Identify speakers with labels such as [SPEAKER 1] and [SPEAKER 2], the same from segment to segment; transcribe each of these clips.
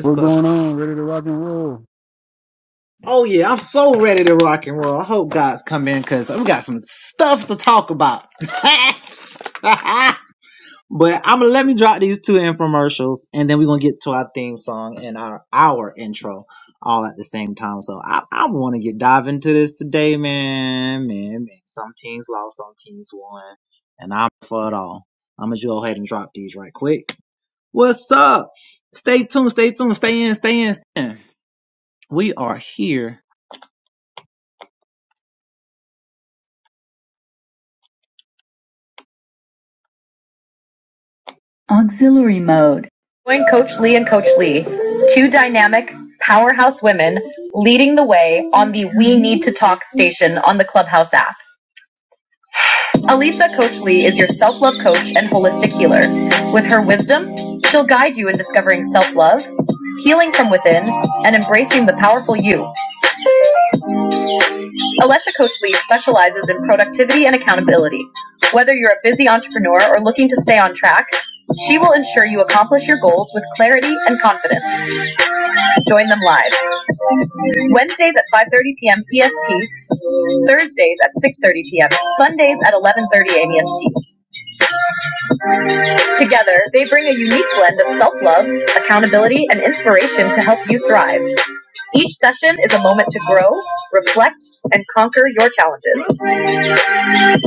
[SPEAKER 1] What's going on? Ready to rock and roll?
[SPEAKER 2] Auxiliary mode. Join Coach Lee and Coach Lee, two dynamic powerhouse women leading the way on the We Need to Talk station on the Clubhouse app. Alicia Coach Lee is your self love coach and holistic healer. With her wisdom, she'll guide you in discovering self love, healing from within, and embracing the powerful you. Alicia Coach Lee specializes in productivity and accountability. Whether you're a busy entrepreneur or looking to stay on track, she will ensure you accomplish your goals with clarity and confidence. Join them live. Wednesdays at 5.30 p.m. EST, Thursdays at 6.30 p.m., Sundays at 11.30 a.m. EST. Together, they bring a unique blend of self-love, accountability, and inspiration to help you thrive. Each session is a moment to grow, reflect, and conquer your challenges.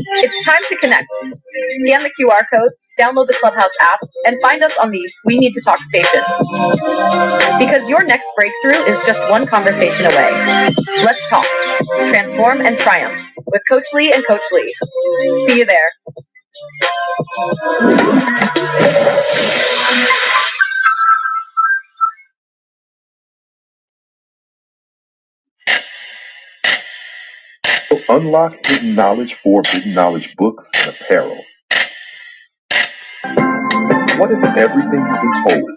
[SPEAKER 2] It's time to connect. Scan the QR codes, download the Clubhouse app, and find us on the We Need to Talk station. Because your next breakthrough is just one conversation away. Let's talk, transform, and triumph with Coach Lee and Coach Lee. See you there. Unlock hidden knowledge for big knowledge books and apparel. What if everything you've been told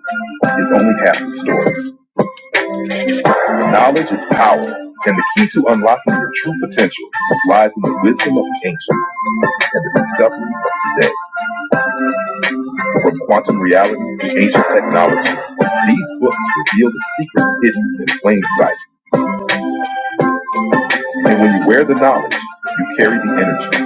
[SPEAKER 2] is only half the story? Knowledge is power, and the key to unlocking your true potential lies in the wisdom of the ancients and the discoveries of today. From quantum realities to ancient technology, these books reveal the secrets hidden in plain sight. And when you wear the knowledge, you carry the energy.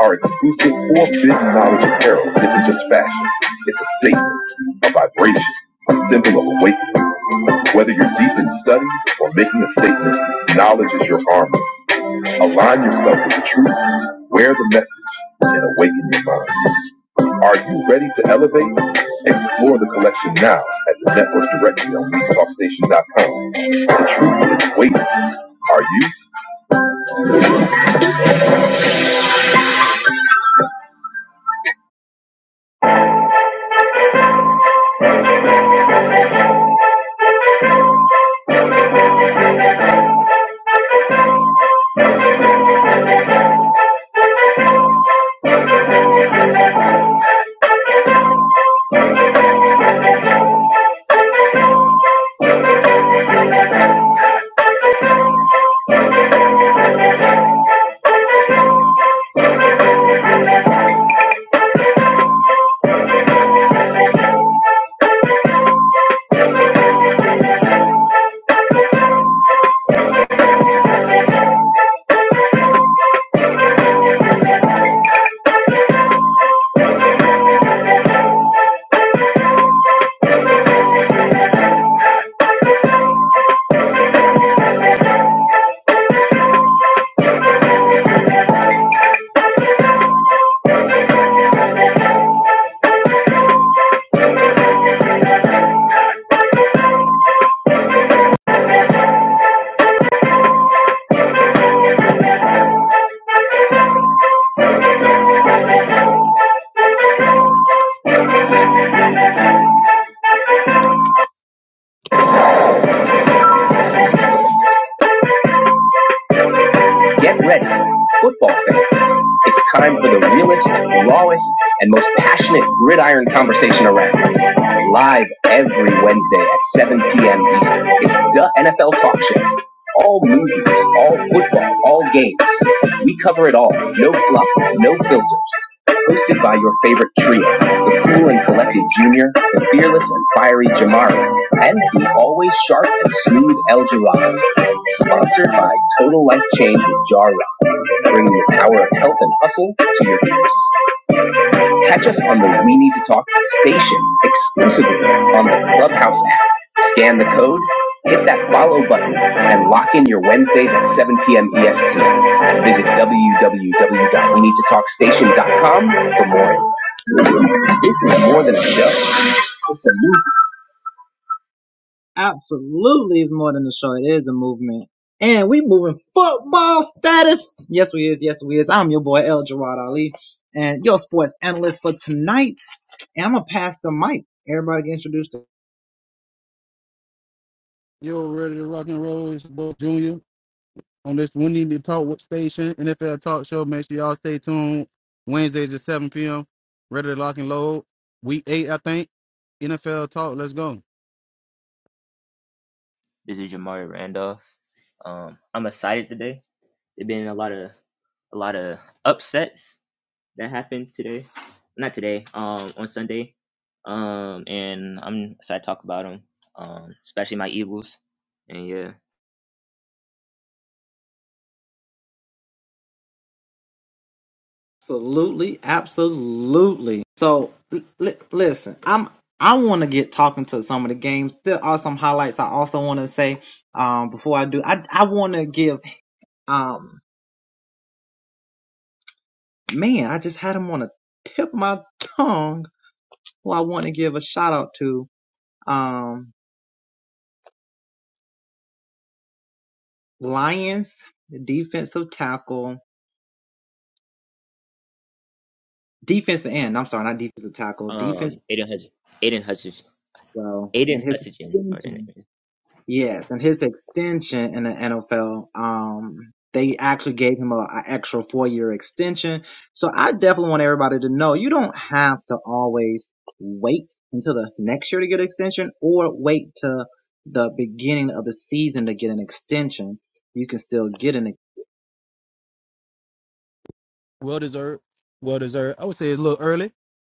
[SPEAKER 2] Our exclusive forbidden knowledge apparel isn't just fashion, it's a statement, a vibration, a symbol of awakening. Whether you're deep in study or making a statement, knowledge is your armor. Align yourself with the truth, wear the message, and awaken your mind. Are you ready to elevate? Explore the collection now at the network directly on BeatTalkStation.com. The truth is waiting. Are you? Get ready, football fans. It's time for the realest, rawest, and most passionate gridiron conversation around. Live every Wednesday at 7 p.m. Eastern. It's the NFL Talk Show. All movies, all football, all games. We cover it all. No fluff, no filters. Hosted by your favorite trio, the cool and collected Junior, the fearless and fiery Jamari, and the always sharp and smooth El Jirado. Sponsored by Total Life Change with Jar Rock, bringing the power of health and hustle to your ears. Catch us on the We Need to Talk station exclusively on the Clubhouse app. Scan the code, hit that follow button, and lock in your Wednesdays at 7 p.m. EST. Visit w w w dot we need to talk station dot com for more. This is more than a show.
[SPEAKER 1] Yo, ready to rock and roll. It's your boy Junior on this We Need to Talk with Station NFL Talk Show. Make sure y'all stay tuned. Wednesdays at 7 p.m. Ready to lock and load. Week eight, I think. NFL Talk. Let's go.
[SPEAKER 3] This is Jamari Randolph. Um, I'm excited today. There've been a lot of a lot of upsets that happened today, not today, um, on Sunday. Um, and I'm excited to talk about them. Um, especially my Eagles. And yeah, um, Aiden Hutch, Aiden Hutchinson, Aiden Hutchinson. or Aiden-
[SPEAKER 1] Well deserved. Well deserved. I would say it's a little early,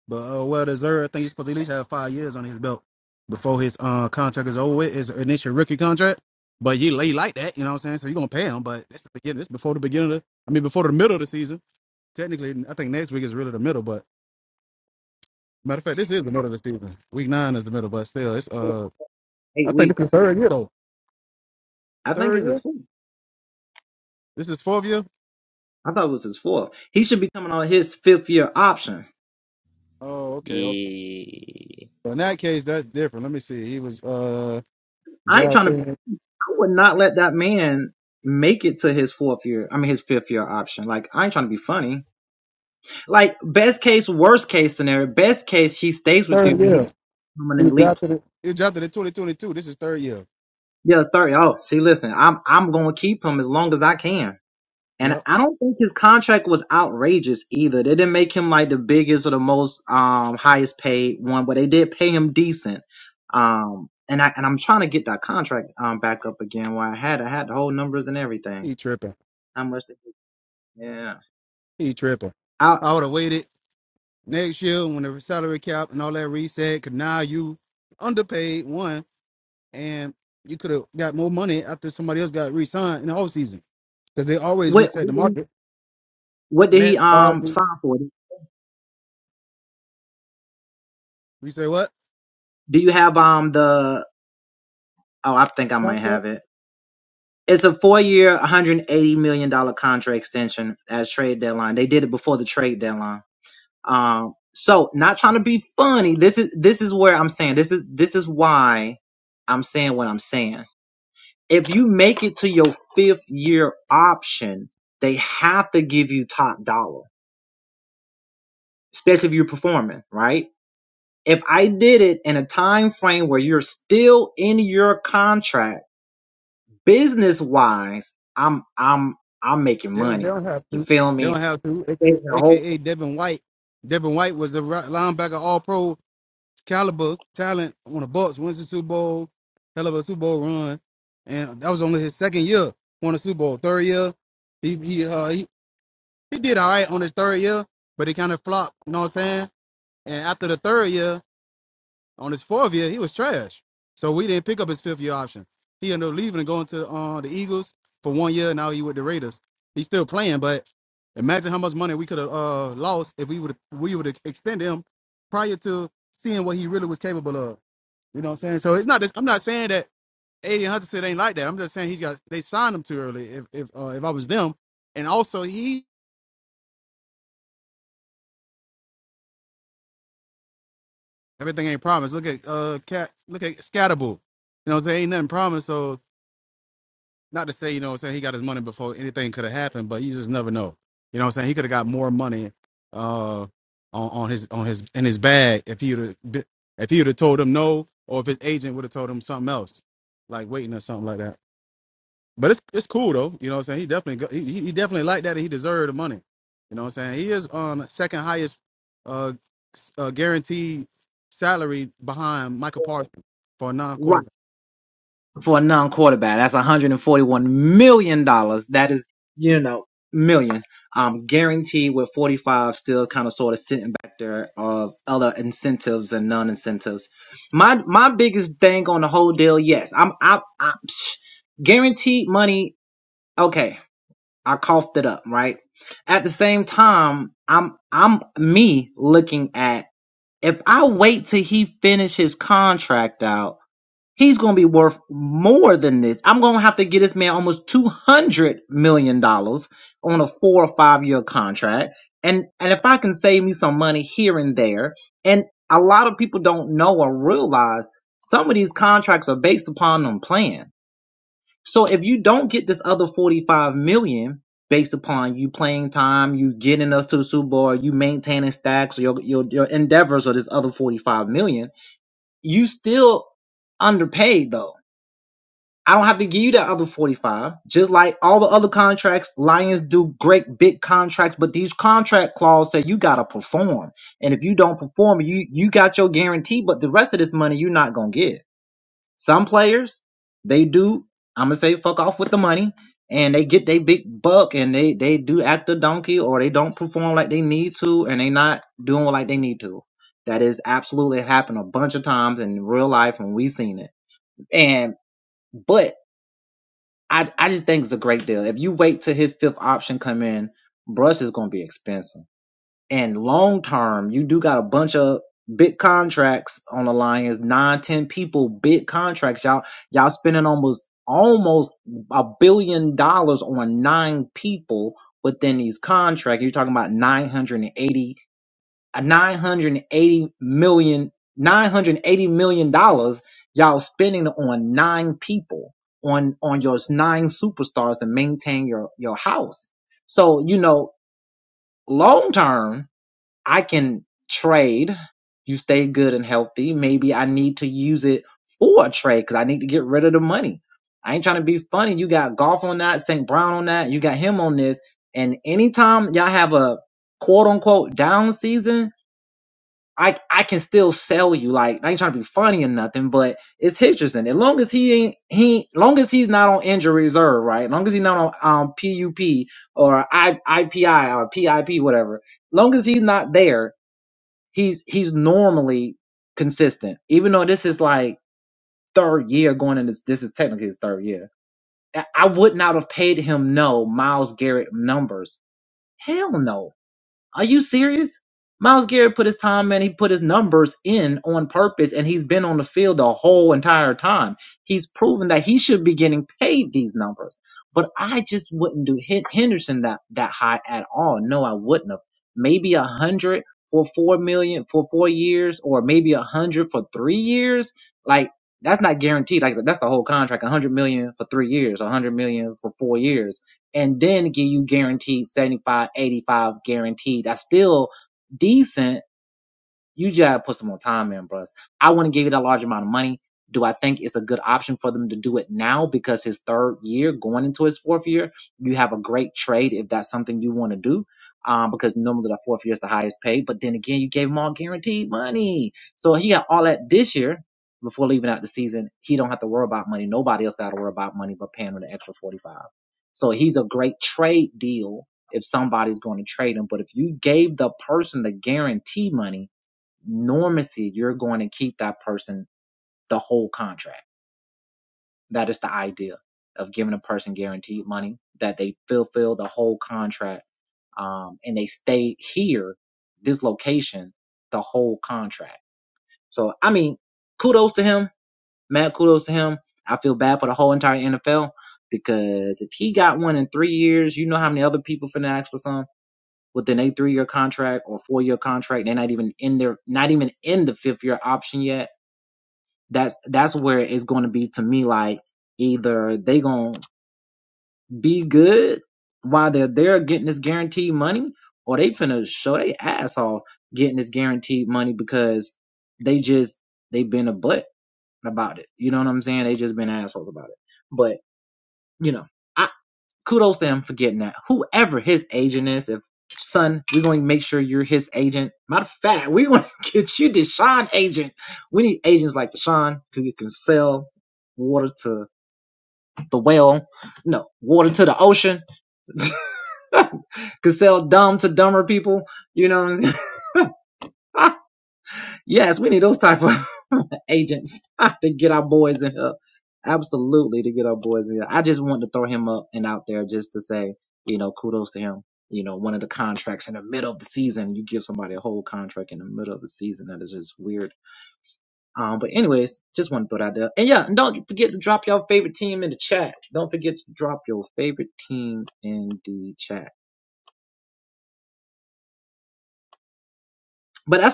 [SPEAKER 1] but uh, well deserved. I think he's supposed to at least have five years on his belt before his uh, contract is over with. His initial rookie contract. But you he he like that, you know what I'm saying? So you're gonna pay him, but that's the beginning. This before the beginning of I mean before the middle of the season. technically, I think next week is really the middle. But matter of fact, this is the middle of the season. Week nine is the middle, but still, it's uh, I think this is third year though. Third year. This is fourth year. Oh, okay. okay.
[SPEAKER 3] Yeah.
[SPEAKER 1] So in that case, that's different. Let me see. He was uh drafted third year. He was drafted. in- He was drafted in 2022. This is third year. Yep. He tripping. He tripping. I would have waited next year when the salary cap and all that reset. Cause now you underpaid one, and you could have got more money after somebody else got re-signed in the offseason. because they always reset the market. Matt Crosby, we say what? Contract, They don't. they don't have to. They don't have to. AKA, AKA Devin White. Devin White was the ri- linebacker, All Pro caliber talent on the Bucks. Wins the Super Bowl, hell of a Super Bowl run, and that was only his second year. Won the Super Bowl. Third year, he he uh, he, he did all right on his third year, but he kind of flopped. You know what I'm saying? And after the third year, On his fourth year, he was trash. So we didn't pick up his fifth year option. He ended up leaving and going to uh, the Eagles for one year. Now he with the Raiders. He's still playing, but imagine how much money we could have uh, lost if we would we would have extended him prior to seeing what he really was capable of. You know what I'm saying? So it's not. This, I'm not saying that Aiden Hutchinson ain't like that. I'm just saying he's got they signed him too early. If if uh, if I was them, and also he everything ain't promised. Look at uh cat. Look at Scatterboo. You know what I'm saying? Ain't nothing promised. So. not to say, you know what I'm saying, he got his money before anything could have happened, but you just never know. You know what I'm saying? He could have got more money uh on, on his on his in his bag if he would have if he would have told him no or if his agent would have told him something else, like waiting or something like that. But it's it's cool though. You know what I'm saying? He definitely go- he, he he definitely liked that and he deserved the money. You know what I'm saying? He is um second highest uh, s- uh guaranteed salary behind Michael Parsons for a non quarterback.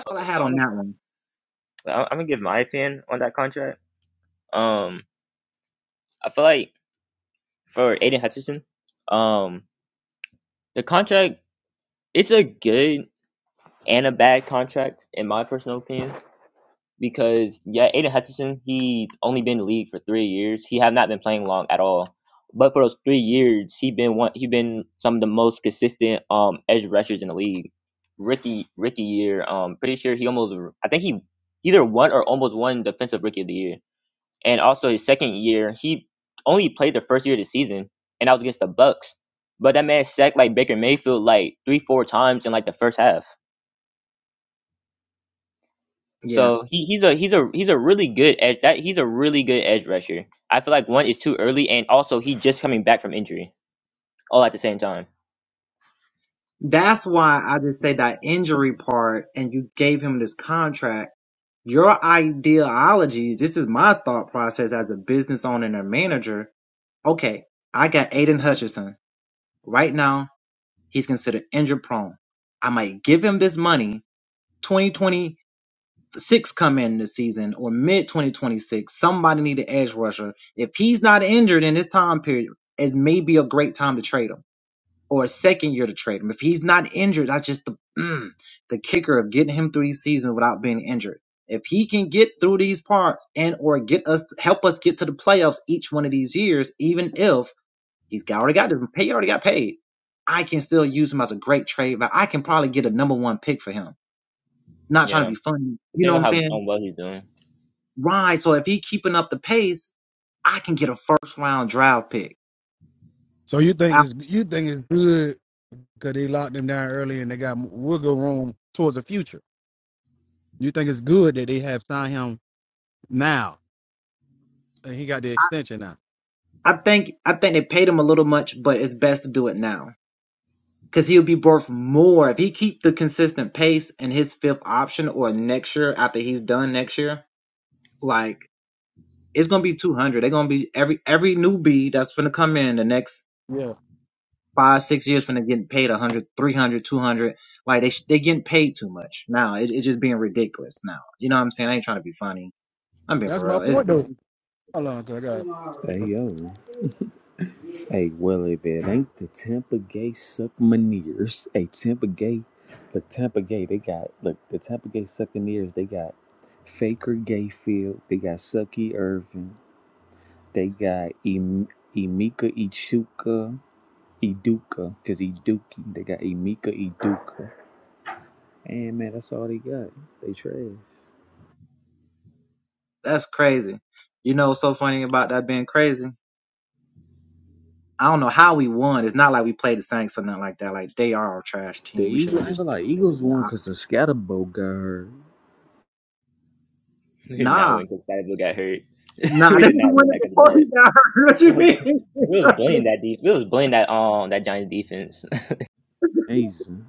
[SPEAKER 3] Okay, so I'm gonna I'm gonna give my opinion on that contract. Um, I feel like for Aiden Hutchinson, um, the contract it's a good and a bad contract, in my personal opinion. Because yeah, Aiden Hutchinson, he's only been in the league for three years. He have not been playing long at all. But for those three years, he been one. He been some of the most consistent um edge rushers in the league. Rookie rookie year, um, pretty sure he almost. I think he either won or almost won defensive rookie of the year. And also his second year, he only played the first year of the season, and that was against the Bucks. But that man sacked like Baker Mayfield like three, four times in like the first half So he, he's a he's a he's a really good edge that he's a really good edge rusher. I feel like one is too early, and also he's just coming back from injury all at the same time. Yeah, depending on how on well he's doing.
[SPEAKER 1] So you think it's you think it's good because they locked him down early and they got wiggle room towards the future. You think it's good that they have signed him now and he got the extension now? Yeah, that's my point though. Hold on, cause
[SPEAKER 4] Hey yo. Hey, well if it ain't the Tampa Gay suck Suckmaneers. Hey Tampa Gay the Tampa Gay they got look the Tampa Gay Succaneers they got Faker Gayfield, they got Sucky Irvin, they got em- Emika Ichuka Iduka, cause Iduki, they got Emika Iduka. And man, that's all they got. They trash. The Eagles, I ain't gonna lie, Eagles won cause the Scatterbo got hurt.
[SPEAKER 3] We did not win because Sadable got hurt. we did not win that because of that. We was we was bullying that deep. We was bullying that um that Giants defense.
[SPEAKER 4] Amazing.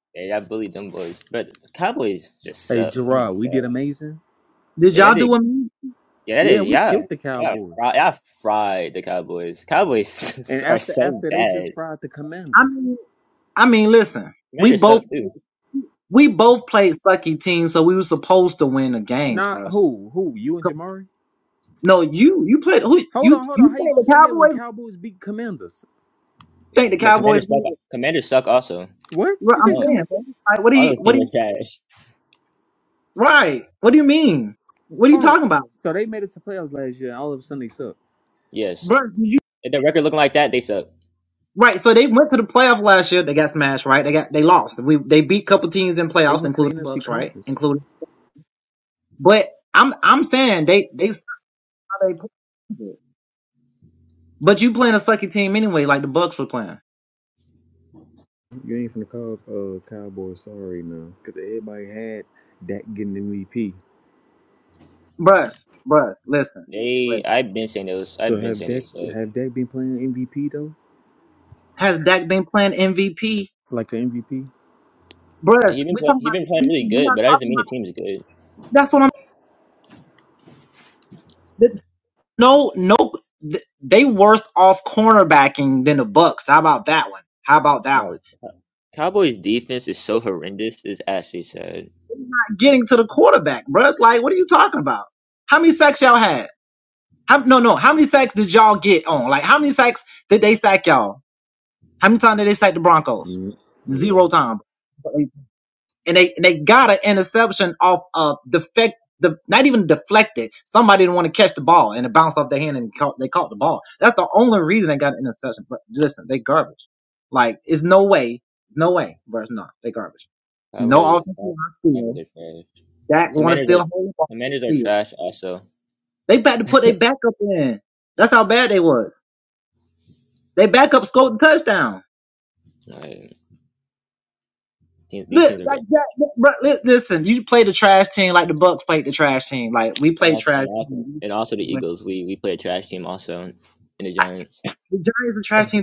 [SPEAKER 3] yeah, y'all bullied them boys, but Cowboys just
[SPEAKER 4] Hey
[SPEAKER 3] suck. Oh my
[SPEAKER 4] Gerard, we did
[SPEAKER 3] god.
[SPEAKER 4] amazing.
[SPEAKER 3] Yeah, y'all did. Yeah, that
[SPEAKER 4] Yeah,
[SPEAKER 3] did.
[SPEAKER 4] we
[SPEAKER 3] Yeah,
[SPEAKER 4] killed the
[SPEAKER 3] yeah,
[SPEAKER 4] Cowboys.
[SPEAKER 3] fri- y'all fried the Cowboys.
[SPEAKER 4] And
[SPEAKER 3] Cowboys are
[SPEAKER 4] after
[SPEAKER 3] so
[SPEAKER 4] after they
[SPEAKER 3] bad.
[SPEAKER 4] just fried the Commanders.
[SPEAKER 3] Commanders suck too.
[SPEAKER 4] Not who? Who? You and Jamari? Hold on, hold on. How you gonna say that when Cowboys beat Commanders?
[SPEAKER 3] But commanders suck. Commanders suck also.
[SPEAKER 4] What? You think
[SPEAKER 3] Oh,
[SPEAKER 4] Command?
[SPEAKER 3] all those teams are trash.
[SPEAKER 4] Hold on. So they made it to playoffs last year. and All of a sudden they suck.
[SPEAKER 3] Yes. If the record looking like that, they suck.
[SPEAKER 4] They went to the NFC conference. You ain't finna call uh, Cowboys sorry now, because everybody had Dak getting MVP.
[SPEAKER 3] They. I've been saying those.
[SPEAKER 4] So
[SPEAKER 3] I've been
[SPEAKER 4] have
[SPEAKER 3] saying
[SPEAKER 4] Dak
[SPEAKER 3] they suck.
[SPEAKER 4] have Dak been playing MVP though? Like an MVP?
[SPEAKER 3] He been play, he been playing really good, but that doesn't mean the team is good. Like Cowboys defense is so horrendous. It's actually sad.
[SPEAKER 4] Mm, yeah.
[SPEAKER 3] Cowboys. Cow- Cowboys are trash. Commanders are. Commanders are trash also. Like, teams, these teams are garbage. And also, and also, and also the Eagles. We we play a trash team also, and the Giants.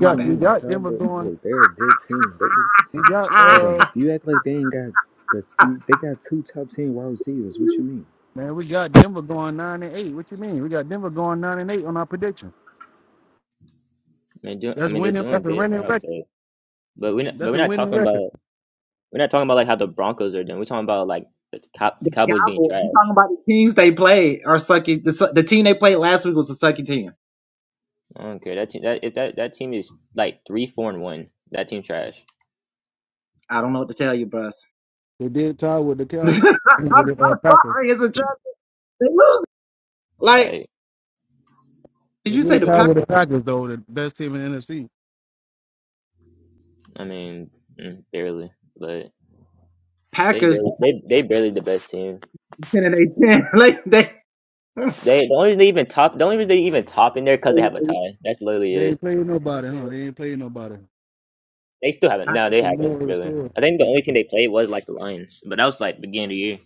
[SPEAKER 1] I
[SPEAKER 4] you
[SPEAKER 1] got got we
[SPEAKER 4] mean?
[SPEAKER 1] got Denver
[SPEAKER 4] Cowboys?
[SPEAKER 1] going.
[SPEAKER 4] Look, they're a good team. They
[SPEAKER 1] We got
[SPEAKER 4] Hold
[SPEAKER 1] uh
[SPEAKER 4] on. You act like they ain't got the they got two top ten wide receivers. What you mean?
[SPEAKER 1] man, we got Denver going nine and eight. What you mean? We got Denver going nine and eight on our prediction.
[SPEAKER 3] They're doing. I
[SPEAKER 1] That's
[SPEAKER 3] mean, they're
[SPEAKER 1] winning.
[SPEAKER 3] doing
[SPEAKER 1] That's a
[SPEAKER 3] good
[SPEAKER 1] winning
[SPEAKER 3] now,
[SPEAKER 1] record.
[SPEAKER 3] but. But we're not, but
[SPEAKER 1] That's
[SPEAKER 3] we're
[SPEAKER 1] a
[SPEAKER 3] not
[SPEAKER 1] winning
[SPEAKER 3] talking
[SPEAKER 1] record.
[SPEAKER 3] about we're not talking about like how the Broncos are doing. We're talking about like the cop the Cowboys being trash. I don't care that team. That if that that team is like three four and one, that team trash.
[SPEAKER 1] They did tie with the Cowboys with the uh, Packers.
[SPEAKER 3] Like
[SPEAKER 1] They
[SPEAKER 3] I
[SPEAKER 1] did
[SPEAKER 3] believe.
[SPEAKER 1] tie with the
[SPEAKER 3] it's-
[SPEAKER 1] Packers though, the best team in the NFC.
[SPEAKER 3] I mean, mm, barely. But they barely they they barely the best team. They the only reason they even top the only reason they even top in there because they have a tie. That's literally
[SPEAKER 1] They ain't
[SPEAKER 3] it.
[SPEAKER 1] playing nobody, huh? They ain't playing nobody.
[SPEAKER 3] They still haven't. No, they
[SPEAKER 1] the
[SPEAKER 3] haven't
[SPEAKER 1] middle of the
[SPEAKER 3] really.
[SPEAKER 1] store.
[SPEAKER 3] I think the only team they played was like the Lions, but that was like beginning of the year.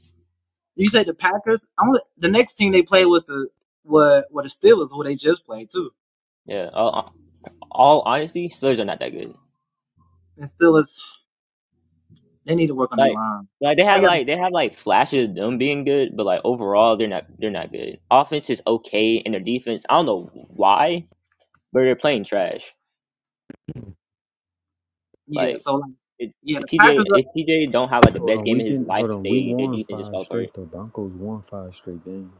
[SPEAKER 3] Yeah, all, all honesty, Steelers are not that good. Like like they had like they have like flashes of them being good, but like overall they're not they're not good. Offense is okay and their defense, I don't know why, but they're playing trash. Like it, if TJ if TJ don't have like the
[SPEAKER 4] Hold
[SPEAKER 3] best
[SPEAKER 4] on,
[SPEAKER 3] game
[SPEAKER 4] we've
[SPEAKER 3] in his
[SPEAKER 4] been
[SPEAKER 3] life,
[SPEAKER 4] hold on. We
[SPEAKER 3] they their
[SPEAKER 4] won
[SPEAKER 3] defense just
[SPEAKER 4] five
[SPEAKER 3] fell apart.
[SPEAKER 4] straight. The Broncos won five straight games.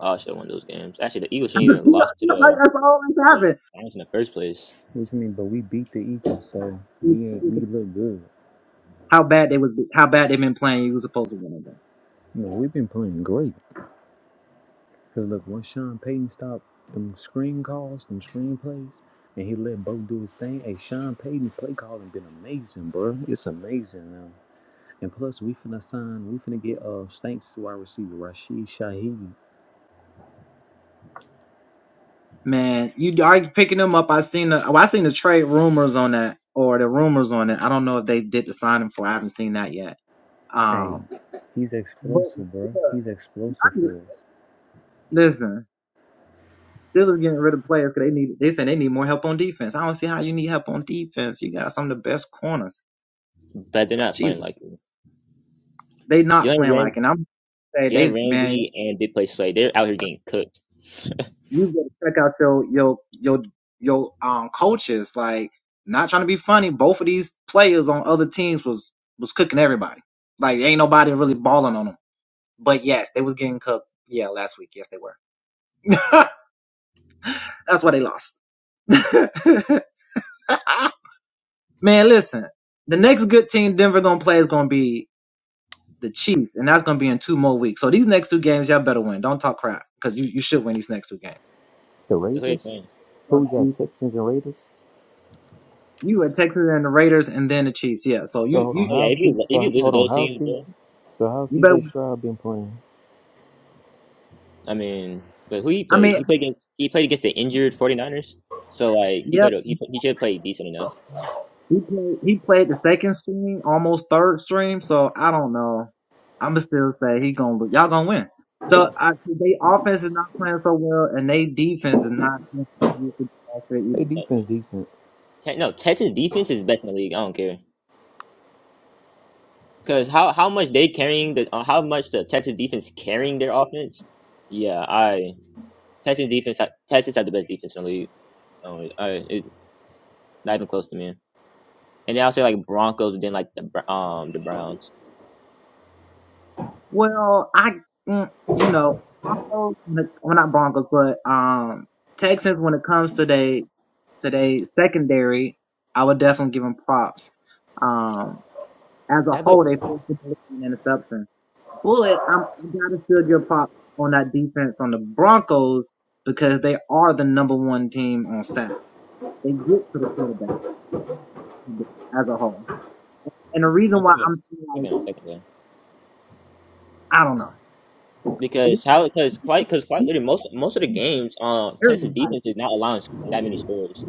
[SPEAKER 3] Oh shit, one of those games. Actually the Eagles shouldn't even have lost to the to the Giants in the first place.
[SPEAKER 4] What you mean? But we beat the Eagles, so we ain't we look good. You know, we've been playing great. Cause look, once Sean Payton stopped them screen calls, them screen plays, and he let Bo do his thing. Hey, Sean Payton's play calling been amazing, bro. It's amazing now. And plus, we finna sign. We finna get uh Stanks wide receiver Rashid Shaheed. Hey, he's explosive, bro. He's explosive for us.
[SPEAKER 3] But they're not playing like it. Jalen Ram Jalen Ramsey and Big Play Slay, they're out here getting cooked.
[SPEAKER 4] The
[SPEAKER 3] So who they
[SPEAKER 4] Raiders?
[SPEAKER 3] playing?
[SPEAKER 4] Who we got? Texans and Raiders? So hold on,
[SPEAKER 3] Oh yeah, if
[SPEAKER 4] how's
[SPEAKER 3] you
[SPEAKER 4] C
[SPEAKER 3] if you
[SPEAKER 4] so
[SPEAKER 3] lose to
[SPEAKER 4] hold on,
[SPEAKER 3] those
[SPEAKER 4] how's
[SPEAKER 3] teams,
[SPEAKER 4] C
[SPEAKER 3] bro.
[SPEAKER 4] so how's CJ Stroud been playing?
[SPEAKER 3] I mean, but who he played? He played against he played against the injured 49ers. So like he played a- he pl- he should play decent enough.
[SPEAKER 4] They
[SPEAKER 3] But
[SPEAKER 4] defense decent.
[SPEAKER 3] Te- no, Texas defense is best in the league. I don't care because how how much they carrying the uh, how much the Texas defense carrying their offense. Yeah, I Texas defense ha- Texas had the best defense in the league. Oh, I, it's not even close to me. And then I'll say like Broncos, then like the Br- um the Browns. That put, I put them I put them in second there. Because how because quite because quite literally most most of the games um Texas defense is not allowing s- that many scores.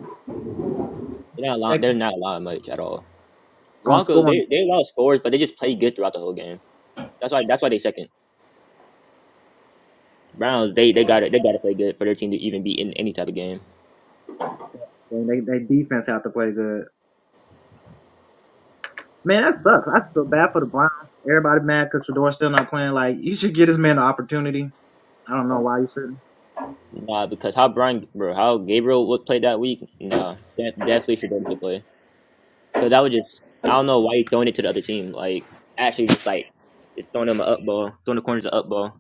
[SPEAKER 3] They're not allowing they're not allowing much at all. Broncos they they allow scores but they just play good throughout the whole game. That's why that's why they second. Browns they they got to they got to play good for their team to even be in any type of game. Nah, because how Brian bro how Gabriel would play that week. Nah, def, definitely should go to play because I would just I don't know why you throwing it to the other team like actually just like just throwing them an up ball throwing the corners an up ball.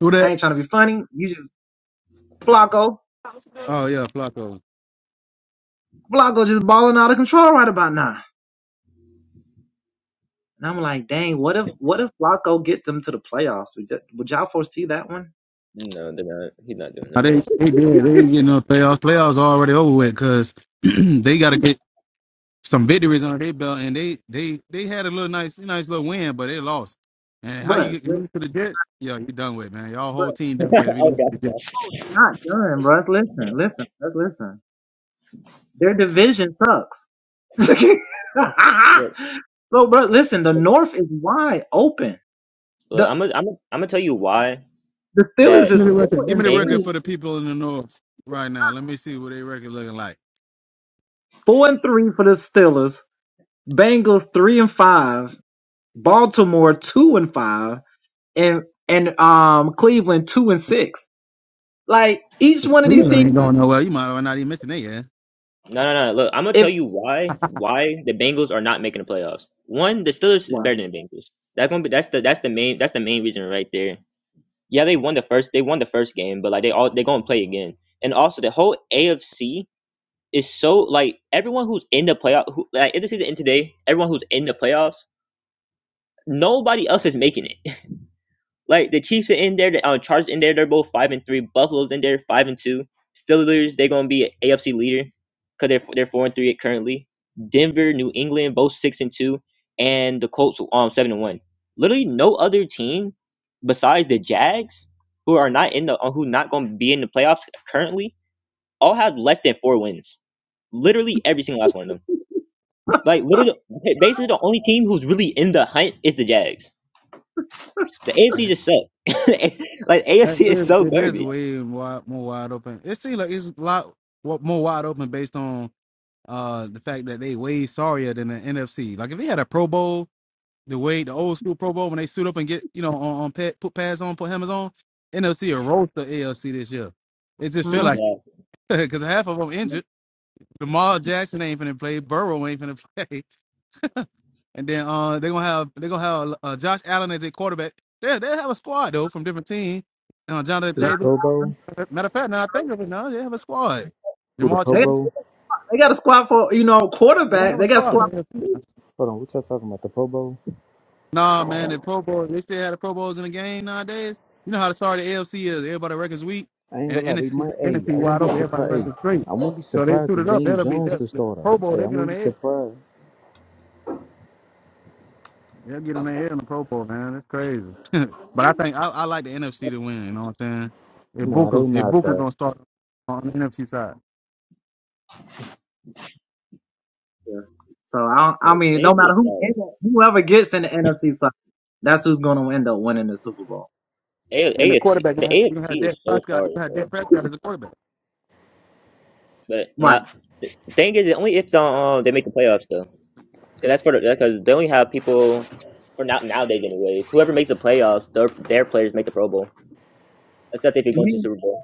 [SPEAKER 1] Who that? Oh yeah, Flacco.
[SPEAKER 3] No, they're not. He's not doing
[SPEAKER 1] Now,
[SPEAKER 3] that.
[SPEAKER 1] they they did. They ain't getting no playoffs. Playoffs are already over with because they got to get some victories under their belt, and they they they had a little nice nice little win, but they lost. And how you get you lose to the Jets? Yeah, you done with man. Y'all whole team done with. If you
[SPEAKER 3] oh
[SPEAKER 1] lose to
[SPEAKER 3] gosh,
[SPEAKER 1] the Jets,
[SPEAKER 3] gosh. Look, look, look. I'm gonna, I'm gonna, I'm gonna tell you why that
[SPEAKER 1] give me the
[SPEAKER 3] the,
[SPEAKER 1] record.
[SPEAKER 3] the
[SPEAKER 1] Give me the record
[SPEAKER 3] Bengals.
[SPEAKER 1] for the people in the north right now. Let me see what their record looking like.
[SPEAKER 3] Look,
[SPEAKER 1] Cleveland ain't going nowhere. You might have not even mentioned that yeah.
[SPEAKER 3] no, no, no. Look, I'm gonna tell you why why the Bengals are not making the playoffs. One, the Steelers is better than the Bengals. That's gonna be that's the that's the main that's the main reason right there. Yeah, they won the first they won the first game, but like they all they're gonna play again. And also the whole AFC is so like everyone who's in the playoff who like if the season end today, everyone who's in the playoffs, nobody else is making it. Like the Chiefs are in there, the uh, Chargers in there, they're both five and three. Buffalo's in there, five and two. Steelers, they're gonna be an a AFC leader because they're they're four and three currently. Denver, New England, both six and two, and the Colts um seven and one. Literally no other team besides the Jags who are not in the uh, who not gonna be in the playoffs currently all have less than four wins. Literally every single last one of them. Like literally, basically the only team who's really in the hunt is the Jags. The AFC just sucks. like
[SPEAKER 1] That
[SPEAKER 3] AFC is
[SPEAKER 1] is,
[SPEAKER 3] so
[SPEAKER 1] it is
[SPEAKER 3] garbage.
[SPEAKER 1] way wide, more wide open. It seems like it's a lot wa- more wide open based on uh the fact that they way sorrier than the NFC. Like if they had a Pro Bowl, the way the old school Pro Bowl when they suit up and get you know on, on pet, put pads on, put helmets on, NFC will roast the ALC this year. It just feel
[SPEAKER 3] Exactly.
[SPEAKER 1] like because half of them injured. Jamal Jackson ain't finna play. Burrow ain't finna play. And then uh they gonna have they gonna have uh, Josh Allen as a quarterback. They they have a squad though from different teams. Uh, Jonathan
[SPEAKER 4] Who the
[SPEAKER 1] Taylor.
[SPEAKER 4] Pro Bowl?
[SPEAKER 1] Matter of fact, now I think of it, now they have a squad.
[SPEAKER 4] Who the
[SPEAKER 1] Jamal
[SPEAKER 4] Pro
[SPEAKER 1] Chase,
[SPEAKER 4] Bowl?
[SPEAKER 1] they gonna have a squad. For AFC.
[SPEAKER 4] Hold on, what y'all talking about? The Pro Bowl?
[SPEAKER 1] Nah, man, the Pro Bowl, they still had the Pro Bowls in the game nowadays. You know how the sorry the AFC is. Everybody records weak,
[SPEAKER 4] I ain't
[SPEAKER 1] and
[SPEAKER 4] gonna
[SPEAKER 1] the
[SPEAKER 4] lie, they
[SPEAKER 1] NFC,
[SPEAKER 4] might hey, I wouldn't
[SPEAKER 1] wide
[SPEAKER 4] be
[SPEAKER 1] open. Everybody
[SPEAKER 4] surprised hey,
[SPEAKER 1] records straight.
[SPEAKER 4] I wouldn't be
[SPEAKER 1] So they
[SPEAKER 4] surprised if
[SPEAKER 1] suited up.
[SPEAKER 4] Daniel
[SPEAKER 1] That'll be
[SPEAKER 4] Jones
[SPEAKER 1] that.
[SPEAKER 4] the
[SPEAKER 1] The
[SPEAKER 4] starter.
[SPEAKER 1] Pro Bowl,
[SPEAKER 4] Hey, I
[SPEAKER 1] they get on
[SPEAKER 4] wouldn't be
[SPEAKER 1] their head.
[SPEAKER 4] surprised.
[SPEAKER 1] They'll get on their head in the Pro Bowl, man. That's crazy. but I think I, I like the NFC to win. You know what I'm saying? If
[SPEAKER 4] Nah, they
[SPEAKER 1] Booker, if
[SPEAKER 4] not
[SPEAKER 1] Booker's
[SPEAKER 4] the
[SPEAKER 1] gonna start on the NFC side,
[SPEAKER 3] AFC is sorry. A-
[SPEAKER 1] and the
[SPEAKER 3] AFC
[SPEAKER 1] quarterback. You
[SPEAKER 3] the
[SPEAKER 1] don't have, you don't have
[SPEAKER 3] AFC
[SPEAKER 1] Dak
[SPEAKER 3] is so
[SPEAKER 1] Prescott. You
[SPEAKER 3] sorry,
[SPEAKER 1] don't have Dak
[SPEAKER 3] bro.
[SPEAKER 1] Prescott as a quarterback.
[SPEAKER 3] But not thing is, only if the, um, they make the playoffs though, 'Cause that's for the because they only have people for now nowadays anyways. Whoever makes the playoffs, their their players make the Pro Bowl, except if you're going to the Super Bowl.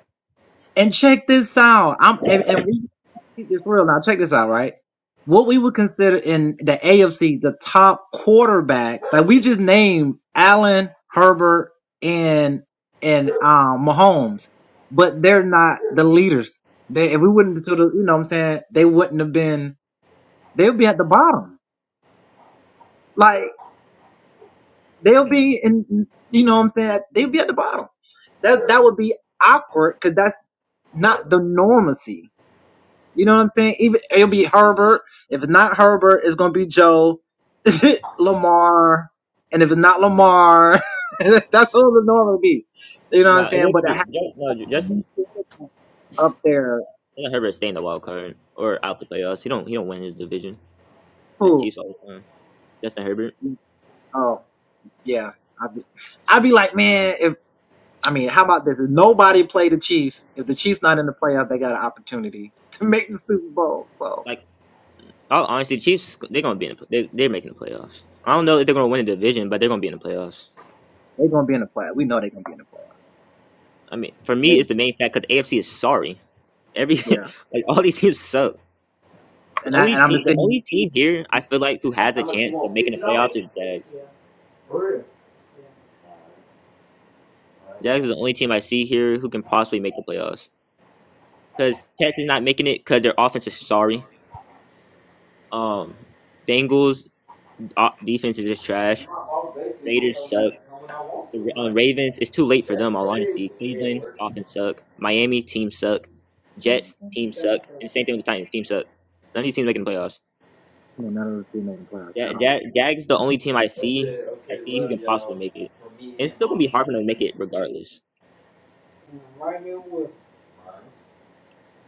[SPEAKER 3] No, it wouldn't be Ju- no Ju- Justin Justin Herbert stay in the wild card or out the playoffs. He don't he don't win his division. That's Chiefs all the time. Justin Herbert. like. Oh, honestly, Chiefs they're gonna be in the they they're making the playoffs. I don't know if they're gonna win the division, but they're gonna be in the playoffs. I mean, for me, it's the main fact because AFC is sorry. Every like all these teams suck. The only team, the only team here I feel like who has a chance of making the playoffs is Jags. Jags is the only team I see here who can possibly make the playoffs because Texans not making it because their offense is sorry. Um, Bengals o- defense is just trash. Raiders suck. The Ra- uh, Ravens, it's too late for them, all honesty. Cleveland, offense suck. Miami, team suck. Jets, team
[SPEAKER 4] They're
[SPEAKER 3] suck. And same thing with the Titans, team suck. None of these teams making the playoffs. Ja- Ja- Jags, the only team I see,
[SPEAKER 4] Okay,
[SPEAKER 3] I
[SPEAKER 4] okay,
[SPEAKER 3] see who
[SPEAKER 4] love
[SPEAKER 3] can possibly
[SPEAKER 4] y'all.
[SPEAKER 3] make it.
[SPEAKER 4] For me
[SPEAKER 3] It's
[SPEAKER 4] and
[SPEAKER 3] still gonna
[SPEAKER 4] mom,
[SPEAKER 3] be
[SPEAKER 4] she
[SPEAKER 3] hard for
[SPEAKER 4] just
[SPEAKER 3] them to make
[SPEAKER 4] cooking.
[SPEAKER 3] it regardless.
[SPEAKER 4] And I'm right here with My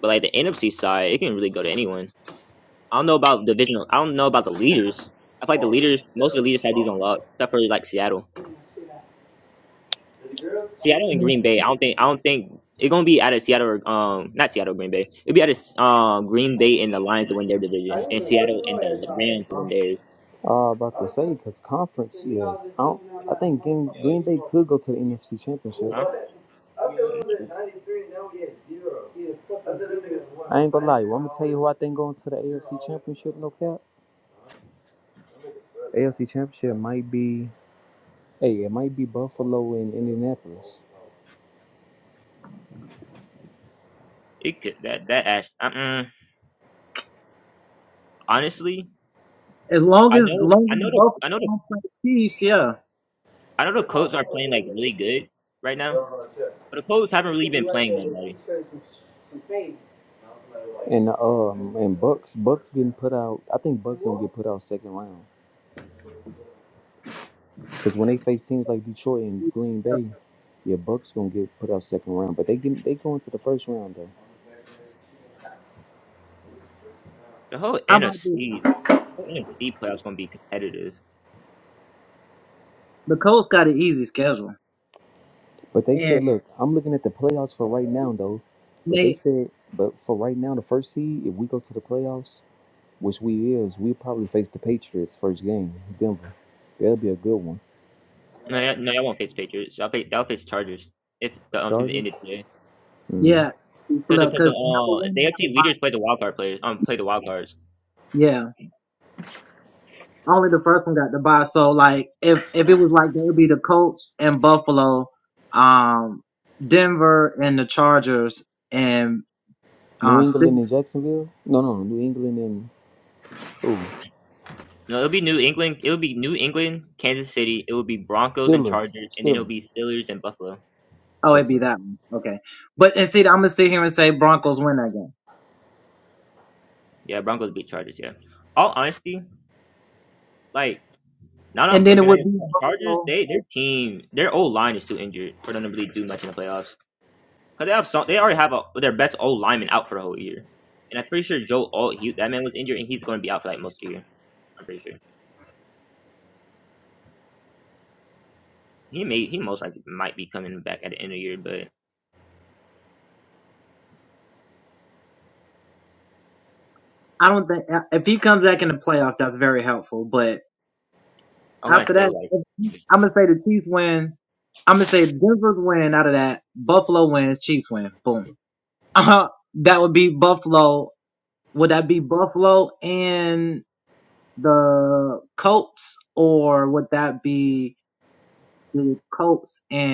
[SPEAKER 3] But like the NFC side, it can really go to anyone. I don't know about divisional. I don't know about the leaders. I feel like the
[SPEAKER 4] father, you
[SPEAKER 3] leaders,
[SPEAKER 4] set
[SPEAKER 3] most of the
[SPEAKER 4] up on the
[SPEAKER 3] leaders had these
[SPEAKER 4] box
[SPEAKER 3] on lock,
[SPEAKER 4] house.
[SPEAKER 3] except for like Seattle.
[SPEAKER 4] putting my shit out. Did the girls?
[SPEAKER 3] Seattle
[SPEAKER 4] Oh,
[SPEAKER 3] and
[SPEAKER 4] girls.
[SPEAKER 3] Green Bay. I don't think I don't think it's gonna be out of Seattle or um not Seattle Green Bay. It'll be out of um Green Bay and the Lions to win their
[SPEAKER 4] I
[SPEAKER 3] division, and
[SPEAKER 4] usually cook
[SPEAKER 3] Seattle
[SPEAKER 4] no
[SPEAKER 3] and
[SPEAKER 4] ass
[SPEAKER 3] the
[SPEAKER 4] off.
[SPEAKER 3] Rams to
[SPEAKER 4] Huh?
[SPEAKER 3] win theirs.
[SPEAKER 4] Uh, about to say because conference, So yeah, I don't, i like, think Green,
[SPEAKER 3] Yeah.
[SPEAKER 4] Green Bay could go to the NFC Championship.
[SPEAKER 3] Huh?
[SPEAKER 4] What? I said we was at
[SPEAKER 3] Nope.
[SPEAKER 4] 93, now we at zero. I said fucking them niggas won I ain't gonna lie, well, I'm gonna tell you who I think going to the AFC Championship. No cap, AFC Championship might be hey, it might be Buffalo and Indianapolis.
[SPEAKER 3] It could that that ash. Uh-uh. Honestly, I know I know the I know the I know the Colts are playing like really good right now, but the Colts haven't really been playing that much.
[SPEAKER 4] And um and Bucks Bucks getting put out. I think Bucks gonna get put out second round because when they face teams like Detroit and Green Bay, yeah, Bucks gonna get put out second round. But they get they go into the first round though.
[SPEAKER 3] The whole NFC the whole NFC playoffs gonna be competitive.
[SPEAKER 4] But they said, look, I'm looking at the playoffs for right now though. But they said, but for right now, the first seed, if we go to the playoffs. which we is, we probably face the Patriots first game, Denver. That'll be a good one.
[SPEAKER 3] No, y'all- no, I won't face Patriots. I'll face I'll face Chargers if the um, season
[SPEAKER 4] Chargers,
[SPEAKER 3] ended today.
[SPEAKER 4] mm.
[SPEAKER 3] Because because the uh, the AFC leaders play the wild card players um play the wild cards.
[SPEAKER 4] New England and Jacksonville. No, no, New England and who?
[SPEAKER 3] No, it'll be New England. It'll be New England, Kansas City. It will be Broncos and
[SPEAKER 4] Steelers,
[SPEAKER 3] Chargers, and then it'll
[SPEAKER 4] Steelers.
[SPEAKER 3] be Steelers and Buffalo.
[SPEAKER 4] Okay.
[SPEAKER 3] Yeah, yeah. Broncos beat Chargers. Yeah. All honesty, like now that I'm looking at it, Chargers, they their team, their old line is too injured for them to really do much in the playoffs. Cause they have some, they already have a, their best old lineman out for the whole year, and I'm pretty sure Joe Alt, he, that man was injured, and he's going to be out for like most of the year. I'm pretty sure he may he most likely might be coming back at the end of the year, but. Online still like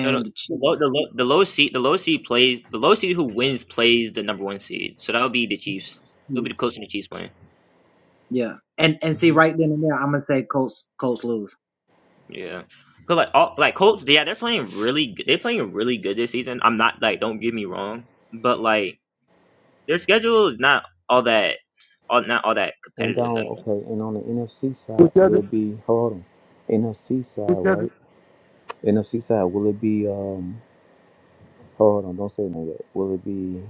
[SPEAKER 3] no, no, the low the low the low seed the low seed plays the low seed who wins plays the number one seed. So that'll be the Chiefs. It'll be the Colts and the Chiefs playing.
[SPEAKER 4] hmm
[SPEAKER 3] Yeah. Cause like all like Colts, yeah, they're playing really good. They're playing really good this season. I'm not like don't get me wrong, but like their schedule is not all that all not all that
[SPEAKER 4] And
[SPEAKER 3] competitive at
[SPEAKER 4] on
[SPEAKER 3] all.
[SPEAKER 4] okay, and on the NFC
[SPEAKER 1] Who's
[SPEAKER 4] side,
[SPEAKER 1] the
[SPEAKER 4] it'll
[SPEAKER 1] other?
[SPEAKER 4] be hold on. NFC
[SPEAKER 1] Who's
[SPEAKER 4] side,
[SPEAKER 1] the other?
[SPEAKER 4] right? NFC side. Will it be um? Hold on, don't say no yet. Will it be?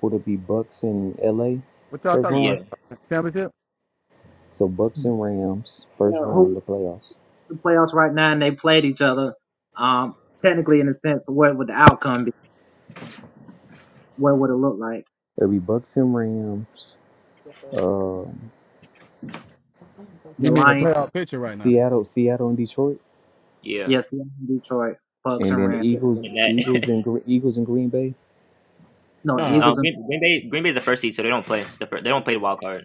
[SPEAKER 4] Would it be Bucks and LA
[SPEAKER 1] What y'all
[SPEAKER 4] first
[SPEAKER 1] talking
[SPEAKER 4] round?
[SPEAKER 1] about?
[SPEAKER 3] Yeah,
[SPEAKER 1] Championship?
[SPEAKER 4] So Bucks and Rams first round the playoffs. It'll be Bucks and Rams. um,
[SPEAKER 1] You mean the playoff picture right now?
[SPEAKER 4] Seattle, Seattle and Detroit,
[SPEAKER 3] yeah.
[SPEAKER 4] and then
[SPEAKER 3] Sure,
[SPEAKER 4] Eagles,
[SPEAKER 3] winning
[SPEAKER 4] Eagles
[SPEAKER 3] that.
[SPEAKER 4] and Gre- Eagles and Green Bay.
[SPEAKER 3] Mm,
[SPEAKER 1] Nah,
[SPEAKER 3] um, Green, Green Bay Green Bay's the first seed, so they don't play the fir- they don't play the wild card.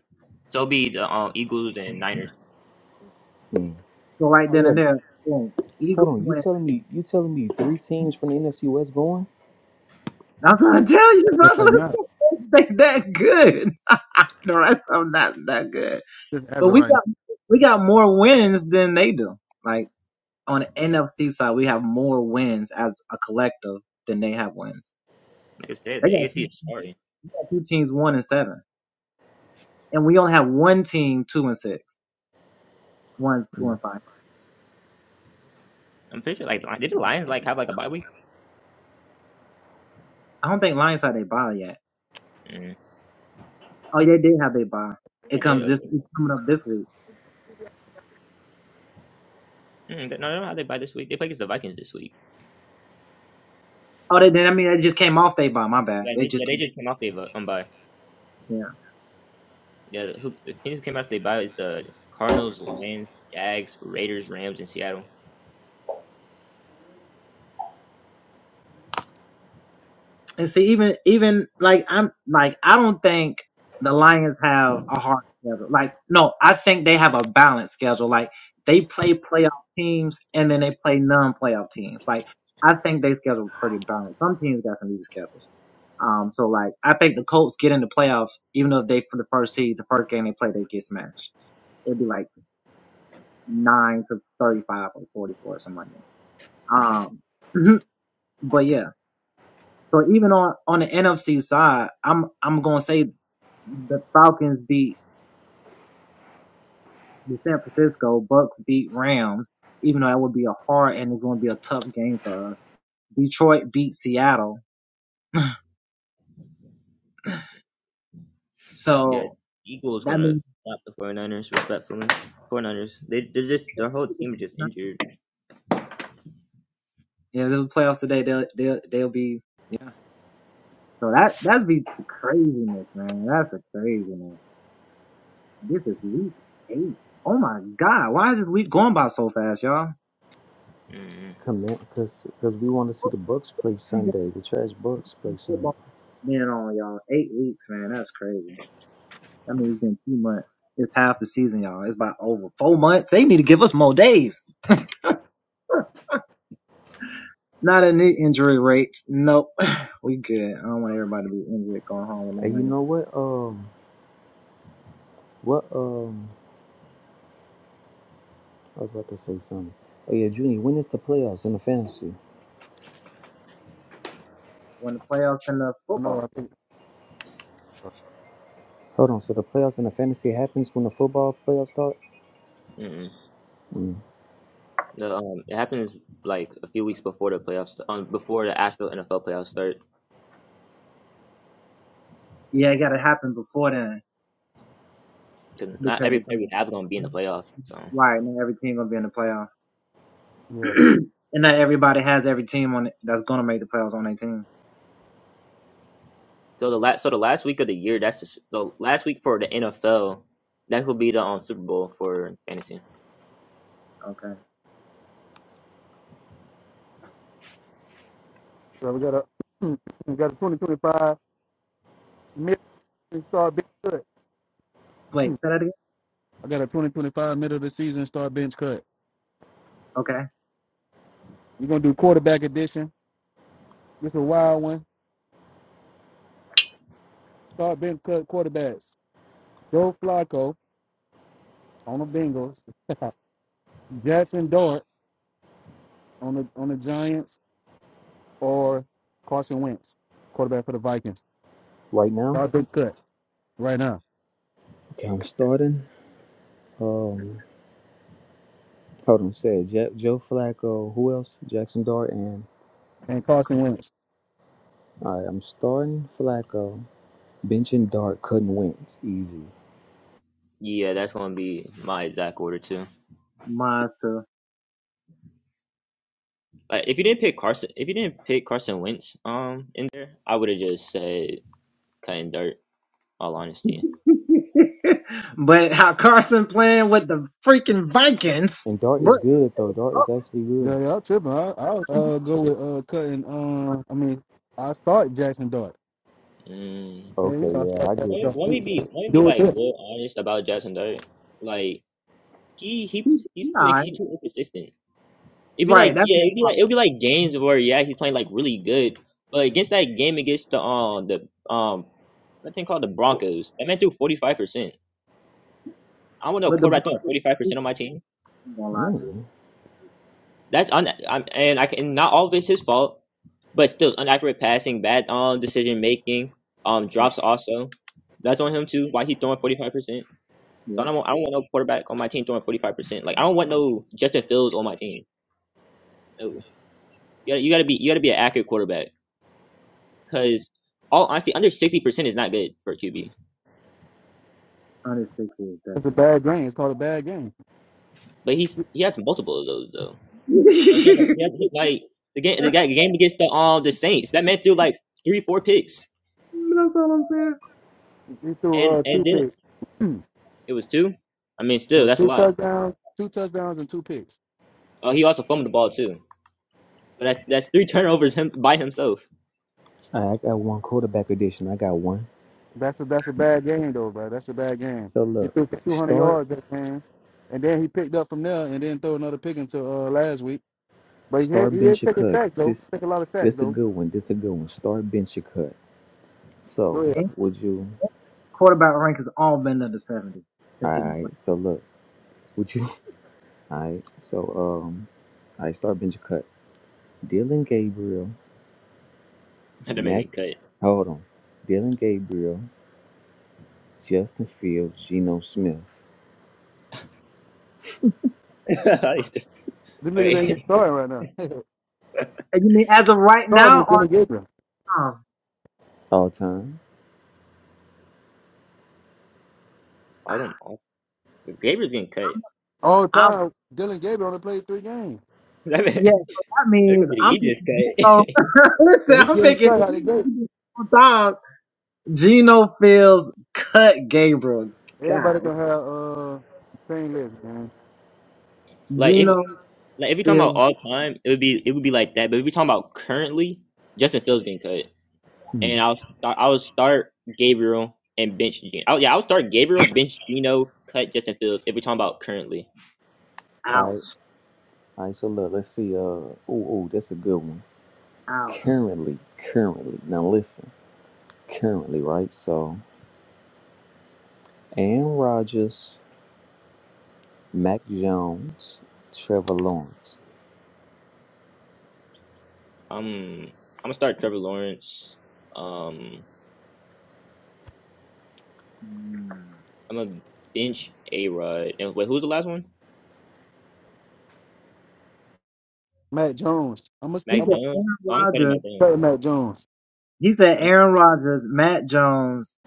[SPEAKER 3] So it'll be the um, Eagles and Niners.
[SPEAKER 4] Hmm. Oh yeah, hold on. You telling me you telling me three teams from the NFC West going?
[SPEAKER 1] just right now. Just as of right now.
[SPEAKER 3] Like I said, the AFC is sorry.
[SPEAKER 4] Mm.
[SPEAKER 3] I'm pretty sure like did the Lions like have like a bye week? Mm, they did. Okay. Mm, but no, they don't have they bye this week. They play against the Vikings this week. Yeah, they yeah they just came off their um bye. Yeah, who the teams who came off their bye is the Cardinals, Lions, Jags, Raiders, Rams, and Seattle. Yeah, Eagles gonna stop the 49ers respectfully. 49ers they they're just their whole team is just injured. Mm-mm.
[SPEAKER 4] Come in, cause, cause we want to see the Bucks play Sunday. The trash Bucks play Sunday. And you know what? Um, what? Um, I was about to say something. Oh yeah, Junior. When is the playoffs in the fantasy?
[SPEAKER 1] I know. I think.
[SPEAKER 4] Hold on. So the playoffs in the fantasy happens when the football playoffs start.
[SPEAKER 3] Mm-mm.
[SPEAKER 4] Mm.
[SPEAKER 3] The, um, it happens like a few weeks before the playoffs, um, before the actual NFL playoffs start. Because not every player we have is gonna be in the playoffs. So.
[SPEAKER 1] Yeah.
[SPEAKER 3] So the last so the last week of the year, that's the, s- the last week for the NFL. That will be the um, Super Bowl for fantasy.
[SPEAKER 1] So we got a we got a 2025 mid start bench cut. Hmm. I got a 2025 middle of the season start bench cut. We're gonna do quarterback edition. This is a wild one. Start bench cut quarterbacks. Joe Flacco on the Bengals. Jackson Dart on the on the Giants or Carson Wentz, quarterback for the Vikings.
[SPEAKER 4] Right now,
[SPEAKER 1] Start bench cut right now.
[SPEAKER 4] Okay, I'm starting. Um. Hold on, say Je- Joe Flacco. Who else? Jackson Dart and
[SPEAKER 1] And Carson Wentz.
[SPEAKER 4] all right. I'm starting Flacco, benching Dart, cutting Wentz, easy.
[SPEAKER 3] Yeah, that's gonna be my exact order too. Like if you didn't pick Carson, if you didn't pick Carson Wentz, um, in there, I would have just said cutting dirt. All honesty.
[SPEAKER 4] And Dart is good though. Dart is actually
[SPEAKER 1] Yeah,
[SPEAKER 4] good.
[SPEAKER 1] y'all tripping. I I'll uh, go with uh cutting. Um, I mean, I start Jackson Dart.
[SPEAKER 3] Mm.
[SPEAKER 1] Yeah, you
[SPEAKER 4] Okay,
[SPEAKER 1] I
[SPEAKER 4] yeah,
[SPEAKER 1] start
[SPEAKER 4] I
[SPEAKER 1] Jackson
[SPEAKER 4] get
[SPEAKER 3] Let me
[SPEAKER 4] it.
[SPEAKER 1] Dart.
[SPEAKER 3] let
[SPEAKER 1] He-
[SPEAKER 3] me be
[SPEAKER 1] he-
[SPEAKER 3] let me
[SPEAKER 1] Do
[SPEAKER 3] be
[SPEAKER 1] with
[SPEAKER 3] like
[SPEAKER 1] this.
[SPEAKER 3] real honest about Jackson Dart. Like he he he's too he too inconsistent. It'd be like yeah, it'd be like it'd be like games where yeah he's playing like really good, but against that game against the um the um that thing called the Broncos. That man threw forty five percent. I want no quarterback throwing forty five percent on my team.
[SPEAKER 4] Mm.
[SPEAKER 3] That's un- I'm, and I can not all of it's his fault, but still inaccurate passing, bad um decision making, um drops also. That's on him too. Why he throwing forty five percent? So I don't want I don't want no quarterback on my team throwing forty five percent. Like I don't want no Justin Fields on my team. No. You gotta, you gotta be you gotta be an accurate quarterback because all honesty, under sixty percent is not good for a QB.
[SPEAKER 1] It's a bad game. It's called a bad game.
[SPEAKER 3] But he's he has multiple of those though. Like he had, a- he had like the game the guy- the game against the um the Saints that man threw like three four picks
[SPEAKER 1] He threw
[SPEAKER 3] and
[SPEAKER 1] uh two
[SPEAKER 3] and then
[SPEAKER 1] picks. it
[SPEAKER 3] it was two. I mean, still
[SPEAKER 1] was
[SPEAKER 3] that's a
[SPEAKER 1] two
[SPEAKER 3] lot.
[SPEAKER 1] touchdowns, two touchdowns, and two picks.
[SPEAKER 3] Oh, he also fumbled the ball too. But that's that's three turnovers him by himself.
[SPEAKER 4] I, I got one quarterback edition. I got one.
[SPEAKER 1] That's a that's a bad game though, bro. That's a bad game.
[SPEAKER 4] So
[SPEAKER 1] He
[SPEAKER 4] look,
[SPEAKER 1] threw for 200
[SPEAKER 4] start,
[SPEAKER 1] yards that game, and then he picked up from there, and then throw another pick into uh last week. But he had-
[SPEAKER 4] start
[SPEAKER 1] he did
[SPEAKER 4] bench or
[SPEAKER 1] take a
[SPEAKER 4] cut.
[SPEAKER 1] sack though. He
[SPEAKER 4] This,
[SPEAKER 1] took a lot of sacks
[SPEAKER 4] this a
[SPEAKER 1] though.
[SPEAKER 4] good one. This a good one. Start bench or cut.
[SPEAKER 1] Go
[SPEAKER 4] So
[SPEAKER 1] ahead.
[SPEAKER 4] would you? All right. So look, would you? All right. So um, I start bench or cut. Dylan Gabriel.
[SPEAKER 3] That man
[SPEAKER 4] Mac,
[SPEAKER 3] getting cut.
[SPEAKER 4] hold on. Dylan Gabriel, Justin Fields, Geno Smith,
[SPEAKER 3] He's still-
[SPEAKER 1] Them niggas ain't even
[SPEAKER 3] Wait,
[SPEAKER 1] starting right now. starting is Dylan Gabriel.
[SPEAKER 4] all time.
[SPEAKER 3] all them all, Gabriel's getting cut.
[SPEAKER 1] All time, Dylan Gabriel only played three games.
[SPEAKER 3] That man, that could be the easiest cut.
[SPEAKER 1] So he getting shut out of the gate. Everybody gonna have uh train list, man.
[SPEAKER 3] like if like if you talking about all time, it would be it would be like that. But if we talking about currently, Justin Fields getting cut.
[SPEAKER 4] Hmm.
[SPEAKER 3] and I'll start. I would start Gabriel and bench. Gino. Oh yeah, I would start Gabriel, bench Gino, cut Justin Fields. If we're talking about currently,
[SPEAKER 4] All right, all right. So look, let's see. Uh, oh, oh, that's a good one. Currently, currently. Now listen, currently, right? So, Aaron Rodgers, Mac Jones, Trevor Lawrence.
[SPEAKER 3] um, I'm gonna start Trevor Lawrence. Um, I'm gonna bench A Rod. And wait, who's the last one?
[SPEAKER 1] Matt Jones. I'm gonna
[SPEAKER 3] Mac
[SPEAKER 1] I'm gonna
[SPEAKER 3] Jones. Oh, I'm cutting Mac Jones.
[SPEAKER 1] say Matt Jones.
[SPEAKER 3] I'm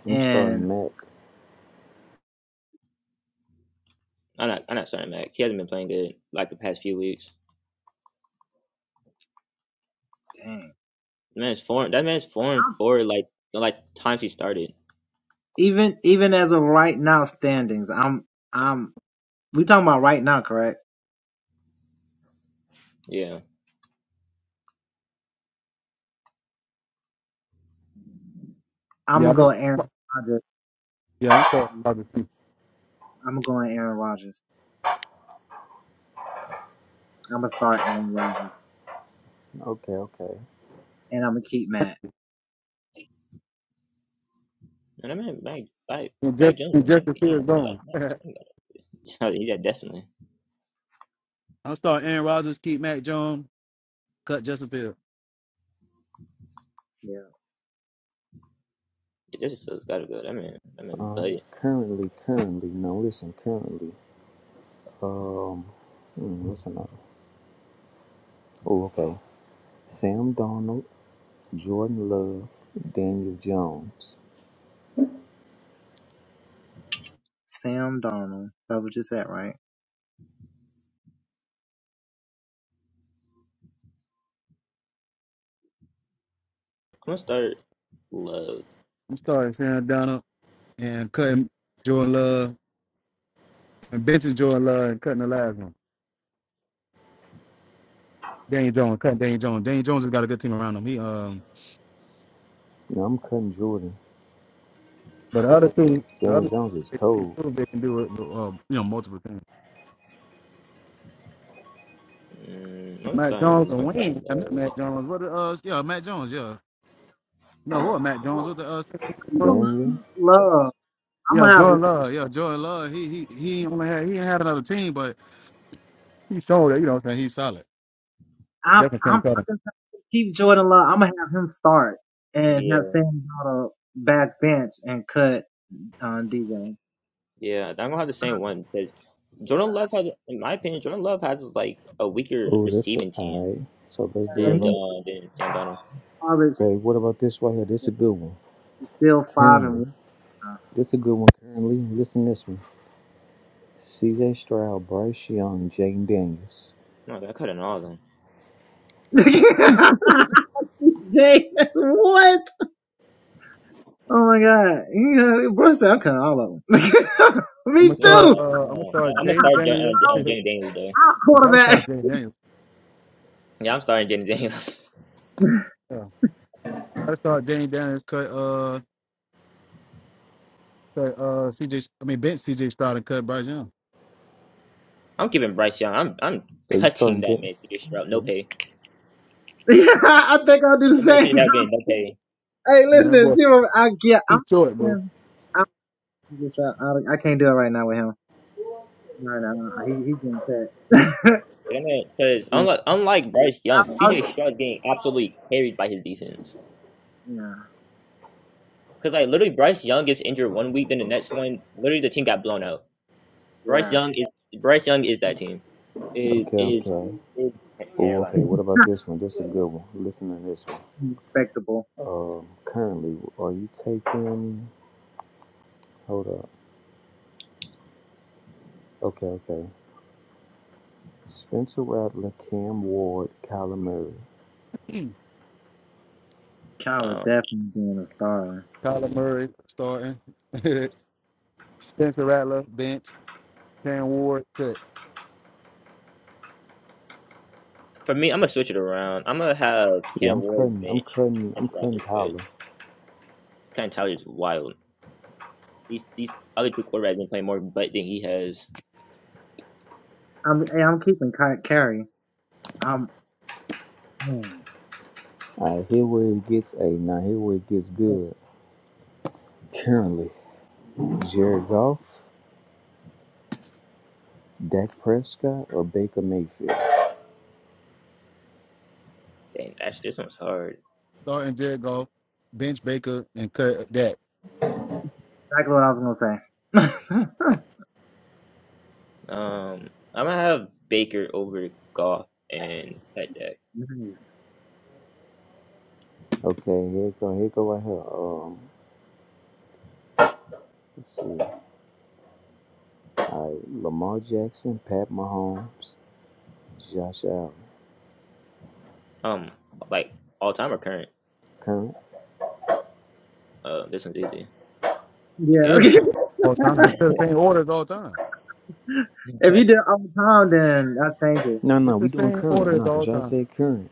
[SPEAKER 4] I'm starting Mac.
[SPEAKER 3] I'm not. I'm not starting Mac. He hasn't been playing good like the past few weeks. That man's form. That man's form for like like times he started. Yeah,
[SPEAKER 1] Yeah, I'm gonna, yeah, I'm sorry, obviously.
[SPEAKER 4] Okay, okay.
[SPEAKER 3] and I mean Mac. Mac,
[SPEAKER 1] And
[SPEAKER 3] Mac
[SPEAKER 1] just
[SPEAKER 3] Jones
[SPEAKER 1] and
[SPEAKER 3] won
[SPEAKER 1] Justin
[SPEAKER 3] the
[SPEAKER 1] Fields
[SPEAKER 3] game. But, Like,
[SPEAKER 1] gone.
[SPEAKER 3] no, he got- yeah, definitely.
[SPEAKER 1] I'm starting Aaron Rodgers, keep Matt Jones, cut Justin Fields.
[SPEAKER 3] This feels gotta go. I mean, I mean,
[SPEAKER 4] All
[SPEAKER 3] but I'm
[SPEAKER 4] right. Currently, currently. Now listen, currently. Um, hmm, what's another? Oh, okay. Sam Darnold. Jordan Love, Daniel Jones.
[SPEAKER 3] gonna start love.
[SPEAKER 1] I'm starting Sam Donald and cutting Jordan Love and benching Jordan Love and cutting the last one. Daniel Jones, cutting Daniel Jones. Daniel Jones has got a good team around him. He um
[SPEAKER 4] Now I'm cutting Jordan.
[SPEAKER 1] But the other two, the
[SPEAKER 4] Daniel
[SPEAKER 1] other two,
[SPEAKER 4] Jones is
[SPEAKER 1] they, they
[SPEAKER 4] cold.
[SPEAKER 1] proved they can do it. with, Um, you know, multiple things.
[SPEAKER 3] Mm, I'm
[SPEAKER 1] Matt Jones
[SPEAKER 3] starting.
[SPEAKER 1] and
[SPEAKER 3] I'm
[SPEAKER 1] Wayne.
[SPEAKER 3] starting
[SPEAKER 1] I mean,
[SPEAKER 3] love.
[SPEAKER 1] Matt Jones. What the uh? Yeah, Matt Jones. Yeah. No, what Matt Jones? What the uh? was?
[SPEAKER 4] Daniel.
[SPEAKER 1] Yeah, Jordan Love. Yeah, Jordan Love. He he he ain't only had he ain't had another team, but he showed it. You know what I'm saying? He's solid. Definitely can't cut him.
[SPEAKER 3] Yeah, yeah. I'm gonna have the same one because Jordan Love has, in my opinion, Jordan Love has like a weaker
[SPEAKER 4] Oh, that's for
[SPEAKER 3] receiving team
[SPEAKER 4] I. So let's do it
[SPEAKER 3] than
[SPEAKER 4] right.
[SPEAKER 3] uh, than Sam Donald.
[SPEAKER 4] Okay, what about this right here? This is a good one. Currently. This is a good one currently. Listen to this one. CJ Stroud, Bryce Young, Jane Daniels.
[SPEAKER 3] No, i cut cutting all of them.
[SPEAKER 1] I'm gonna
[SPEAKER 3] Let me
[SPEAKER 1] start.
[SPEAKER 3] start.
[SPEAKER 1] Uh, I'm gonna
[SPEAKER 3] Uh, I-
[SPEAKER 1] start
[SPEAKER 3] I'm gonna
[SPEAKER 1] Jaden
[SPEAKER 3] start Ja-
[SPEAKER 1] Daniels.
[SPEAKER 3] uh, Ja- uh,
[SPEAKER 1] you
[SPEAKER 3] Danny Daniels though.
[SPEAKER 1] gotta start Jaden Daniels.
[SPEAKER 3] Yeah, I'm starting Danny Daniels.
[SPEAKER 1] Yeah. Gotta start Jaden Daniels. Cut uh cut uh CJ. I mean bench CJ Stroud and cut Bryce Young.
[SPEAKER 3] I'm keeping Bryce Young. I'm I'm
[SPEAKER 4] So you
[SPEAKER 3] cutting
[SPEAKER 4] starting
[SPEAKER 3] that man's
[SPEAKER 4] this?
[SPEAKER 3] condition out. No
[SPEAKER 4] Okay.
[SPEAKER 3] pay. That man should have getting no pay.
[SPEAKER 1] And that boy too short, bro.
[SPEAKER 3] Because unlike, unlike Bryce Young, CJ Stroud is getting absolutely carried by his defense. Because like literally, Bryce Young gets injured one week, then the next one, literally the team got blown out. Bryce Young is Bryce Young is that team. Is
[SPEAKER 4] Okay,
[SPEAKER 3] is
[SPEAKER 4] okay.
[SPEAKER 3] is
[SPEAKER 4] Oh, okay.
[SPEAKER 3] Carolina.
[SPEAKER 4] What about this one? This is a good one. Listen to this one. Um, currently, are you taking? Hold up. Okay, okay. Spencer Rattler, Cam Ward, Kyler Murray.
[SPEAKER 3] Um,
[SPEAKER 1] Kyler Murray starting. Spencer Rattler bench. Cam Ward cut.
[SPEAKER 3] for me, I'm gonna switch it around. I'm gonna have
[SPEAKER 4] Yeah,
[SPEAKER 3] Cam
[SPEAKER 4] I'm
[SPEAKER 3] Ward
[SPEAKER 4] cutting, I'm
[SPEAKER 3] bench.
[SPEAKER 4] cutting,
[SPEAKER 3] That's
[SPEAKER 4] I'm cutting
[SPEAKER 3] rather good.
[SPEAKER 4] Kyler.
[SPEAKER 3] Kind of Tyler's is wild. These these other two quarterbacks been playing more butt than he has.
[SPEAKER 4] All right, here where it gets a. Now here where it gets good. Currently, Jared Goff, Dak Prescott, or Baker Mayfield.
[SPEAKER 3] Dang, actually, this one's hard.
[SPEAKER 1] Starting Jared Goff, bench Baker, and cut Dak.
[SPEAKER 3] Um, I'm gonna have Baker over Goff and Pat
[SPEAKER 4] Okay, here it go, here it go right here. Um, let's see. All right, Lamar Jackson, Pat Mahomes, Josh Allen.
[SPEAKER 3] Um, like all time or current?
[SPEAKER 4] Current?
[SPEAKER 3] Uh, this one's easy.
[SPEAKER 1] Still
[SPEAKER 3] Okay.
[SPEAKER 1] the same all time. It's still the same order as all time.
[SPEAKER 4] No, no,
[SPEAKER 1] It's the
[SPEAKER 4] we doing
[SPEAKER 1] same order
[SPEAKER 4] current.
[SPEAKER 1] as
[SPEAKER 4] No,
[SPEAKER 1] all
[SPEAKER 4] cause y'all
[SPEAKER 1] time.
[SPEAKER 4] said current.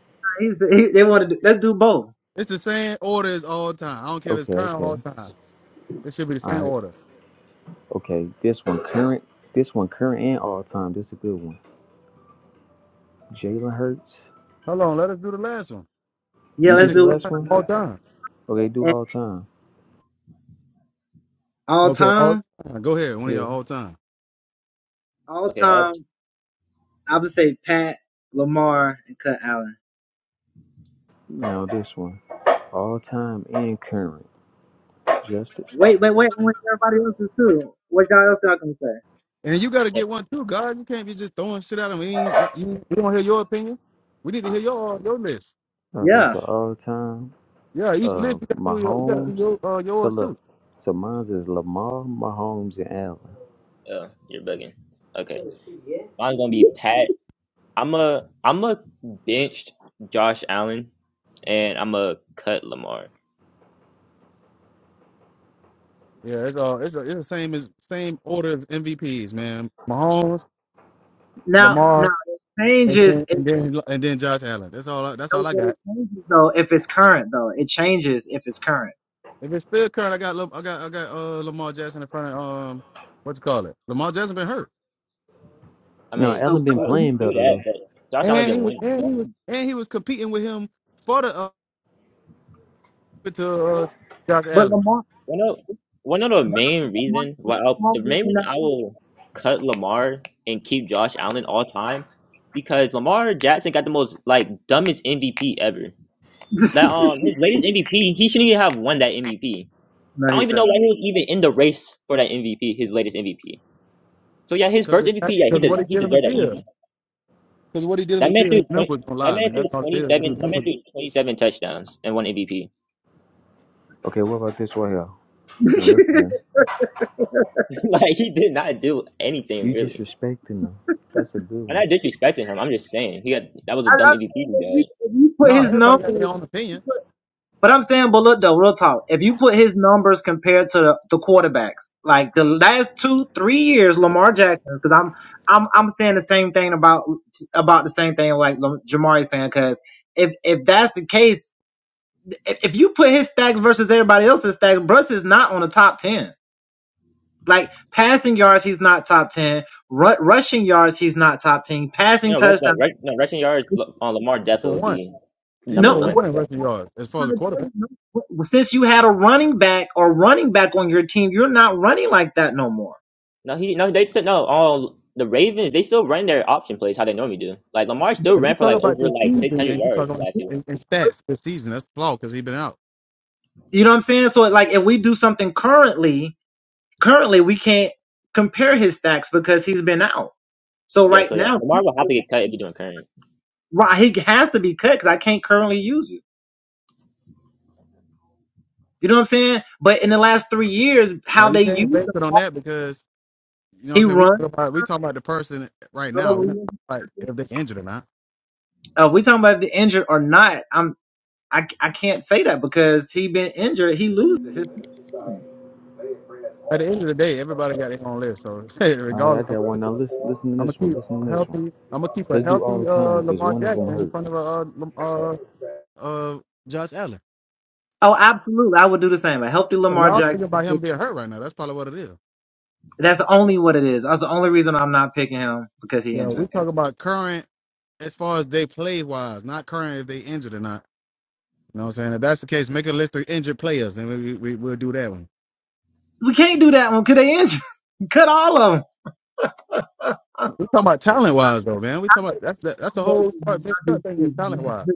[SPEAKER 1] It's the same order as all time. I don't care if it's
[SPEAKER 4] Okay,
[SPEAKER 1] current
[SPEAKER 4] okay.
[SPEAKER 1] all time. It should be the
[SPEAKER 4] All
[SPEAKER 1] same
[SPEAKER 4] right.
[SPEAKER 1] order.
[SPEAKER 4] Okay, this one current. This one current and all time. This is a good one. Jalen Hurts.
[SPEAKER 1] Hold on, let us do the last one.
[SPEAKER 4] You
[SPEAKER 1] Is
[SPEAKER 4] did
[SPEAKER 1] it
[SPEAKER 4] the last
[SPEAKER 1] current all
[SPEAKER 4] one?
[SPEAKER 1] time?
[SPEAKER 4] Okay, do all time.
[SPEAKER 1] Okay, all time. Go ahead, one of
[SPEAKER 4] Yeah.
[SPEAKER 1] y'all all time.
[SPEAKER 3] okay. All.
[SPEAKER 4] Now this one. All time and current. Justin.
[SPEAKER 1] And you got to get one too, God. You can't be just throwing shit at him. We ain't got, you, we don't hear your opinion. We need to hear your your list.
[SPEAKER 4] Okay, so all time.
[SPEAKER 1] Yeah, each
[SPEAKER 4] Uh
[SPEAKER 1] list you gotta do your you gotta do
[SPEAKER 4] Mahomes.
[SPEAKER 1] your uh,
[SPEAKER 4] So
[SPEAKER 1] yours too.
[SPEAKER 4] look. So mine's is Lamar, Mahomes, and Allen.
[SPEAKER 3] Uh, you're bugging. Okay. Mine's gonna be Pat. I'm a. I'm a benched Josh Allen, and I'm a cut Lamar.
[SPEAKER 1] Yeah, it's uh it's a, it's the same as same order as MVPs, man. Mahomes, Lamar, and then and then and then Josh Allen. That's all. I, that's all I got. If it's still current, I got Lam- I got I got uh Lamar Jackson in front of um what you call it? Lamar Jackson been hurt,
[SPEAKER 3] I
[SPEAKER 4] No,
[SPEAKER 3] mean,
[SPEAKER 4] Allen been
[SPEAKER 3] do
[SPEAKER 4] playing
[SPEAKER 3] do
[SPEAKER 4] better though.
[SPEAKER 3] that, but Josh Allen
[SPEAKER 1] and he
[SPEAKER 3] been
[SPEAKER 1] was
[SPEAKER 3] winning.
[SPEAKER 1] and he was and he was competing with him for the uh, to uh, Josh Allen
[SPEAKER 3] One of one of the main reason why i the main reason I will cut Lamar and keep Josh Allen all time because Lamar Jackson got the most like dumbest MVP ever. That um his latest MVP, he shouldn't even have won that MVP. I don't even know why he was even in the race for that MVP, his latest MVP. So yeah, his
[SPEAKER 1] because
[SPEAKER 3] first MVP, yeah, he
[SPEAKER 1] because
[SPEAKER 3] does
[SPEAKER 1] what he
[SPEAKER 3] he
[SPEAKER 1] did in the
[SPEAKER 3] deserved that
[SPEAKER 1] field
[SPEAKER 3] easy.
[SPEAKER 1] because what he did in
[SPEAKER 3] That
[SPEAKER 1] the
[SPEAKER 3] man
[SPEAKER 1] field
[SPEAKER 3] threw
[SPEAKER 1] his
[SPEAKER 3] 20,
[SPEAKER 1] numbers don't
[SPEAKER 3] that
[SPEAKER 1] lie,
[SPEAKER 3] man
[SPEAKER 1] man.
[SPEAKER 3] threw
[SPEAKER 1] That's all it
[SPEAKER 3] twenty
[SPEAKER 1] is.
[SPEAKER 3] seven
[SPEAKER 1] His
[SPEAKER 3] that man
[SPEAKER 1] numbers.
[SPEAKER 3] threw twenty seven touchdowns and one MVP.
[SPEAKER 4] Okay, what about this right here? Now listen.
[SPEAKER 3] like he did not do anything
[SPEAKER 4] You
[SPEAKER 3] really.
[SPEAKER 4] disrespecting them. That's a good
[SPEAKER 3] I'm
[SPEAKER 4] one.
[SPEAKER 3] not disrespecting him. I'm just saying he got that was a dumb MVP he did.
[SPEAKER 1] No, everybody got their own opinion
[SPEAKER 3] You know, rush, no, rush, no, rushing yards on Lamar Death
[SPEAKER 1] for
[SPEAKER 3] would
[SPEAKER 1] one.
[SPEAKER 3] be
[SPEAKER 1] He's
[SPEAKER 3] number
[SPEAKER 1] number
[SPEAKER 3] one.
[SPEAKER 1] one in rushing yards as far as a quarterback.
[SPEAKER 3] No, he no. They still no. All the Ravens they still run their option plays how they normally do. Like Lamar still
[SPEAKER 1] If you
[SPEAKER 3] ran for
[SPEAKER 1] talk
[SPEAKER 3] like
[SPEAKER 1] about
[SPEAKER 3] over
[SPEAKER 1] this
[SPEAKER 3] like six
[SPEAKER 1] season
[SPEAKER 3] hundred
[SPEAKER 1] and you talk
[SPEAKER 3] yards
[SPEAKER 1] about
[SPEAKER 3] last year.
[SPEAKER 1] in, in stats this season, that's flawed because he's been out.
[SPEAKER 3] Yeah, so yeah, Lamar will have to get cut if you're doing current.
[SPEAKER 1] Uh, you can't base it on that because you know what I'm saying. We talk about we talk about the person right now. We don't talk about if they injured or not. At the end of the day, everybody got their own list. So
[SPEAKER 4] All right, I
[SPEAKER 1] regardless, I'm,
[SPEAKER 4] got one. Now listen, listen to
[SPEAKER 1] I'm gonna
[SPEAKER 4] this one.
[SPEAKER 1] keep
[SPEAKER 4] Listen
[SPEAKER 1] a
[SPEAKER 4] to this one.
[SPEAKER 1] healthy. I'm gonna keep a
[SPEAKER 4] Let's do
[SPEAKER 1] healthy
[SPEAKER 4] all
[SPEAKER 1] uh,
[SPEAKER 4] time because
[SPEAKER 1] Lamar
[SPEAKER 4] one of
[SPEAKER 1] Jackson in
[SPEAKER 4] them
[SPEAKER 1] front of a uh, Lam- uh, uh, Josh Allen. So y'all thinking about him being hurt right now? That's probably what it is. Yo, we talk about current as far as they play wise, not current if they injured or not. You know what I'm saying? If that's the case, make a list of injured players, and we, we, we we'll do that one. We talking about talent wise though, man. We talking about that's the, that's the whole part. This cut thing is talent wise.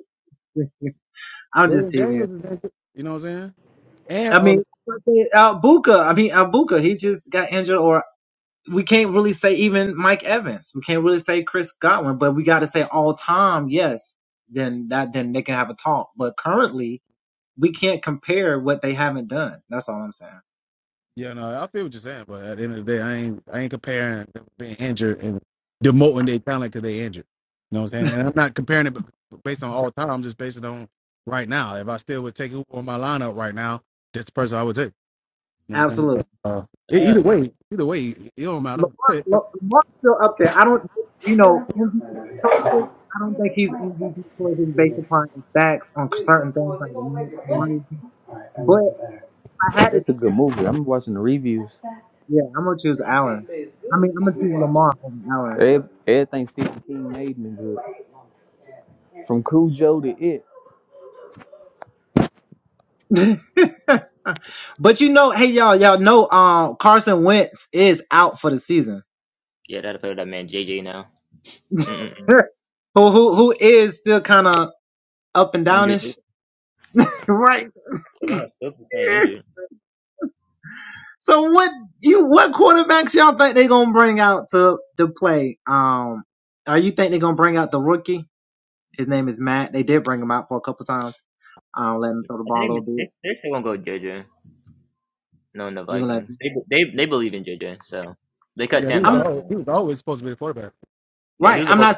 [SPEAKER 1] Daniels is injured. You know what I'm saying? And all Yeah, no, I feel what you're saying, but at the end of the day, I ain't I ain't comparing them being injured and demoting their talent because they injured. You know what I'm saying? And I'm not comparing it b- based on all time. I'm just basing it on right now. If I still would take who on my lineup right now, that's the person I would take. You know what I'm saying? But, uh, e- either
[SPEAKER 3] Uh,
[SPEAKER 1] way, either way, it don't matter. Hey,
[SPEAKER 4] hurt. Yeah, That's a good movie. I'm watching the reviews. So you can't say it's good until you watch. Ev- Everything Stephen King made me good. From Cujo to It.
[SPEAKER 3] yeah, that'll play with that man JJ now. Mm-mm. Injured. dude. That man still playing injured. I think they they're still gonna go with JJ. No, in the Vikings. They they they believe in JJ, so they cut
[SPEAKER 1] Yeah, he
[SPEAKER 3] Sam
[SPEAKER 1] was
[SPEAKER 3] Donald.
[SPEAKER 1] always, he was always supposed to be the quarterback.
[SPEAKER 3] Yeah, he was supposed to.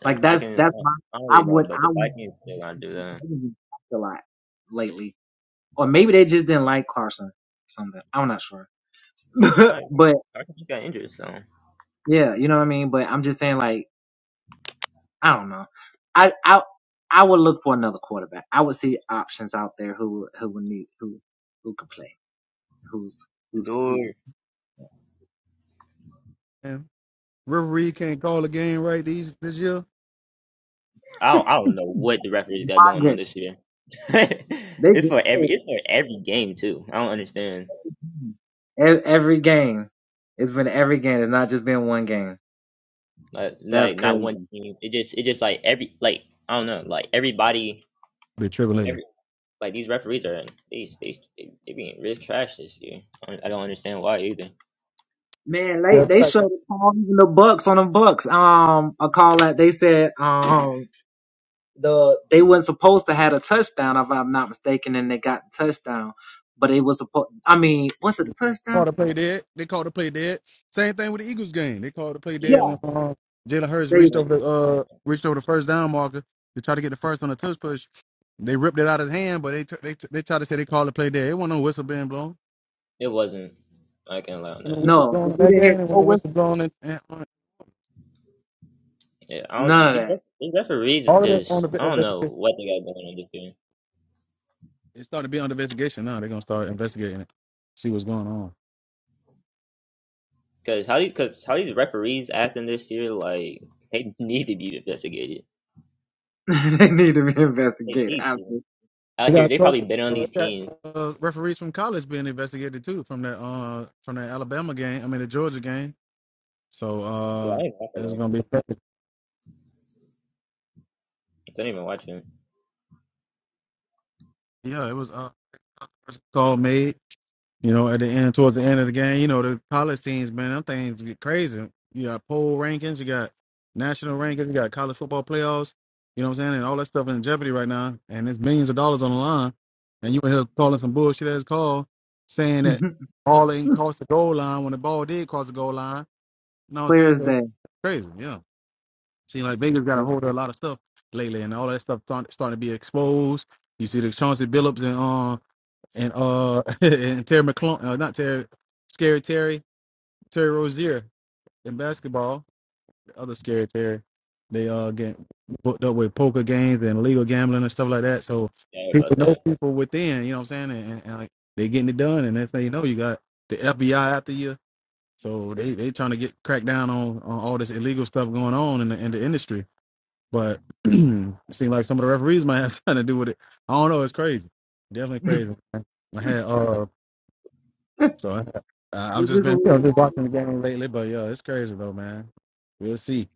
[SPEAKER 3] So the Vikings. I don't I don't really know, but the Vikings they're gonna do that. All right. I think he got injured, so.
[SPEAKER 1] And River Reed can't call a game right these this year.
[SPEAKER 3] I don't, I don't know what the referees got going on this year. it's for every it's for every game too. I don't understand. Like, like not one team. It just it just like every like I don't know. Like everybody
[SPEAKER 1] Been tripping lately.
[SPEAKER 3] every like these referees are they they they, they being real trash this year. I don't, I don't understand why either.
[SPEAKER 1] Yeah, Called to play dead. They called to play dead. Same thing with the Eagles game. They called to play dead
[SPEAKER 3] Yeah,
[SPEAKER 1] when uh, Jalen Hurts reached
[SPEAKER 3] it
[SPEAKER 1] over the uh reached over the first down marker to try to get the first on the touch push. They ripped it out of his hand, but they t- they t- they tried to say they called to play dead. It wasn't no whistle being blown.
[SPEAKER 3] it wasn't. I can't lie on
[SPEAKER 1] When the
[SPEAKER 3] that.
[SPEAKER 1] whistle blown in that game, and when the whistle blown in, and on,
[SPEAKER 3] Yeah, I don't. These, ref- these referees is
[SPEAKER 1] all of that on
[SPEAKER 3] just
[SPEAKER 1] the
[SPEAKER 3] I don't know
[SPEAKER 1] investigation.
[SPEAKER 3] what they got going on this year.
[SPEAKER 1] It's starting to be under investigation now. They're gonna start investigating it, see what's going on.
[SPEAKER 3] Cause how these cause how these referees acting this year like they need to be investigated. They need to. Out
[SPEAKER 1] We
[SPEAKER 3] here,
[SPEAKER 1] got
[SPEAKER 3] they probably
[SPEAKER 1] coaches,
[SPEAKER 3] been on
[SPEAKER 1] uh,
[SPEAKER 3] these
[SPEAKER 1] got
[SPEAKER 3] teams.
[SPEAKER 1] uh, referees from college being investigated too from that uh from that Alabama game. I mean the Georgia game. So
[SPEAKER 3] Well,
[SPEAKER 1] uh
[SPEAKER 3] I didn't watch that
[SPEAKER 1] it's
[SPEAKER 3] game.
[SPEAKER 1] gonna be perfect.
[SPEAKER 3] I don't even watch him.
[SPEAKER 1] Yeah, it was uh first call made, you know, at the end towards the end of the game. You know, the college teams, man, them things get crazy. You got poll rankings, you got national rankings, you got college football playoffs, you know what I'm saying, and all that stuff in jeopardy right now. And it's millions of dollars on the line. And you in here calling some bullshit as call saying that all ain't crossed the goal line when the ball did cross the goal line. You know what I'm saying? It's crazy, yeah. Seems like Vegas got a hold of a lot of stuff lately, and all that stuff start, starting to be exposed. You see the Chauncey Billups and uh and uh and Terry McClung, uh, not Terry, Scary Terry, Terry Rozier in basketball. The other Scary Terry, they uh get booked up with poker games and illegal gambling and stuff like that. So
[SPEAKER 3] Yeah, about
[SPEAKER 1] people know
[SPEAKER 3] that.
[SPEAKER 1] people within, you know what I'm saying, and, and, and like they getting it done. And next thing you know, you got the FBI after you. So they they trying to get crack down on, on all this illegal stuff going on in the, in the industry. But it seems like some of the referees might have something to do with it. I don't know. It's crazy. Definitely crazy. man. I had uh, so I, I- I've just been you know just watching the game lately. But yeah, it's crazy though, man. We'll see.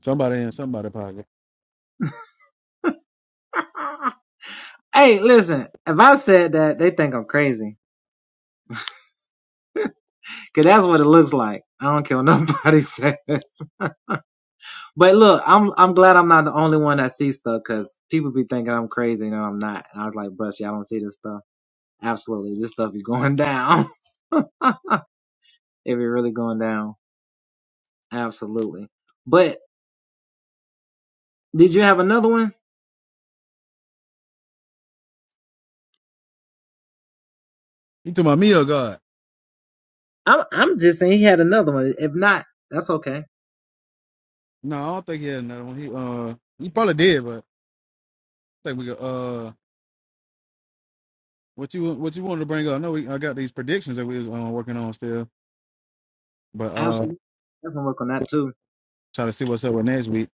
[SPEAKER 1] Somebody in somebody pocket. You talking about me or God? No, I don't think he had another one. He uh, he probably did, but I think we could, uh, what you what you wanted to bring up? I know we I got these predictions that we was uh, working on still, but uh, try to see what's up with next week.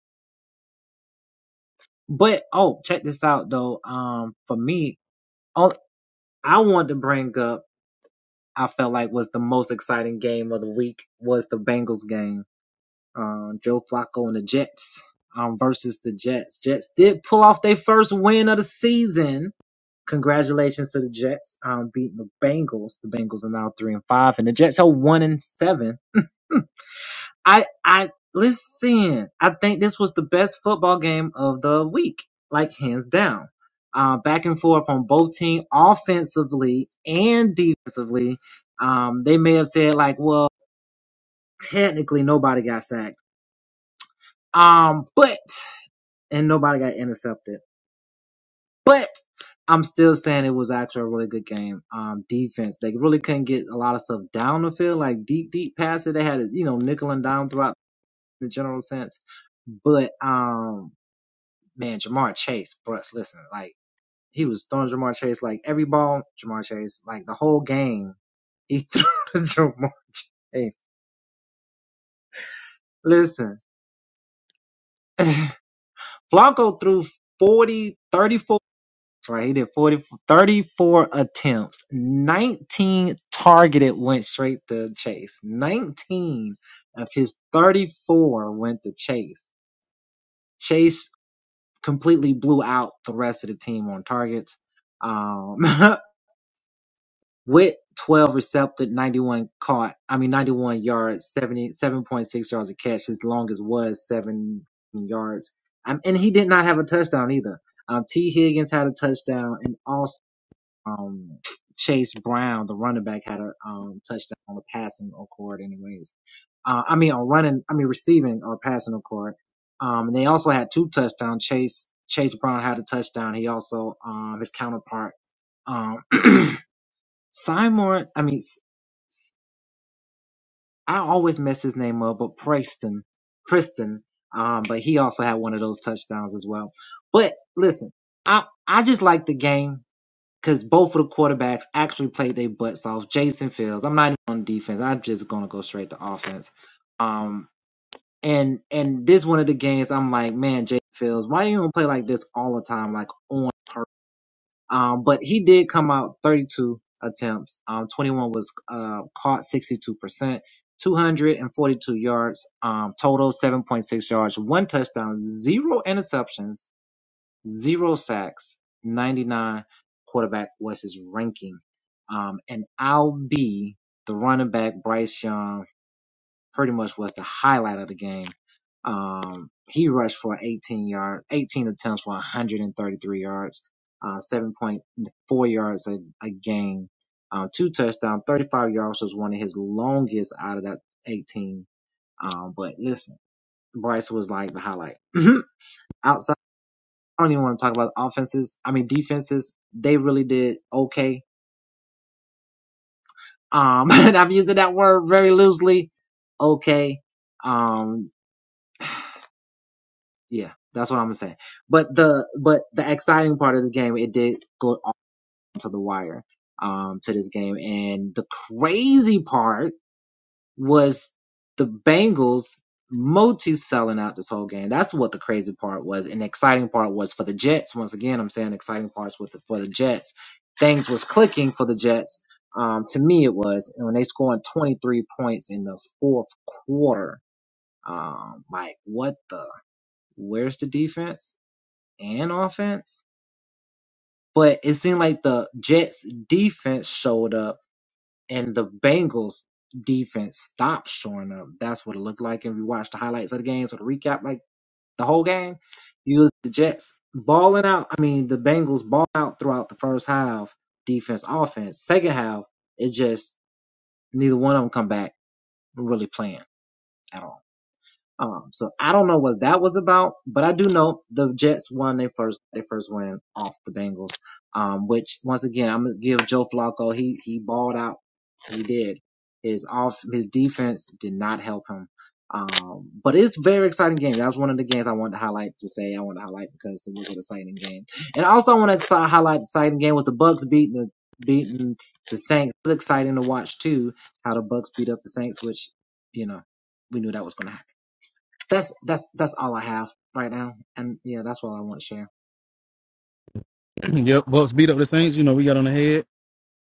[SPEAKER 1] yep, Bucks beat up the Saints. You know we got on the head.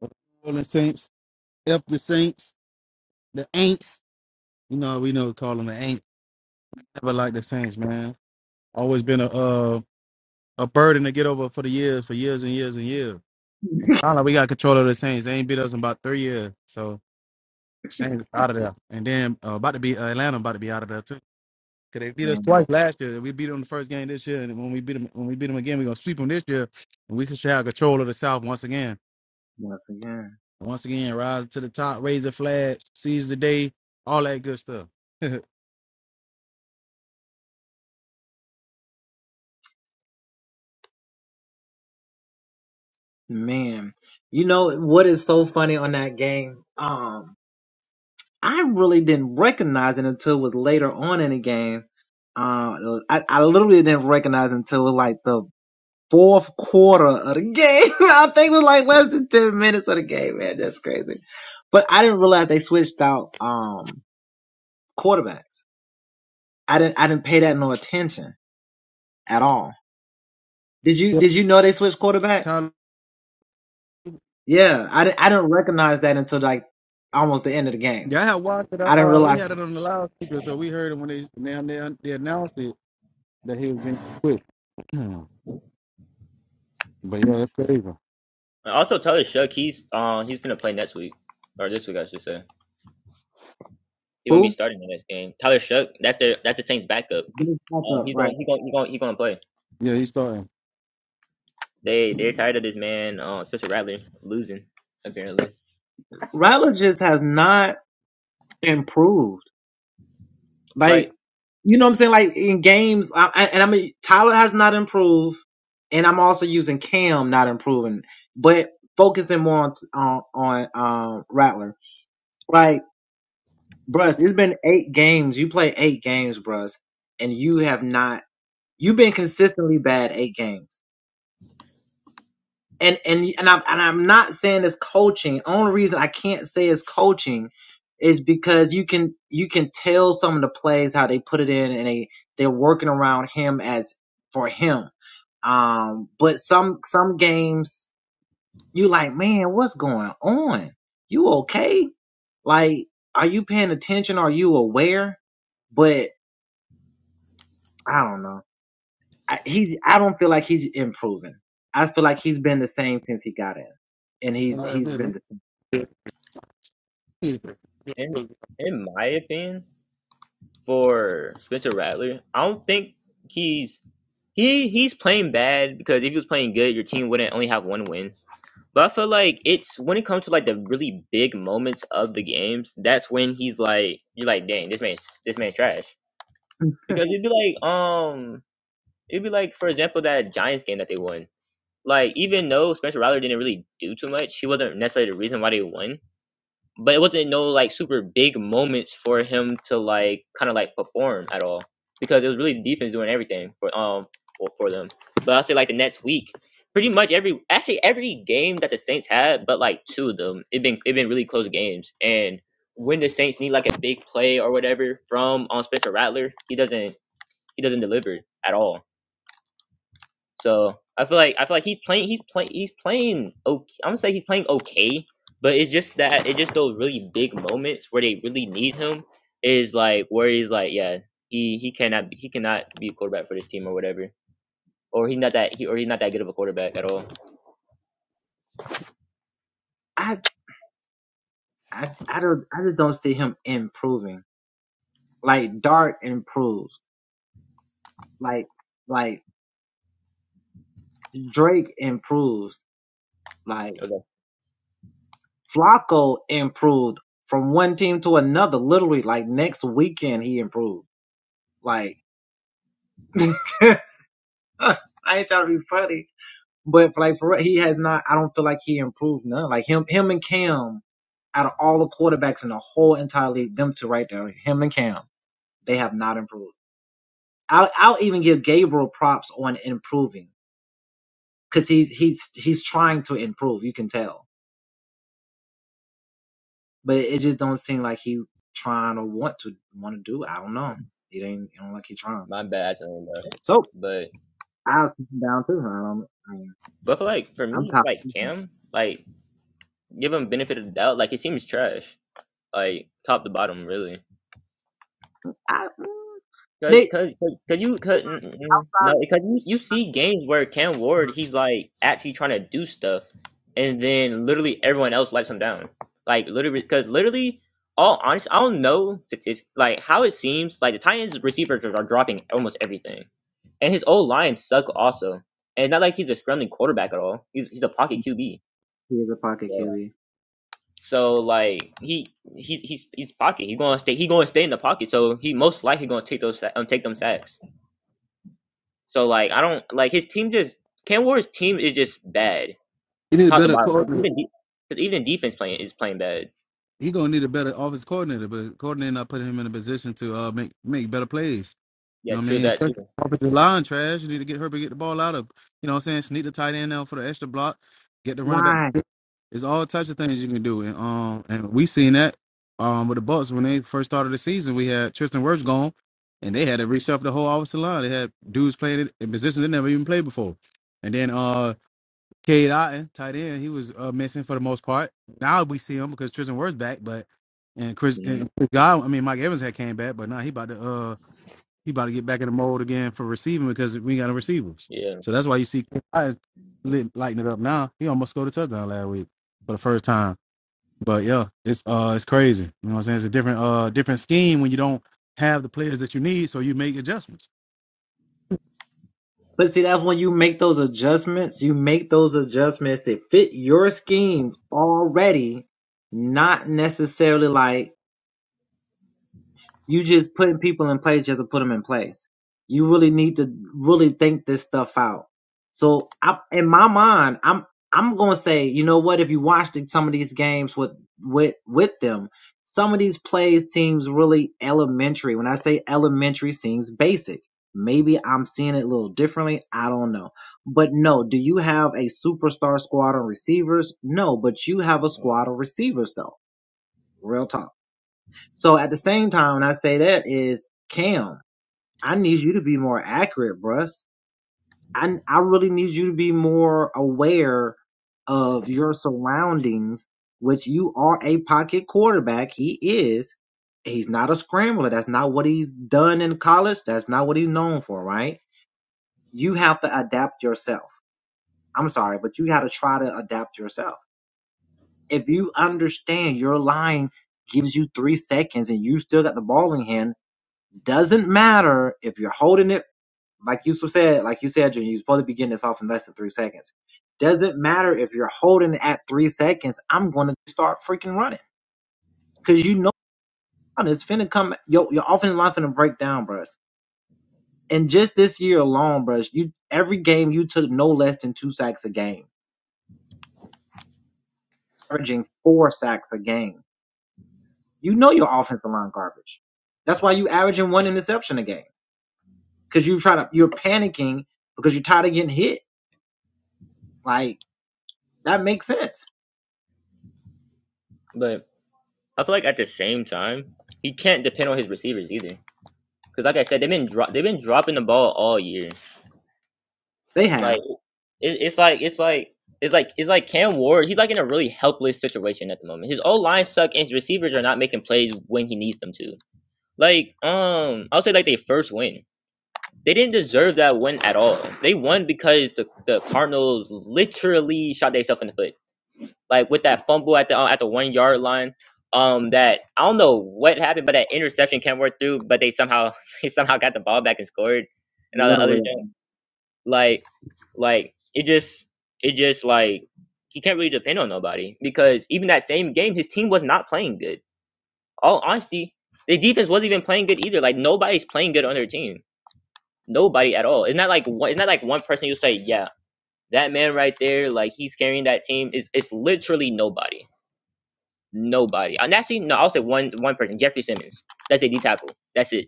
[SPEAKER 1] New Orleans Saints. help the Saints, the Aints. You know, we know call them the Aints. Never like the Saints, man. Always been a uh, a burden to get over for the years, for years and years and years. I don't know. We got control of the Saints. They ain't beat us in about three years. So Saints out of there, and then uh, about to be uh, Atlanta, about to be out of there too. Cause they beat us twice last year. We beat them the first game this year, and when we beat them, when we beat them again, we are gonna sweep them this year, and we can have control of the South once again. Once again, rise to the top, raise the flag, seize the day, all that good stuff. Tyler Yeah, I had watched it. Uh, uh, we had it on the loudspeaker, so we heard it when they now they, they announced it that he was being quit. Hmm. but yeah, that's crazy.
[SPEAKER 3] And also, Tyler Shuck, he's um he's gonna play next week or this week, I should say. He won't be starting the next game. Tyler Shuck, that's their that's the Saints' backup. Um, he's going he going he going he going to play.
[SPEAKER 1] Yeah, he's starting.
[SPEAKER 3] They they're tired of this man, uh, Spencer Rattler losing apparently. Like
[SPEAKER 1] Uh, man, He
[SPEAKER 3] in
[SPEAKER 1] he
[SPEAKER 3] in my opinion, for Spencer Rattler, I don't think he's he he's playing bad because if he was playing good, your team wouldn't only have one win. But I feel like it's when it comes to like the really big moments of the games, that's when he's like, you're like, dang, this man's this man's trash. Because it'd be like, um, it'd be like, for example, that Giants game that they won. Like, even though Spencer Rattler didn't really do too much, he wasn't necessarily the reason why they won but it wasn't no like super big moments for him to like kind of like perform at all because it was really the defense doing everything for um for, for them. But I'll say like the next week, pretty much every actually every game that the Saints had, but like two of them, it been it been really close games. And when the Saints need like a big play or whatever from on Spencer Rattler, he doesn't he doesn't deliver at all. So I feel like I feel like he's playing he's playing he's playing okay. I'm gonna say he's playing okay, but it's just that it's just those really big moments where they really need him is like where he's like yeah he he cannot he cannot be a quarterback for this team or whatever or he's not that he or he's not that good of a quarterback at all. Okay, my bad. I said that. But but for like for me like Cam like give him benefit of the doubt like it seems trash like top to bottom really. Cause, cause, cause 'cause you, cause, mm, mm, mm. no, because you, you see games where Cam Ward, he's like actually trying to do stuff, and then literally everyone else lets him down. Like literally, because literally, all honest, I don't know statis- like how it seems like the Titans receivers are dropping almost everything, and his old lines suck also. And it's not like he's a scrambling quarterback at all. He's he's a pocket QB. So so like he he he's he's pocket. He gonna stay. He gonna stay in the pocket. So he most likely gonna take those sa- um, take them sacks. So like I don't like his team just Cam Ward's team is just bad
[SPEAKER 1] need a
[SPEAKER 3] top to
[SPEAKER 1] better
[SPEAKER 3] bottom because
[SPEAKER 1] coordinator.
[SPEAKER 3] even de- 'cause even defense playing is playing bad.
[SPEAKER 1] He gonna need a better office coordinator, but coordinator not putting him in a position to uh make make better plays. You
[SPEAKER 3] Yeah,
[SPEAKER 1] know what I
[SPEAKER 3] true
[SPEAKER 1] mean?
[SPEAKER 3] that
[SPEAKER 1] Especially
[SPEAKER 3] too.
[SPEAKER 1] off the line trash. You need to get her to get the ball out of. You know what I'm saying? She need the tight end now for the extra block. Get the running back. It's all types of things you can do. And um and we seen that um with the Bucks when they first started the season. We had Tristan Wirfs gone and they had to reshuffle the whole offensive line. They had dudes playing it in positions they never even played before. And then uh Cade Otten, tight end, he was uh, missing for the most part. Now we see him because Tristan Wirfs back, but and Chris and Chris Godwin, I mean Mike Evans had came back, but now he about to uh he about to get back in the mold again for receiving because we ain't got no receivers.
[SPEAKER 3] Yeah,
[SPEAKER 1] So that's why you see I lit, lighting it up now. He almost scored a touchdown last week for the first time. But yeah, it's uh it's crazy. You know what I'm saying? It's a different uh different scheme when you don't have the players that you need, so you make adjustments.
[SPEAKER 3] but I feel like at the same time he can't depend on his receivers either. Because like I said, they've been dro- they've been dropping the ball all year. Like it, it's like it's like. It's like it's like Cam Ward. He's like in a really helpless situation at the moment. His old line suck, and his receivers are not making plays when he needs them to. Like um, I'll say like they first win. They didn't deserve that win at all. They won because the, the Cardinals literally shot themselves in the foot, like with that fumble at the uh, at the one yard line. Um, that I don't know what happened, but that interception came work through, but they somehow they somehow got the ball back and scored, and all that other junk. Like, like it just it just like he can't really depend on nobody because even that same game, his team was not playing good. All honesty, the defense wasn't even playing good either. Like nobody's playing good on their team. Nobody at all. It's not like one. It's not like one person. You say, yeah, that man right there, like he's carrying that team. It's it's literally nobody. Nobody. And actually, no, I'll say one one person, Jeffrey Simmons. That's a D tackle. That's it.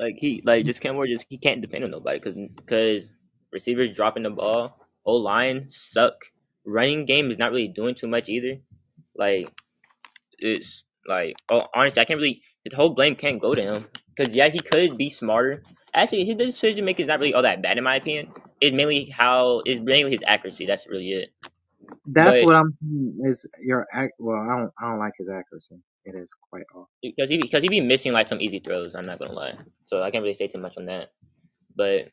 [SPEAKER 3] Like he like just Cam Ward, Just he can't depend on nobody because because receivers dropping the ball. O line suck. Running game is not really doing too much either. Like it's like, oh, honestly, I can't really. The whole blame can't go to him because yeah, he could be smarter. Actually, his decision making is not really all that bad in my opinion. It's mainly how it's mainly his accuracy. That's really it. But because he because he be missing like some easy throws. I'm not gonna lie. So I can't really say too much on that. But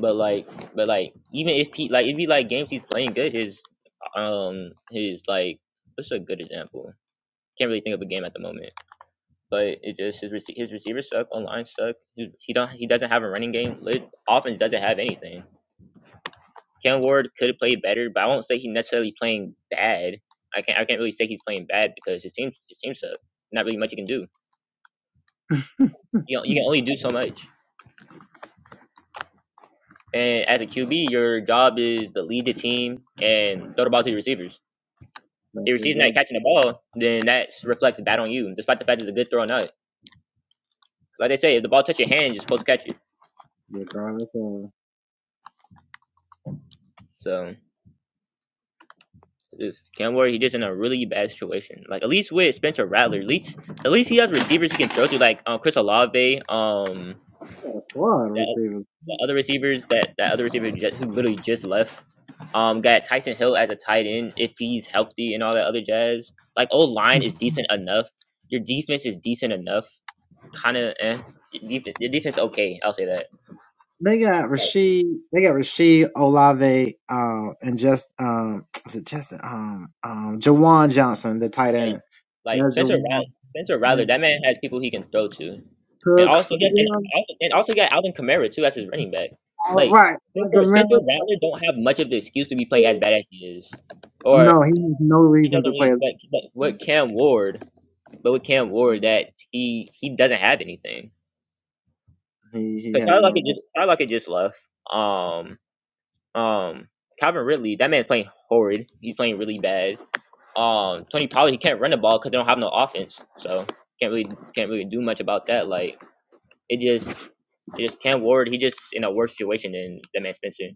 [SPEAKER 3] but like but like even if he like it'd be like games he's playing good. His um his like what's a good example? Can't really think of a game at the moment but it just his rece- his receivers suck, online suck. He, he don't he doesn't have a running game. Lit offense doesn't have anything. Cam Ward could have played better, but I won't say he's necessarily playing bad. I can't I can't really say he's playing bad because his team his team suck. Not really much you can do. You know, you can only do so much. And as a QB, your job is to lead the team and throw the ball to your receivers. If your receiver's not catching the ball, then that reflects bad on you, despite the fact it's a good throw or not. Like they say, if the ball touch your hand, you're supposed to catch it. So Just Cam Ward, he just in a really bad situation. Like at least with Spencer Rattler, at least at least he has receivers he can throw to, like um, Chris Olave, um, that, the other receivers that that other receiver just, who literally just left. Um, got Tyson Hill as a tight end if he's healthy and all that other jazz. Like old line is decent enough. Your defense is decent enough. Kind of, eh. Your defense, your defense okay. I'll say that. Like, yeah, like Spencer Rattler, Spencer Rattler, that man has people he can throw to. And also get and also and also got Alvin Kamara too as his running back. Like Spencer Spencer Rattler don't have much of the excuse to be playing as bad as he is. Or he doesn't really but but with Cam Ward, but with Cam Ward that he he doesn't have anything. Because Tyler Lockett just Tyler Lockett just left. Um um Calvin Ridley, that man's playing horrid. He's playing really bad. Um Tony Pollard, he can't run the ball because they don't have no offense. So can't really can't really do much about that. Like It just, it just Cam Ward. He just in a worse situation than than Man Spencer.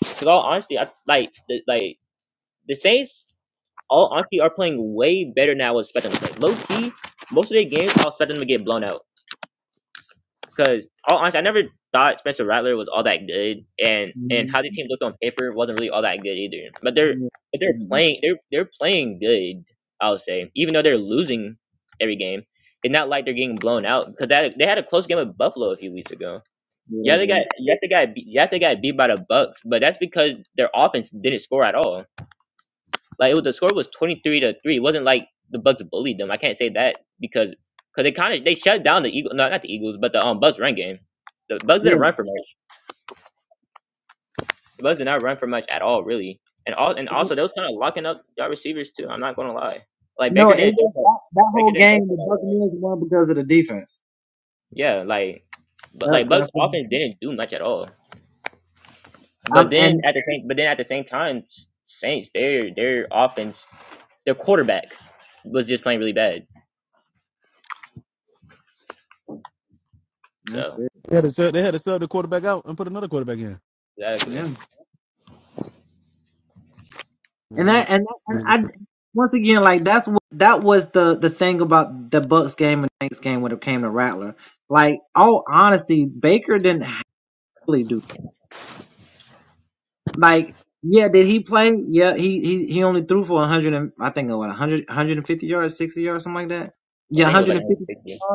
[SPEAKER 3] Because all honesty, I like the, like the Saints. All honesty, are playing way better now. I was expecting them to play low key. Most of their games, I was expecting them to get blown out. Because all honesty, I never thought Spencer Rattler was all that good, and and how the team looked on paper wasn't really all that good either. But they're but they're playing they're they're playing good. I would say, even though they're losing every game, it's not like they're getting blown out because that they had a close game with Buffalo a few weeks ago. Yeah, they got yeah they got beat, yeah they got beat by the Bucks, but that's because their offense didn't score at all. Like it was the score was twenty three to three. It wasn't like the Bucks bullied them. I can't say that because because they kind of they shut down the Eagles. No, not the Eagles, but the um Bucks run game. The Bucks didn't run for much. The Bucks did not run for much at all, really. And all and also they was kind of locking up y'all receivers too. I'm not gonna lie. Like Baker didn't throw for, Baker didn't throw for a lot of yards. Yeah, like but like Bucks offense didn't do much at all. But then at the same, but then at the same time, Saints their their offense, their quarterback was just playing really bad. So
[SPEAKER 1] They had to sub, they had to sub the quarterback out and put another quarterback in.
[SPEAKER 3] Exactly.
[SPEAKER 1] Yeah,
[SPEAKER 3] I think it was like 160.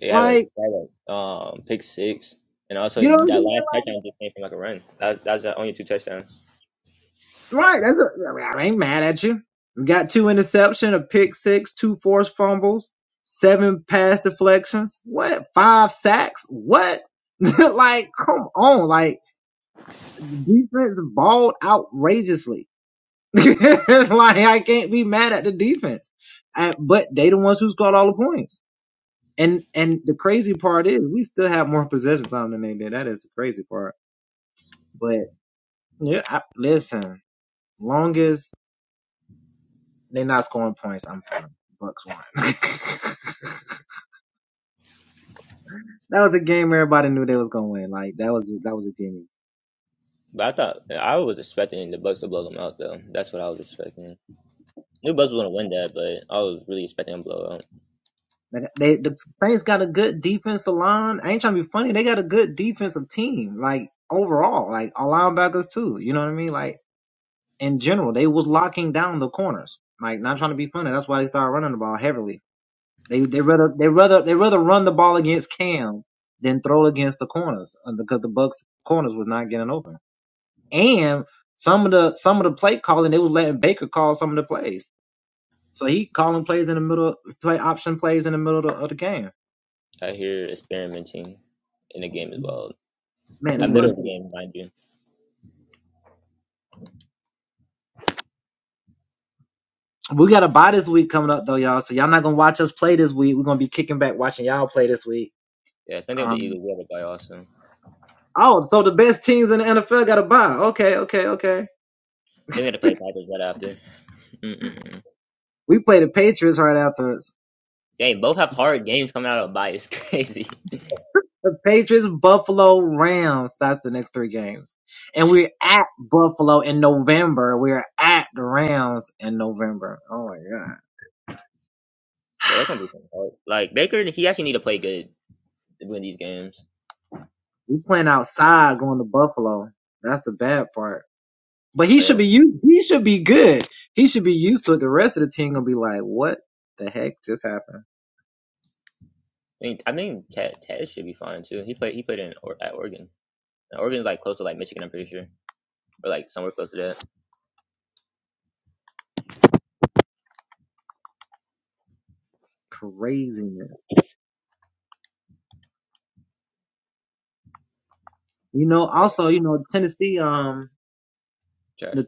[SPEAKER 3] They had a, they had a um pick six, and also that last touchdown just came from like a run. That that was the only two touchdowns. But I thought I was expecting the Bucks to blow them out though. That's what I was expecting. New Bucks was gonna win that, but I was really expecting them to blow out. I hear experimenting in the game as well. At middle
[SPEAKER 1] Mhm,
[SPEAKER 3] of the game, mind you. Yeah, same thing with the Eagles. We had a guy also. They're going to play Packers right after. Mm-mm-mm. Dang, both have hard games coming out of a bye. It's crazy. Yeah, that's gonna be kinda hard. Like Baker, he actually need to play good to win these games. Like, that's gonna- I mean, I mean, Ted, Ted should be fine too. He played, he played in or, at Oregon. And Oregon's like close to like Michigan, I'm pretty sure, or like somewhere close to that. Trash.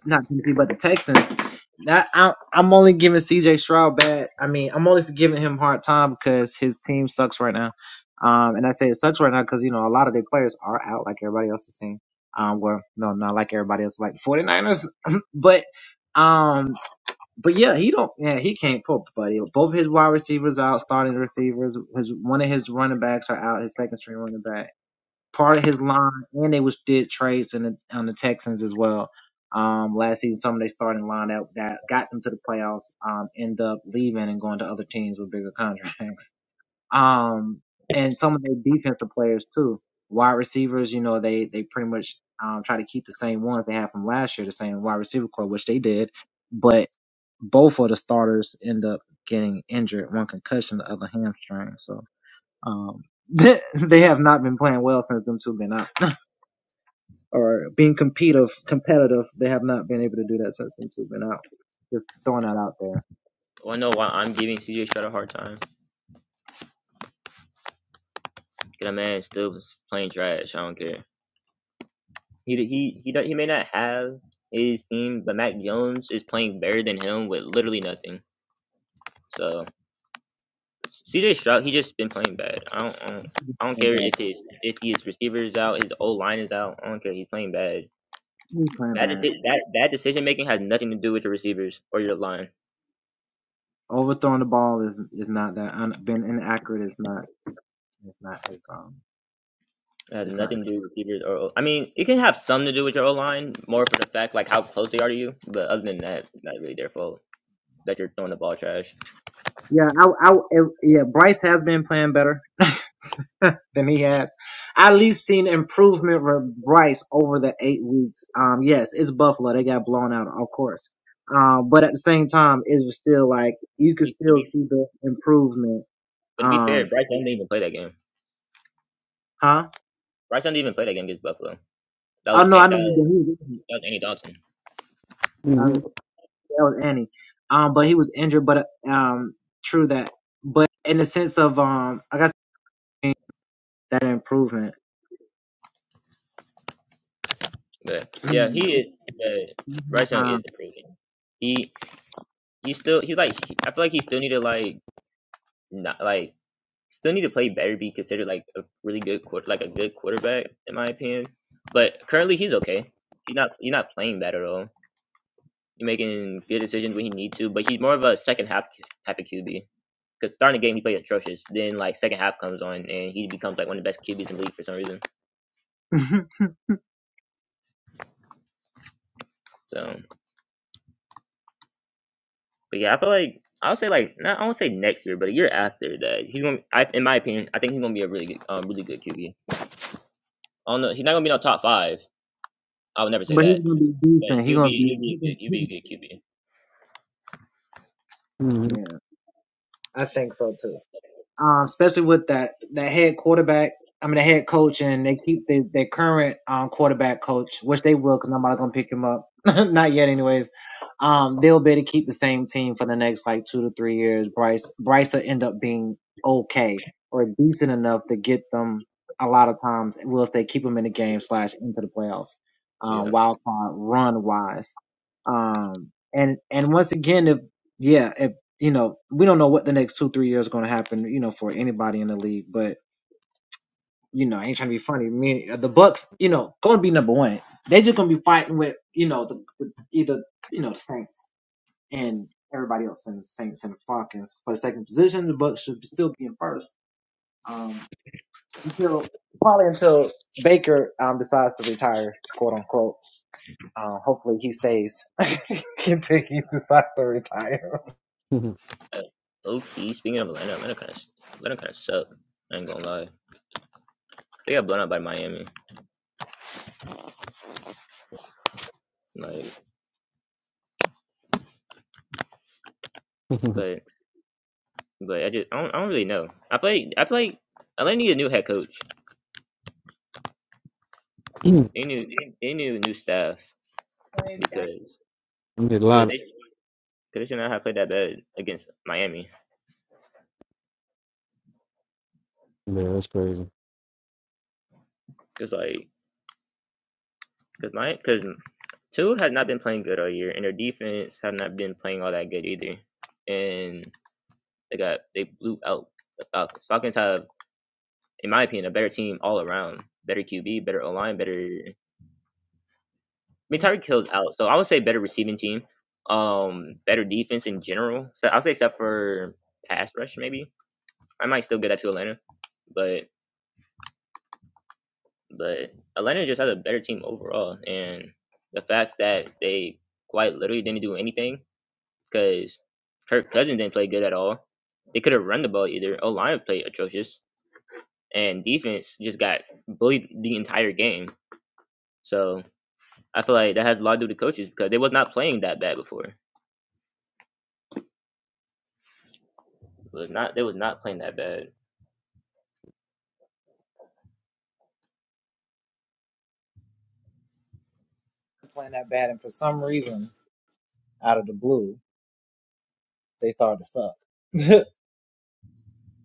[SPEAKER 3] Well, I know why I'm giving CJ Stroud a hard time. Cause that man is still playing trash. I don't care. He he he don't- he may not have his team, but Mac Jones is playing better than him with literally nothing. So. CJ Stroud, he just been playing bad. I don't, I don't, I don't care if his if his receiver is out, his O line is out. I don't care. He's playing bad. Bad, deci- bad, bad decision making has nothing to do with your receivers or your line. It has nothing to do with receivers or. O- I mean, it can have some to do with your O line, more for the fact like how close they are to you. But other than that, not really their fault that you're throwing the ball trash. You, to be, but to be fair, Bryce Young didn't even play that game. Bryce Young didn't even play that game against Buffalo. That was that was, that was Andy Dalton.
[SPEAKER 1] mhm,
[SPEAKER 3] But yeah, he is. But Bryce Young is improving. He. you still he like I feel like he still need to like not like still need to play better be considered like a really good quarter like a good quarterback in my opinion. But currently he's okay. He's not he's not playing bad at all. He's making good decisions when he needs to, but he's more of a second half type of QB. Because starting the game he plays atrocious. Then like second half comes on and he becomes like one of the best QBs in the league for some reason. So but yeah, I feel like I would say like not I won't say next year, but a year after that he's gonna I, in my opinion, I think he's gonna be a really good um really good QB. I don't know. He's not gonna be in top five, I would never say that. But you'd be you'd be a good you'd be a good QB.
[SPEAKER 1] mhm,
[SPEAKER 3] Yeah.
[SPEAKER 1] mhm,
[SPEAKER 3] Uh, okay. Speaking of Atlanta, Atlanta kind of Atlanta kind of suck. I ain't gonna lie. They got blown out by Miami. Like, but but I just I don't, I don't really know. I play I play Atlanta need a new head coach.
[SPEAKER 1] mhm.
[SPEAKER 3] They need they they need a new staff because
[SPEAKER 1] did a
[SPEAKER 3] cause
[SPEAKER 1] lot of
[SPEAKER 3] they cause they should not have played that bad against Miami.
[SPEAKER 1] yeah, that's crazy.
[SPEAKER 3] Cause like cause my cause Tua has not been playing good all year, and their defense have not been playing all that good either. And They got they blew out the Falcons. Falcons have, in my opinion, a better team all around. Better QB, better O line, better. I mean, Tyreek Hill's out, so I would say better receiving team. Um, better defense in general. So I'll say except for pass rush, maybe I might still get that to Atlanta, but but Atlanta just has a better team overall, and the fact that they quite literally didn't do anything because Kirk Cousins didn't play good at all. They could have run the ball either. O line played atrocious and defense just got bullied the entire game. So I feel like that has a lot to do with the coaches because they was not playing that bad before. It was not they was not playing that bad.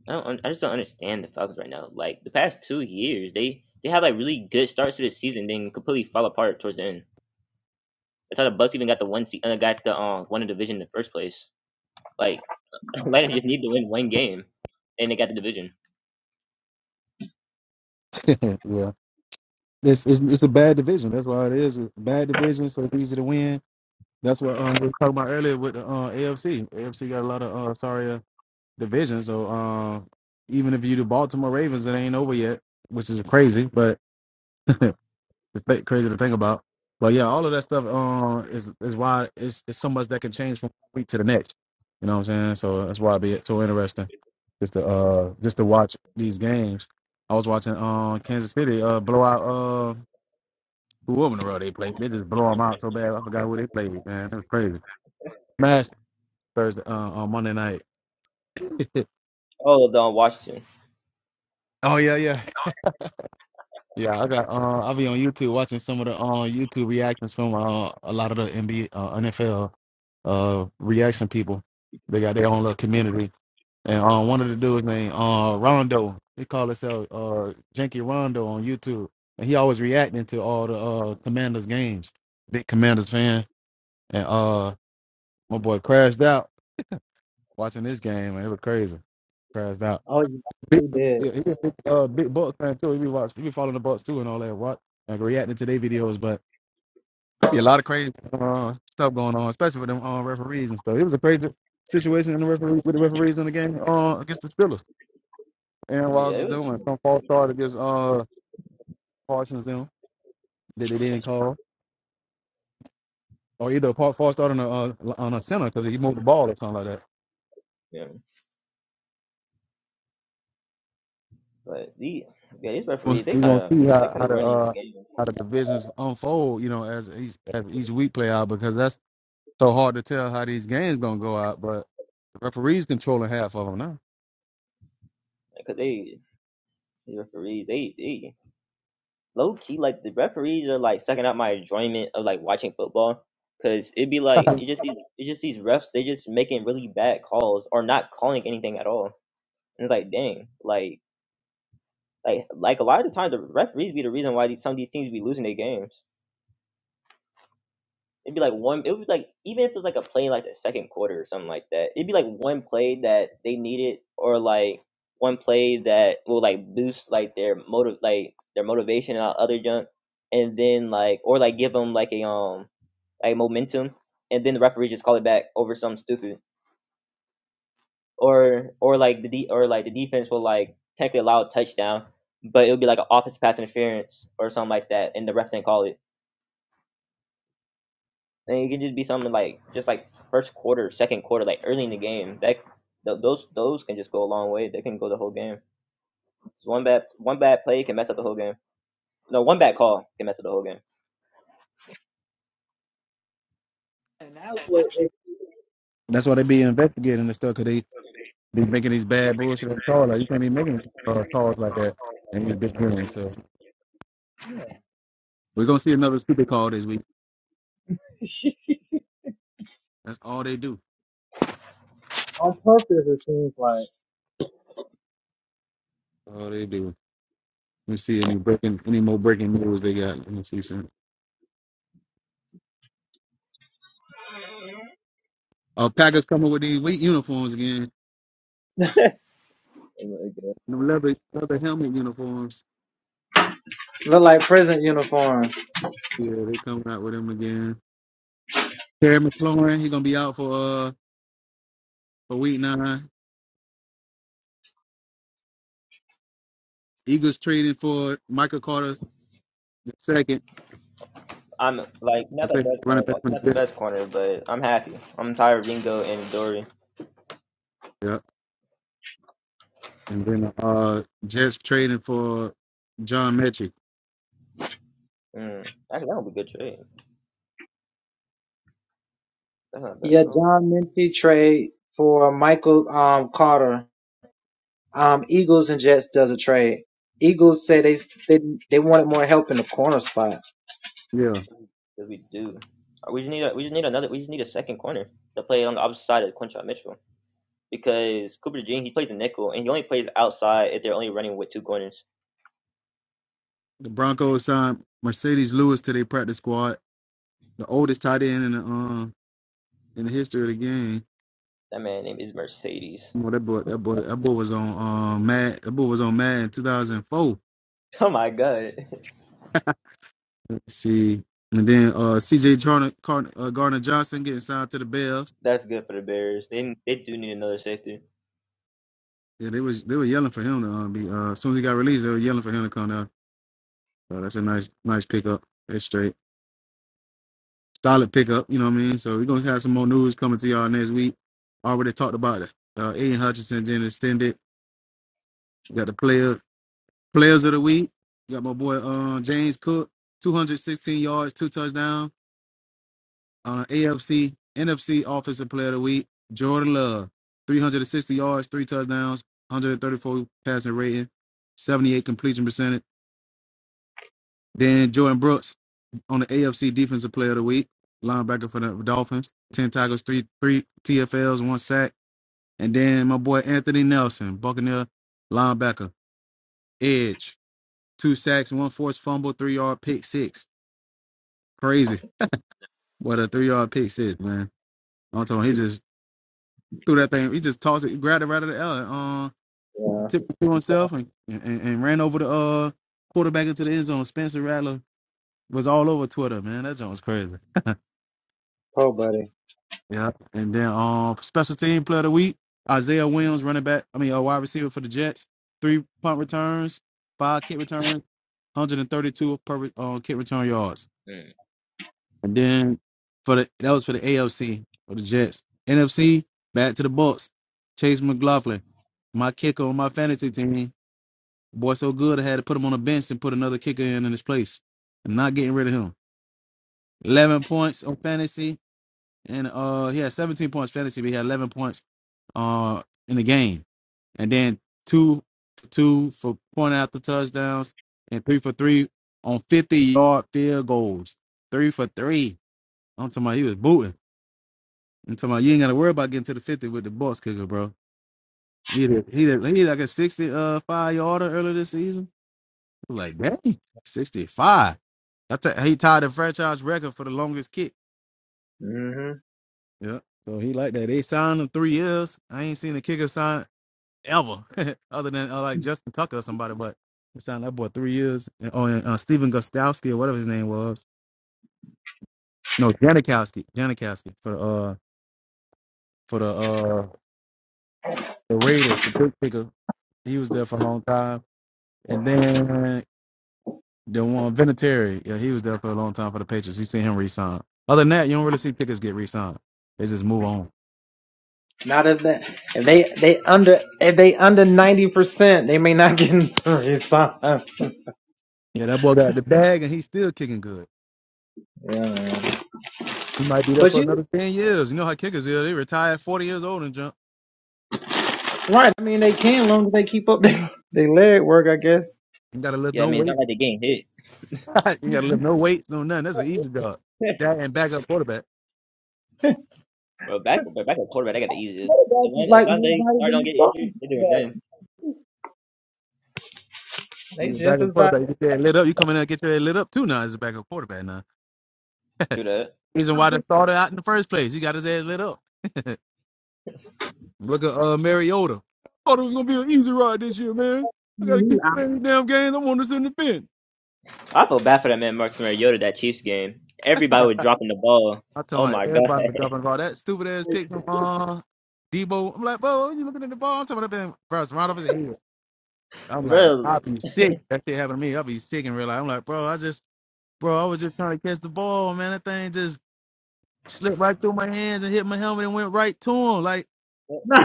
[SPEAKER 3] I don't I just don't understand the Falcons right now. Like the past two years, they they had like really good starts to the season, then completely fall apart towards the end. That's how the Bucks even got the one se- uh, got the um won the division in the first place. Like Atlanta just needed to win one game, and they got the division.
[SPEAKER 1] yeah, it's, it's it's a bad division. That's why it is It's a bad division. So it's easy to win That's what um, we were talking about earlier with the uh, AFC. AFC got a lot of uh, sorry uh, divisions. So uh, even if you do Baltimore Ravens, it ain't over yet, which is crazy, but it's th- crazy to think about. But yeah, all of that stuff uh, is is why it's, it's so much that can change from one week to the next. You know what I'm saying? So that's why it be so interesting just to uh, just to watch these games. I was watching uh, Kansas City uh, blow out uh, whoever in the world they played. They just blow them out so bad. I forgot who they played with, man. That was crazy. Smash Thursday uh, on Monday night.
[SPEAKER 3] Oh, the um, Washington.
[SPEAKER 1] Oh yeah, yeah. yeah, I got. Uh, I'll be on YouTube watching some of the uh, YouTube reactions from uh, a lot of the NBA, uh, NFL uh, reaction people. They got their own little community, and uh, one of the dudes named uh, Rondo. He called himself uh, Janky Rondo on YouTube, and he always reacting to all the uh, Commanders games. Big Commanders fan, and uh, my boy crashed out watching this game, and it was crazy. Crashed out. Big, yeah, he a big, uh, big Bucks fan too. He be watch, he be following the Bucks too and all that. Watch, like reacting to their videos, but be a lot of crazy uh, stuff going on, especially with them uh, referees and stuff. It was a crazy situation in the referee with the referees in the game uh, against the Steelers. Aaron
[SPEAKER 3] Yeah,
[SPEAKER 1] Rodgers is
[SPEAKER 3] it was,
[SPEAKER 1] doing some false start against uh Parsons them that they didn't call, or either a pa- false start on a uh, on a center because he moved the ball or something like that.
[SPEAKER 3] yeah. But the yeah, these
[SPEAKER 1] We're
[SPEAKER 3] referees they
[SPEAKER 1] we're
[SPEAKER 3] kind
[SPEAKER 1] gonna
[SPEAKER 3] of
[SPEAKER 1] see
[SPEAKER 3] they
[SPEAKER 1] how
[SPEAKER 3] kind
[SPEAKER 1] how
[SPEAKER 3] of
[SPEAKER 1] the
[SPEAKER 3] ruining the
[SPEAKER 1] uh,
[SPEAKER 3] game
[SPEAKER 1] how the divisions unfold, you know, as each as each week play out because that's so hard to tell how these games gonna go out, but the referees controlling half of them now.
[SPEAKER 3] because they these referees they they low key like the referees are like sucking up my enjoyment of like watching football because it'd be like it just these- it just these refs they just making really bad calls or not calling anything at all and it's like dang like like like a lot of the times the referees be the reason why these, some of these teams be losing their games. It'd be like one. It would be like even if it's like a play in like the second quarter or something like that. It'd be like one play that they needed, or like one play that will like boost like their motive, like their motivation and all other junk, and then like or like give them like a um like momentum, and then the referee just call it back over something stupid, or or like the de- or like the defense will like technically allow a touchdown, but it'll be like an offensive pass interference or something like that, and the ref didn't call it And it can just be something like just like first quarter, second quarter, like early in the game. That th- those those can just go a long way. They can go the whole game. Just one bad one bad play can mess up the whole game. No, one bad call can mess up the whole game.
[SPEAKER 1] That's why they be investigating and stuff, cause they be making these bad bullshit and calls. Like you can't be making uh, calls like that in these big games. So we're gonna see another stupid call this week. That's all they do. All they do. Let me see any breaking, any more breaking news they got. Let me see some. Uh, Packers coming with these wheat uniforms again. The leather, leather helmet uniforms. Yeah, they coming out with them again. Terry McLaurin, he gonna be out for uh for week nine. Eagles trading for Michael Carter the second.
[SPEAKER 3] I'm like
[SPEAKER 1] I
[SPEAKER 3] not the
[SPEAKER 1] think
[SPEAKER 3] best
[SPEAKER 1] running
[SPEAKER 3] corner,
[SPEAKER 1] back
[SPEAKER 3] but
[SPEAKER 1] from
[SPEAKER 3] not
[SPEAKER 1] the
[SPEAKER 3] the
[SPEAKER 1] Jets.
[SPEAKER 3] best corner, but I'm happy. I'm tired of Ringo and Dory.
[SPEAKER 1] Yeah. And then uh Jets trading for John Metchie.
[SPEAKER 3] Mm. Actually, that would be a good trade. That's not bad at all.
[SPEAKER 1] Yeah.
[SPEAKER 3] Cause we do. Uh, We just need a, we just need another. We just need a second corner to play on the opposite side of Quinshot Mitchell because Cooper DeJean he plays the nickel and he only plays outside if they're only running with two corners.
[SPEAKER 1] The Broncos signed Mercedes Lewis to their practice squad, the oldest tight end in the um in the history of the game.
[SPEAKER 3] That man name is Mercedes.
[SPEAKER 1] Well, that boy, that boy, that boy was on um Mad. That boy was on Mad in 2004.
[SPEAKER 3] Oh my god,
[SPEAKER 1] Let's see, and then uh C.J. Garner, Garner, uh, Garner Johnson getting signed to the Bears.
[SPEAKER 3] that's good for the Bears. They they do need another safety.
[SPEAKER 1] Yeah, they was they were yelling for him to um, be. Uh, as soon as he got released, they were yelling for him to come down. So that's a nice, nice pickup. That's straight. Solid pickup, you know what I mean? So we're gonna have some more news coming to y'all next week. Already talked about it. Uh Aiden Hutchinson then extended. We got the player players of the week. We got my boy uh, James Cook, 216 yards, two touchdowns. Uh, AFC, NFC Offensive Player of the Week, Jordan Love, 360 yards, three touchdowns, 134 passing rating, 78 completion percentage. Then Jordan Brooks, on the AFC Defensive Player of the Week, linebacker for the Dolphins. Ten tackles, three three TFLs, one sack, and then my boy Anthony Nelson, Buccaneer linebacker, edge, two sacks, one forced fumble, three yard pick six. Crazy what a three yard pick six, man. I'm talking, he just threw that thing. He just tossed it, grabbed it right out of the air, uh, tipped it to himself, and, and and ran over the uh quarterback into the end zone. Spencer Rattler was all over Twitter, man. That joint was crazy. Yeah. And then um special team player of the week, Isaiah Williams, running back, I mean a wide receiver for the Jets. Three punt returns, five kick returns, 132 per uh, kick return yards.
[SPEAKER 3] Mm.
[SPEAKER 1] And then for the that was for the AFC for the Jets. NFC, back to the Bucks. Chase McLaughlin, my kicker on my fantasy team. Boy, so good I had to put him on the bench and put another kicker in in his place. I'm not getting rid of him. 11 points on fantasy, and uh, he had 17 points fantasy, but he had 11 points uh, in the game, and then two for two for point after touchdowns, and three for three on fifty yard field goals. Three for three. I'm talking about he was booting. I'm talking about you ain't gotta worry about getting to the fifty with the Bucks kicker, bro. He did, he did, he did like a sixty-five yarder earlier this season. I was like, dang, sixty five. That's a, he tied the franchise record for the longest kick. Yeah. So he like that. They signed him three years. I ain't seen a kicker sign ever, other than uh, like Justin Tucker or somebody. But it sounded like that boy three years. And, oh, and uh, Stephen Gostowski or whatever his name was. No, Janikowski. Janikowski for uh for the uh the Raiders, the big picker. He was there for a long time. And then the one Vinatieri, yeah, he was there for a long time for the Patriots. You see him resign. Other than that, you don't really see pickers get re-signed. They just move on. Yeah, that boy got the bag and he's still kicking good. He might be there for another ten years. You know how kickers is. They retire forty years old and jump. Ain't gotta lift
[SPEAKER 3] Yeah, I
[SPEAKER 1] no
[SPEAKER 3] mean it's
[SPEAKER 1] weight.
[SPEAKER 3] not like they getting hit.
[SPEAKER 1] you gotta lift no weights, no nothing. That's an easy job. That and backup quarterback.
[SPEAKER 3] bro, back but back at quarterback, they got the easiest. And when if one day start don't get injured, they're doing nothing.
[SPEAKER 1] You backup quarterback, you get your head lit up. You come in there and get your head lit up too now as a backup quarterback now.
[SPEAKER 3] True that.
[SPEAKER 1] Reason why they started out in the first place. He got his head lit up. Look at uh Mariota. Thought it was gonna be an easy ride this year, man. I gotta keep playing these damn games. I want to sit in the bench.
[SPEAKER 3] I feel bad for that man Marcus Mariota that Chiefs game. Everybody was dropping the ball.
[SPEAKER 1] I told
[SPEAKER 3] Oh
[SPEAKER 1] my
[SPEAKER 3] my god,
[SPEAKER 1] everybody was dropping all that stupid ass pick from uh Debo. I'm like, bro, you looking at the ball? I'm talking about that thing, bro, it's right over his head. I'm like,
[SPEAKER 3] bro,
[SPEAKER 1] I'll be sick. That shit happened to me. I'll be sick and real life. I'm like, bro, I just Bro, I was just trying to catch the ball, man. That thing just slipped right through my hands and hit my helmet and went right to him. Like,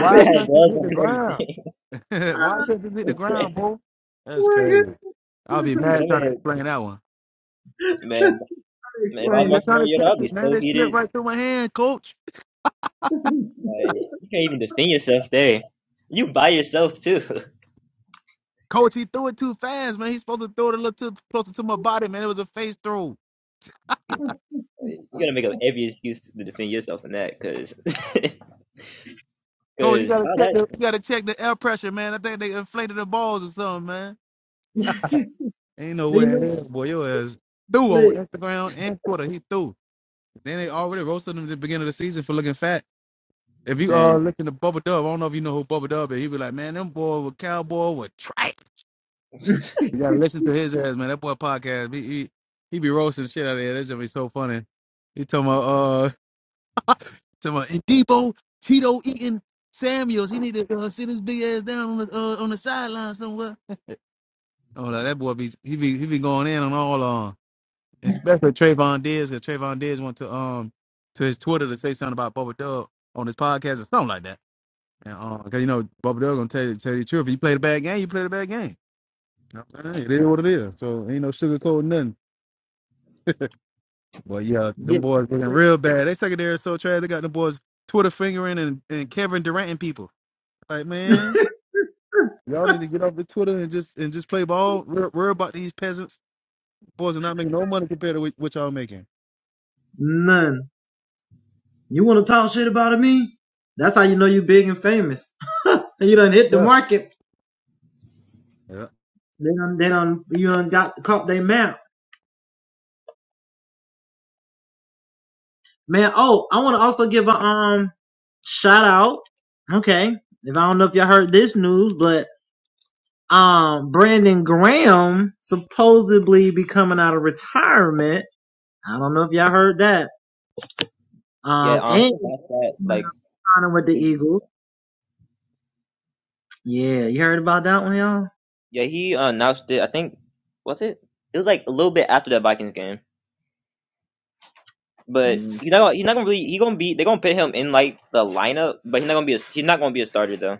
[SPEAKER 3] that man had
[SPEAKER 1] couldn't it
[SPEAKER 3] gloves
[SPEAKER 1] hit
[SPEAKER 3] on
[SPEAKER 1] the
[SPEAKER 3] and
[SPEAKER 1] ground?
[SPEAKER 3] everything.
[SPEAKER 1] why couldn't it hit the ground, bro? That's crazy. I'll be
[SPEAKER 3] but
[SPEAKER 1] mad
[SPEAKER 3] that
[SPEAKER 1] trying to
[SPEAKER 3] man,
[SPEAKER 1] explain that one.
[SPEAKER 3] man, man, if I
[SPEAKER 1] I
[SPEAKER 3] was
[SPEAKER 1] was just
[SPEAKER 3] Marcus
[SPEAKER 1] trying to
[SPEAKER 3] Mariota,
[SPEAKER 1] catch
[SPEAKER 3] I'd be
[SPEAKER 1] it, man.
[SPEAKER 3] so
[SPEAKER 1] It slipped
[SPEAKER 3] heated.
[SPEAKER 1] right through my hand, coach.
[SPEAKER 3] Like you can't even defend yourself there. You by yourself too.
[SPEAKER 1] Coach, he threw it too fast, man. He's supposed to throw it a little too closer to my body, man. It was a face throw.
[SPEAKER 3] you gotta make up every excuse to defend yourself in that, cause, cause
[SPEAKER 1] Coach, you gotta
[SPEAKER 3] how
[SPEAKER 1] check
[SPEAKER 3] that
[SPEAKER 1] the you gotta check the air pressure, man. I think they inflated the balls or something, man. Ain't no way in hell, boy. Your ass threw on Instagram and Twitter. He threw. Then they already roasted him at the beginning of the season for looking fat. If you uh listen to Bubba Dub, I don't know if you know who Bubba Dub is. He be like, man, them boy with cowboy with trash. You gotta listen to his ass, man. That boy podcast, he he, he be roasting the shit out of there. That's gonna be so funny. He talking about uh talking about and Debo Cheeto eating Samuels. He need to uh, sit his big ass down on the uh, on the sideline somewhere. Oh, like, that boy be he be he be going in on all on. especially Trayvon Diggs, because Trayvon Diggs went to um to his Twitter to say something about Bubba Dub on his podcast or something like that. And um, because you know Bubba Dub gonna tell you tell you the truth. If you played a bad game, you played a bad game. You know what I'm saying? It is what it is. So ain't no sugarcoat nothing. But yeah, them boys looking real bad. They secondary is so trash. They got them boys Twitter fingering and, and Kevin Durant and people. Like man, y'all need to get off the Twitter and just and just play ball. Worry, worry about these peasants. Boys are not making no money compared to what, what y'all making. Yeah. Yeah.
[SPEAKER 3] yeah um he announced that like yeah he announced it I think was it it was like a little bit after that Vikings game, but he's not gonna, he's not gonna really he gonna be they're gonna put him in like the lineup, but he's not gonna be a, he's not gonna be a starter though.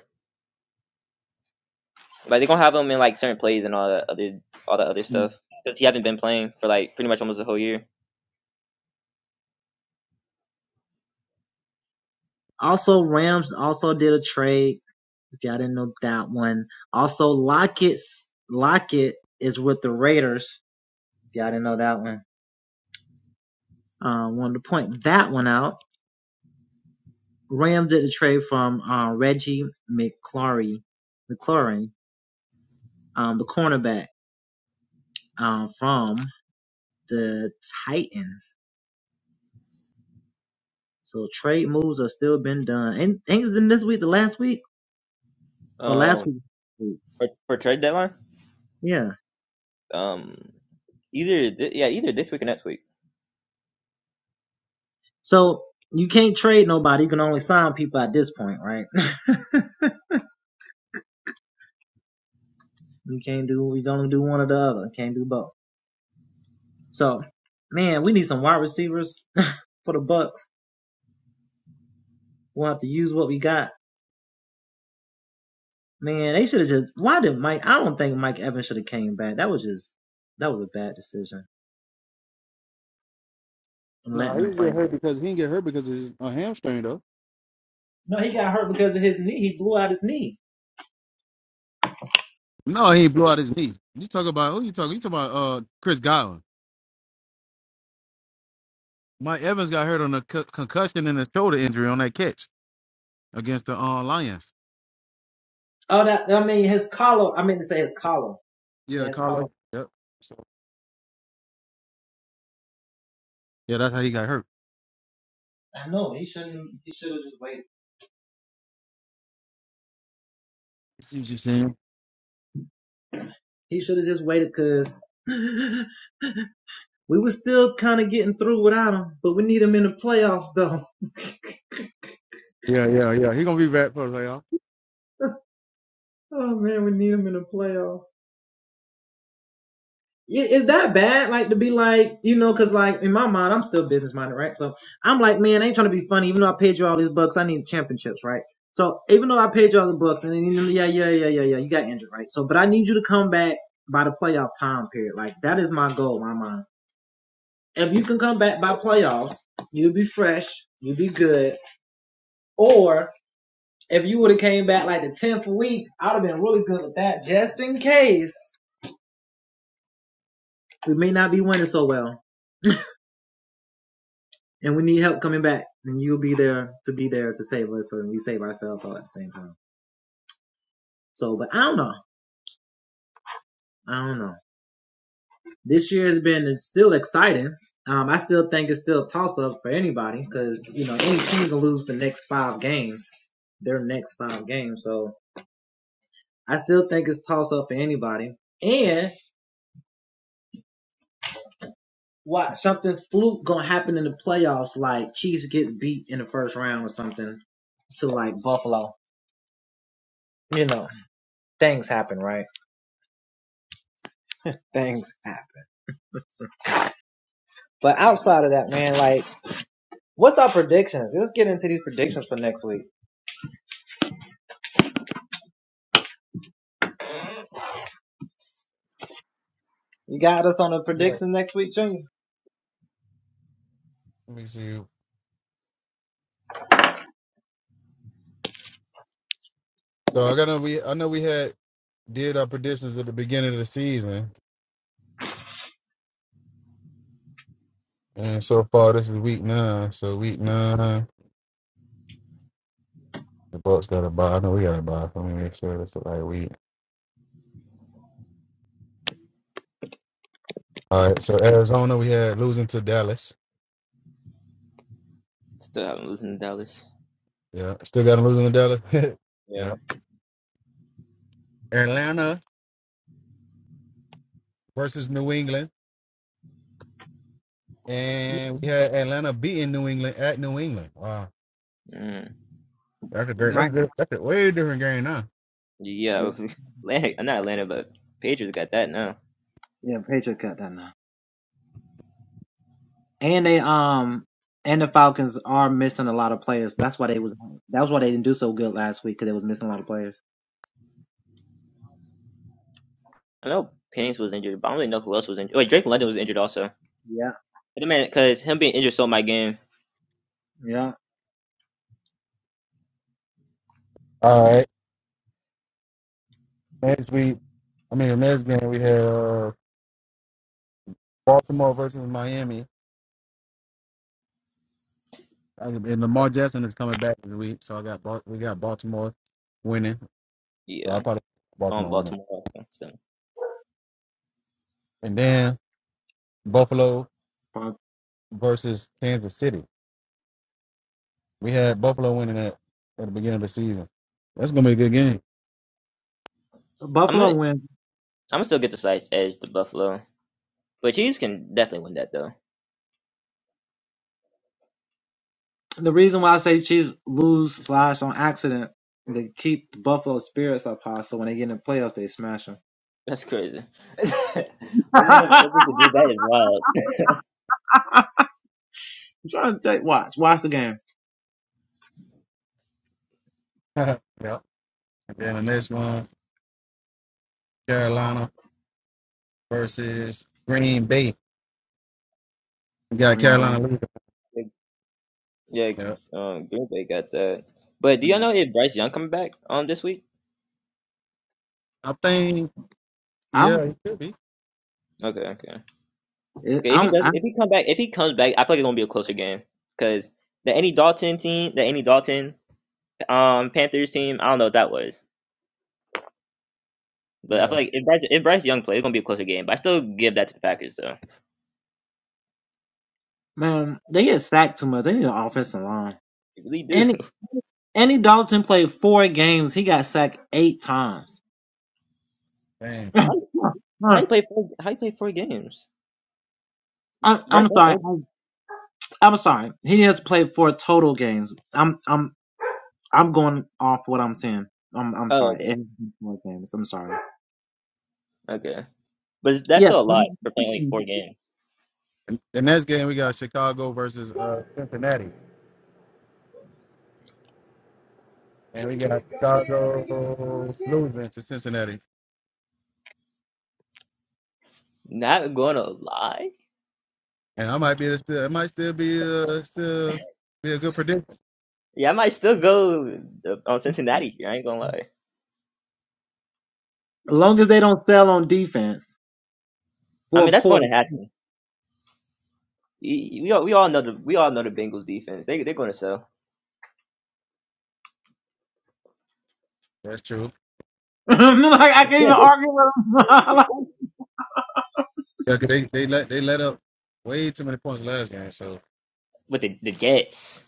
[SPEAKER 3] Like they're gonna have him in like certain plays and all that other all that other stuff because he hasn't been playing for like pretty much almost the whole year. Um, for, for trade deadline, um, either th- yeah either this week or next week.
[SPEAKER 1] No, he didn't get hurt because he didn't get hurt because of his uh, hamstring though. No, he blew out his knee. You talk about who you talking? You talking about uh Chris Godwin? Mike Evans got hurt on a co- concussion and a shoulder injury on that catch against the uh, Lions. Yeah, Carla. Yep. So Yeah, that's how he got hurt. See what you're saying? yeah, yeah, yeah. He gonna be back for the playoff. Yeah. Let me see. So I got to. we I know we had did our predictions at the beginning of the season, and so far this is week nine. So week nine. The Bucks got to buy. I know we got to buy. Let me make sure that's the right week. All right. So Arizona, we had losing to Dallas.
[SPEAKER 3] Still haven't listened to Dallas.
[SPEAKER 1] Yeah. Still got them losing to Dallas.
[SPEAKER 3] Yeah.
[SPEAKER 1] yeah. Atlanta versus New England, and we had Atlanta beating New England at New England. Wow.
[SPEAKER 3] Mm,
[SPEAKER 1] That's a great.
[SPEAKER 3] yeah.
[SPEAKER 1] That's a good. That's a way different game now.
[SPEAKER 3] Yeah. with Atlanta, not Atlanta, but Patriots got that now. I know Penix was injured, but I don't really know who else was injured. Wait, Drake London was injured also. But man, because him being injured sold my game.
[SPEAKER 1] All right. Next week, I mean, the next game we had uh, Baltimore versus Miami, I- and Lamar Jackson is coming back this week, so I got Bal- we got Baltimore winning. So I
[SPEAKER 3] Yeah,
[SPEAKER 1] probably
[SPEAKER 3] going
[SPEAKER 1] Baltimore winning,
[SPEAKER 3] Baltimore. So
[SPEAKER 1] and then. Buffalo versus Kansas City. We had Buffalo winning that at the beginning of the season. That's gonna be a good game.
[SPEAKER 3] I'm gonna, I'm gonna still get the slight edge to Buffalo, but Chiefs can definitely win that though. That's crazy. This is a purpose to do that is wild.
[SPEAKER 1] yep. And then the next one, Carolina versus Green Bay. We got Carolina leading.
[SPEAKER 3] Like, yeah,
[SPEAKER 1] Yep.
[SPEAKER 3] um, Green Bay got that. But do y'all know if Bryce Young coming back um this week?
[SPEAKER 1] I think yeah, it could be.
[SPEAKER 3] Okay, okay. If he does, if he come back, if he comes back, I feel like it's gonna be a closer game because the any Dalton team, the any Dalton um Panthers team, I don't know what that was, but I
[SPEAKER 1] Yeah.
[SPEAKER 3] feel like if Bryce, if Bryce Young plays, it's gonna be a closer game. But I still give that to the Packers though. I really do.
[SPEAKER 1] Dang.
[SPEAKER 3] How, how you play four? How you play four games? Bryce Young only- Oh, okay, okay, but that's still a lot for playing only four games.
[SPEAKER 1] And the next game we got Chicago versus uh Cincinnati. And we got Chicago losing to Cincinnati.
[SPEAKER 3] Not gonna lie.
[SPEAKER 1] And I might be still it might still be uh still be a good prediction.
[SPEAKER 3] Yeah, I might still go uh, on Cincinnati here. I ain't gonna lie. I mean, that's going to happen. Y- y- We all, we all know the we all know the Bengals defense. They they're going to sell.
[SPEAKER 1] That's true. Yeah, 'cause they they let they let up way too many points last game. So
[SPEAKER 3] with the, the Jets.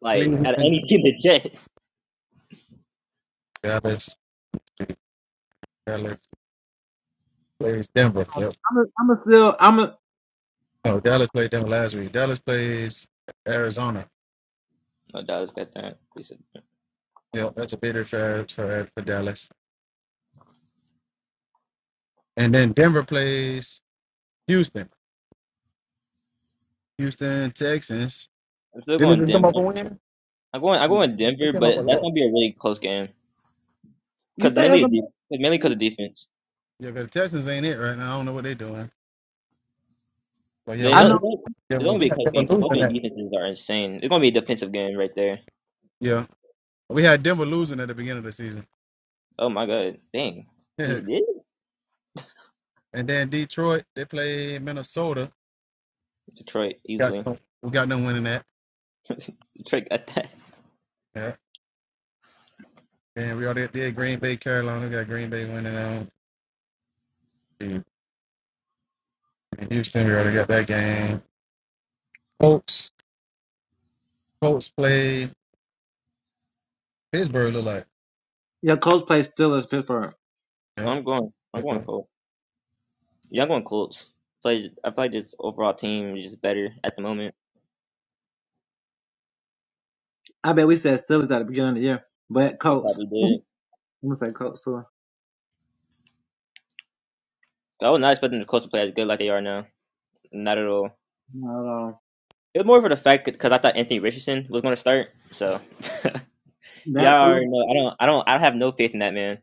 [SPEAKER 3] Like out of
[SPEAKER 1] Cleveland,
[SPEAKER 3] any team, the Jets.
[SPEAKER 1] Dallas, Dallas plays Denver. Yep. No, Dallas played Denver last week. Dallas plays Arizona.
[SPEAKER 3] No, Dallas got that.
[SPEAKER 1] Yep, that's a bitter for for for Dallas. And then Denver plays Houston. Houston Texans.
[SPEAKER 3] I'm still
[SPEAKER 1] Didn't they
[SPEAKER 3] going
[SPEAKER 1] just come up a
[SPEAKER 3] Denver.
[SPEAKER 1] win?
[SPEAKER 3] I'm going. I'm going
[SPEAKER 1] They
[SPEAKER 3] Denver,
[SPEAKER 1] came up a
[SPEAKER 3] but that's
[SPEAKER 1] lot.
[SPEAKER 3] gonna be a really close game because mainly of de- mainly because of defense.
[SPEAKER 1] Yeah, because the Texans ain't it right now. I don't know what they're doing. But yeah,
[SPEAKER 3] They
[SPEAKER 1] we
[SPEAKER 3] it's
[SPEAKER 1] had
[SPEAKER 3] gonna it's
[SPEAKER 1] Denver.
[SPEAKER 3] gonna
[SPEAKER 1] We
[SPEAKER 3] be a
[SPEAKER 1] had
[SPEAKER 3] close
[SPEAKER 1] Denver
[SPEAKER 3] game because both
[SPEAKER 1] losing
[SPEAKER 3] their
[SPEAKER 1] that.
[SPEAKER 3] defenses are insane. It's gonna be a defensive game right there.
[SPEAKER 1] Yeah, we had Denver losing at the beginning of the season.
[SPEAKER 3] Oh my god, dang, we did it?
[SPEAKER 1] And then Detroit, they played Minnesota.
[SPEAKER 3] Detroit
[SPEAKER 1] Got
[SPEAKER 3] easily.
[SPEAKER 1] we got them winning that.
[SPEAKER 3] Detroit got that.
[SPEAKER 1] Yeah. And we already did Green Bay, Carolina. We got Green Bay winning them. And Houston, we already got that game. Colts, Colts play Pittsburgh. Look like.
[SPEAKER 3] I'm going. I'm
[SPEAKER 1] Yeah.
[SPEAKER 3] going Colts. Yeah, I'm going Colts. Play. I play this overall team is just better at the moment. We probably did. I was not expecting the Colts to play as good like they are now. Not at all. It was more for the fact because I thought Anthony Richardson was going to start. So yeah, I already know. I don't. I don't. I have no faith in that man.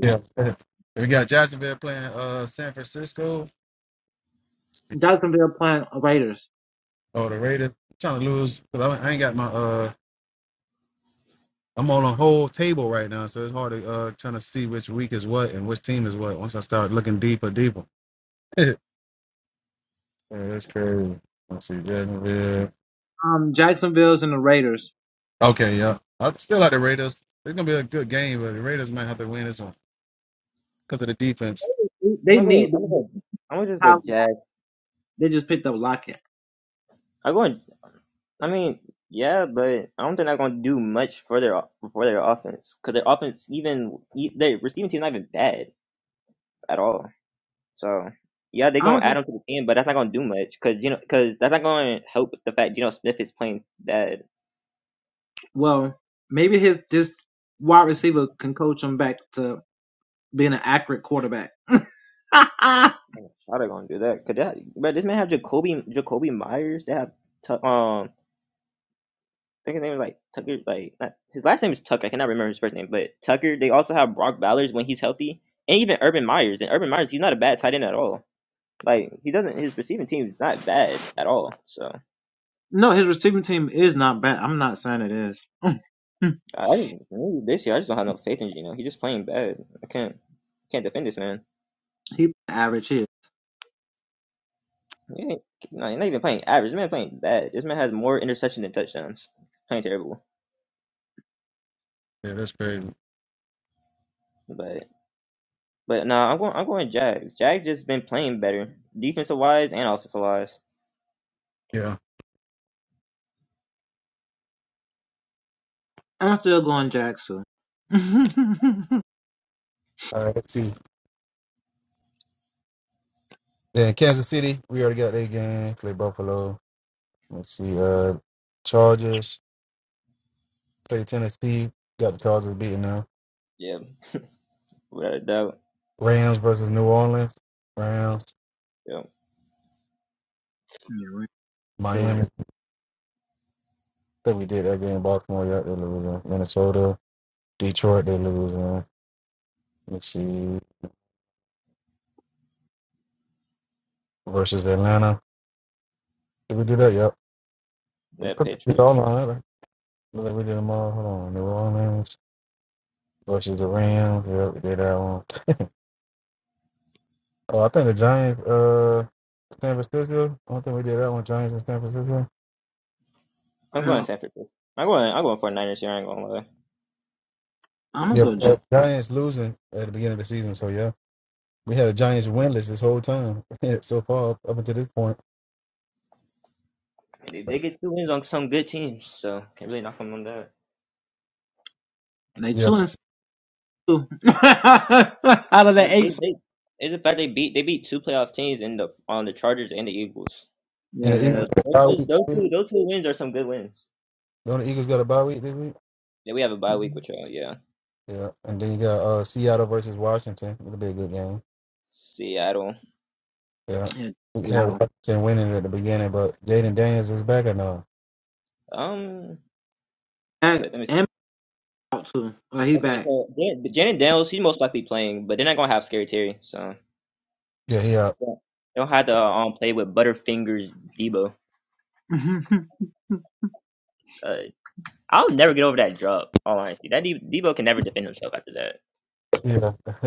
[SPEAKER 1] Yeah. And we got Jacksonville playing uh San Francisco. Oh, the Raiders. I'm trying to lose because I, ain't got my uh. I'm on a whole table right now, so it's hard to uh trying to see which week is what and which team is what. Once I start looking deeper, deeper. Yeah, that's crazy. Let's see, Jacksonville. Okay, yeah. I still like the Raiders. It's gonna be a good game, but the Raiders might have to win this one because of the defense.
[SPEAKER 3] I'm gonna go. I'm gonna go. I'm gonna just go Jag. I'm going. I mean, yeah, but I don't think they're gonna do much for their for their offense because their offense even e- their receiving team's not even bad at all. So yeah, they're gonna add them to the team, but that's not gonna do much because you know because that's not gonna help the fact you know Smith is playing bad. Oh, How they gonna do that? Could that? But this man have Jacoby Jacoby Myers. They have Tu- um. I think his name is like Tucker. Like not, his last name is Tucker. I cannot remember his first name, but Tucker. They also have Brock Bowers when he's healthy, and even Urban Myers. And Urban Myers, he's not a bad tight end at all. Like he doesn't. His receiving team is not bad at all. So I I just maybe this year I just don't have no faith in Gino. He's just playing bad. I can't can't defend this man. He ain't, no, he's not even playing average. This man playing bad. This man has more interception than touchdowns. Playing terrible,
[SPEAKER 1] Yeah, that's crazy.
[SPEAKER 3] but. But nah, I'm going. I'm going Jack. Jack just been playing better, defensive wise and offensive wise.
[SPEAKER 1] Yeah. All right, let's see. Then Kansas City. We already got their game. Play Buffalo. Let's see. Uh, Chargers play Tennessee. Got the Chargers beating them.
[SPEAKER 3] Yeah, without a doubt.
[SPEAKER 1] Rams versus New Orleans. Rams.
[SPEAKER 3] Yeah,
[SPEAKER 1] Miami. I think we did that game. Baltimore. Yeah, they're losing. Minnesota. Detroit. They're losing. Let's see. Versus Atlanta. Did we do that? Yep.
[SPEAKER 3] that
[SPEAKER 1] Put-
[SPEAKER 3] pitch.
[SPEAKER 1] the-
[SPEAKER 3] But
[SPEAKER 1] Hold on, hold on. Look, we did them all. Hold on, New Orleans versus the Rams. Yeah, we did that one. Oh, I think the Giants, uh, San Francisco. I don't think we did that one. Giants in San Francisco.
[SPEAKER 3] I'm going San Francisco. I'm going. I'm going for Niners here. I ain't gonna lie.
[SPEAKER 1] Yeah, uh, Giants losing at the beginning of the season. So yeah, we had the Giants winless this whole time so far up until this point.
[SPEAKER 3] They, they get two wins on some good teams, so can't really knock them on that.
[SPEAKER 1] Yeah,
[SPEAKER 3] Like they, they, it's the fact they beat they beat two playoff teams in the on the Chargers and the Eagles.
[SPEAKER 1] and the Eagles
[SPEAKER 3] So
[SPEAKER 1] got a
[SPEAKER 3] those,
[SPEAKER 1] bye
[SPEAKER 3] those
[SPEAKER 1] week.
[SPEAKER 3] those
[SPEAKER 1] too.
[SPEAKER 3] two those two wins are some good wins.
[SPEAKER 1] Don't the Eagles got a bye week this week?
[SPEAKER 3] Yeah, we have a bye week with y'all. Yeah,
[SPEAKER 1] Yeah, and then you got uh Seattle versus Washington. It'll be a good game.
[SPEAKER 3] Seattle.
[SPEAKER 1] Yeah. We had Washington winning at the beginning, but Jaden Daniels is back or no?
[SPEAKER 3] Um, but let me see. Okay, so Jan- Janet Daniels, she's most likely playing, but they're not gonna have Scary Terry, so
[SPEAKER 1] Yeah, he out.
[SPEAKER 3] yeah. they'll have to uh, um play with Butterfingers Debo. Uh, I'll never get over that drop. All honesty, that De- Debo can never defend himself after that.
[SPEAKER 1] Yeah.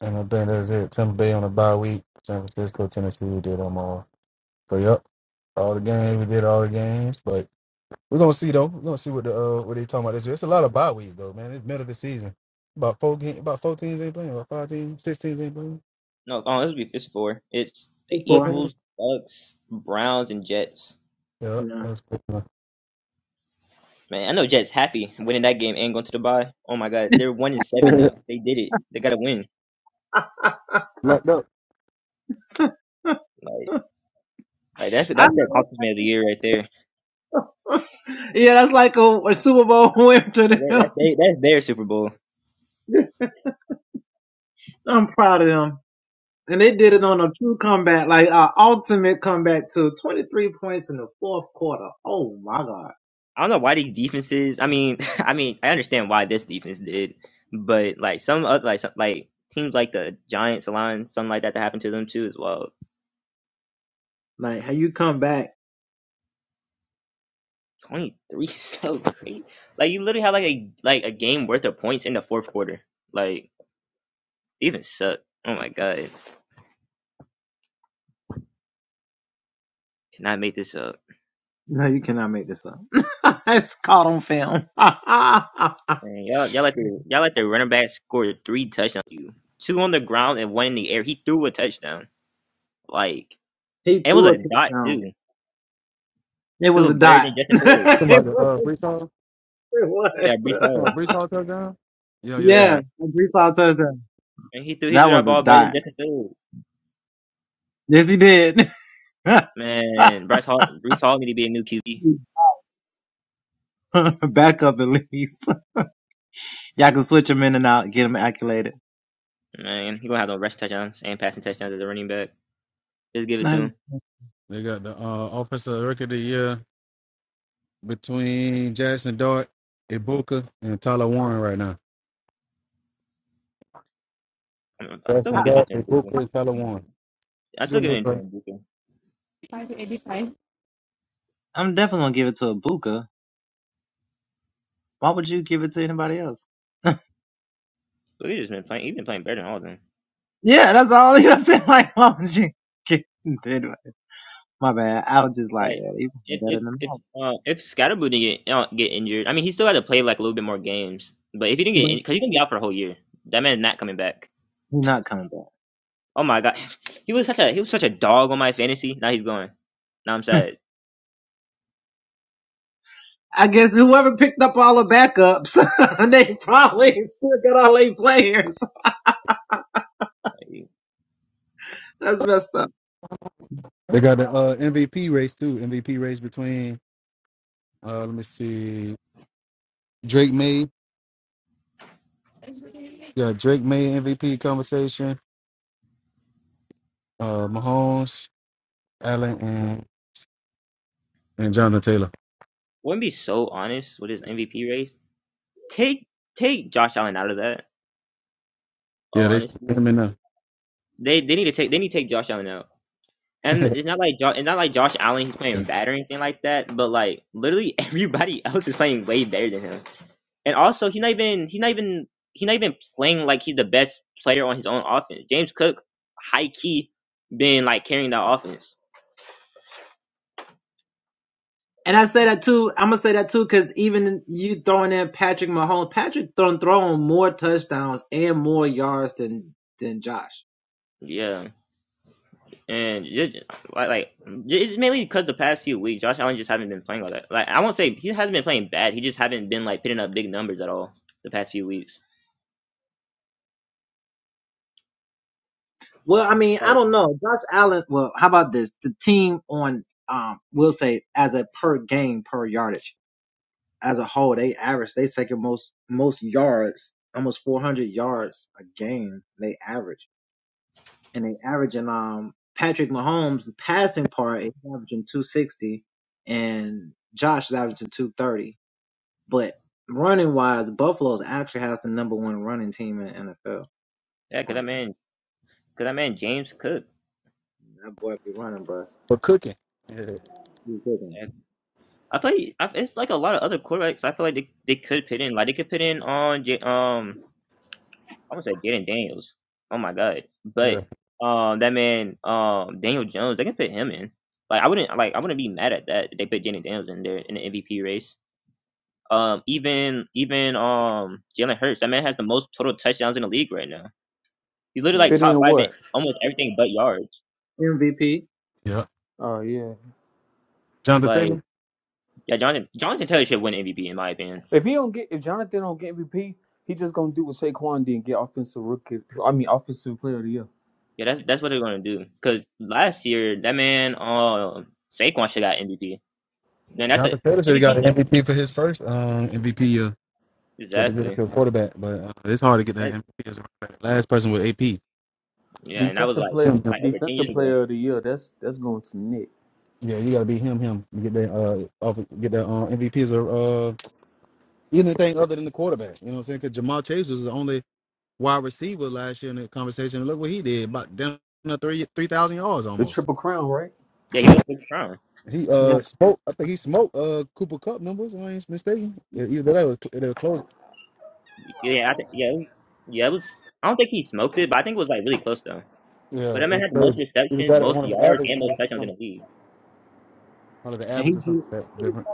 [SPEAKER 1] and I think that's it. Tampa Bay on the bye week. San Francisco, Tennessee, we did them all. So yep. All the games, we did all the games. But we're gonna see though. We're gonna see what the uh what they talking about this year. It's a lot of bye weeks though, man. It's middle of the season. About four game, about four teams ain't playing, about five teams, six teams ain't playing.
[SPEAKER 3] No, oh, this will be it's four. It's the
[SPEAKER 1] Four teams?
[SPEAKER 3] Eagles, Bucks, Browns, and Jets.
[SPEAKER 1] Yeah, that's
[SPEAKER 3] Man, I know Jets happy winning that game and going to the bye. Oh my God, they're one and seven now. They did it. They got to win.
[SPEAKER 1] Locked up.
[SPEAKER 3] Like, like that's that's their accomplishment of the year right there. Like, that- That's they, that's their Super Bowl. I don't know why these defenses. I mean, I mean, I understand why this defense did, but like some other like some, like teams like the Giants, the Lions, something like that, that happened to them too as well. Twenty three, so crazy. Like you literally had like a like a game worth of points in the fourth quarter. Like even suck. Oh my god, cannot make this up. Man, y'all, y'all like the y'all like the running back scored three touchdowns. You two on the ground and one in the air. He threw a touchdown. Like and it was a dot too. Still better than Justin Fields.
[SPEAKER 1] Somebody uh Brees Hall?
[SPEAKER 3] Yeah, Brees
[SPEAKER 1] Somebody
[SPEAKER 3] Hall.
[SPEAKER 1] Brees Hall touchdown? Yeah, yeah, yeah.
[SPEAKER 3] Yeah. And he threw he threw that ball better than Justin Fields. Man, Bryce Hall Bryce Hall need to be a new QB. Man, he gonna have no rushing touchdowns and passing touchdowns as a running back. Just give it to him.
[SPEAKER 1] They got the uh, offensive record of the year between Jackson Dart, Ibuka, and Tyler Warren right now.
[SPEAKER 3] I'm, I still
[SPEAKER 1] Jackson
[SPEAKER 3] gonna give
[SPEAKER 1] Dart,
[SPEAKER 3] that to Njoku.
[SPEAKER 1] Ibuka, and Tyler Warren. It's
[SPEAKER 3] I
[SPEAKER 1] a
[SPEAKER 3] still
[SPEAKER 1] good
[SPEAKER 3] give
[SPEAKER 1] look
[SPEAKER 3] it
[SPEAKER 1] right
[SPEAKER 3] to
[SPEAKER 1] now.
[SPEAKER 3] Njoku. But he just been playing. He's been playing better than all of them. Like if if if uh, if Scatterboo didn't get uh, get injured, I mean he still had to play like a little bit more games. But if he didn't get because he's gonna be out for a whole year, that man's not coming back. Oh my god, he was such a he was such a dog on my fantasy. Now he's going. Now I'm sad. Okay. Like,
[SPEAKER 1] They got the uh, MVP race too. MVP race between uh, let me see, Drake May. Yeah, Drake May MVP conversation. Uh, Mahomes, Allen, and and Jonathan Taylor.
[SPEAKER 3] wouldn't be so honest with his MVP race. Take take Josh Allen out of that. All
[SPEAKER 1] Yeah, they split
[SPEAKER 3] honestly,
[SPEAKER 1] them in
[SPEAKER 3] they they need to take they need to take Josh Allen out. And
[SPEAKER 1] there
[SPEAKER 3] it's not like jo- it's not like Josh Allen he's playing bad or anything like that. But like literally everybody else is playing way better than him. And also he's not even he's not even he's not even playing like he's the best player on his own offense. James Cook, high key, been like carrying that offense. Yeah. And just, like, like it's mainly because the past few weeks, Josh Allen just haven't been playing all that. Like I won't say he hasn't been playing bad. He just haven't been like putting up big numbers at all the past few weeks. Like yeah, because that man, because that man James Cook.
[SPEAKER 1] for cooking. Yeah,
[SPEAKER 3] And I play. I, it's like a lot of other quarterbacks. I feel like they, they could put in. Like they could put in on J, um. I want to say Jaden Daniels. Oh my god!
[SPEAKER 1] yeah,
[SPEAKER 3] But um, that man um Daniel Jones. They can put him in. Like I wouldn't like I wouldn't be mad at that. if They put Jaden Daniels in there in the MVP race. Um, even even um Jalen Hurts, that man has the most total touchdowns in the league right now. He's literally like
[SPEAKER 4] Fit
[SPEAKER 3] top
[SPEAKER 4] in
[SPEAKER 3] five in
[SPEAKER 4] what?
[SPEAKER 3] almost everything but yards.
[SPEAKER 1] yeah.
[SPEAKER 4] Oh yeah.
[SPEAKER 1] Jonathan
[SPEAKER 3] Like
[SPEAKER 1] Taylor.
[SPEAKER 3] yeah, Jonathan Jonathan Taylor should win MVP in my opinion.
[SPEAKER 4] If he don't get, if Jonathan don't get MVP, he just gonna do what Saquon did and get offensive rookie. I mean, offensive player of the year,
[SPEAKER 3] Yeah, that's that's what they're gonna do. Cause last year that man um Saquon should got MVP. Man, that's a
[SPEAKER 1] Jonathan Taylor should have got
[SPEAKER 3] MVP that
[SPEAKER 1] an MVP for his first um, MVP year. But to get it
[SPEAKER 3] exactly.
[SPEAKER 1] to a quarterback, but uh, It's hard to get that
[SPEAKER 3] That,
[SPEAKER 1] MVP as a running back. Last person with AP.
[SPEAKER 3] yeah, and that was
[SPEAKER 4] defensive
[SPEAKER 3] like
[SPEAKER 4] player,
[SPEAKER 1] him, him.
[SPEAKER 3] like over ten years
[SPEAKER 4] defensive
[SPEAKER 3] ago.
[SPEAKER 4] player of the year. That's that's going to Nick.
[SPEAKER 1] yeah, you got to be him, him. You get that, uh, off, get that uh, MVP as a uh, anything other than the quarterback. You know what I'm saying? Because Jamal Chase was the only wide receiver last year in the conversation. And look what he did, about down to three three thousand yards
[SPEAKER 4] The
[SPEAKER 1] almost.
[SPEAKER 4] triple crown, right?
[SPEAKER 3] Yeah, he was
[SPEAKER 1] Yeah,
[SPEAKER 3] sixth round.
[SPEAKER 1] he uh smoked. I think he smoked uh Cooper Cup numbers. If I ain't mistaken. Yeah, Either that or it was close.
[SPEAKER 3] Yeah, I think yeah, it was- yeah, it was. I don't think he smoked it, but I think it was like really close though. But
[SPEAKER 1] Yeah,
[SPEAKER 3] that
[SPEAKER 1] it
[SPEAKER 3] man
[SPEAKER 1] was
[SPEAKER 3] had the most
[SPEAKER 1] crazy. Either
[SPEAKER 3] receptions,
[SPEAKER 1] that or
[SPEAKER 3] most
[SPEAKER 1] one of the
[SPEAKER 3] yards,
[SPEAKER 1] average
[SPEAKER 3] and most
[SPEAKER 1] numbers,
[SPEAKER 3] touchdowns in
[SPEAKER 1] one
[SPEAKER 3] the league.
[SPEAKER 1] of the average or something like that different.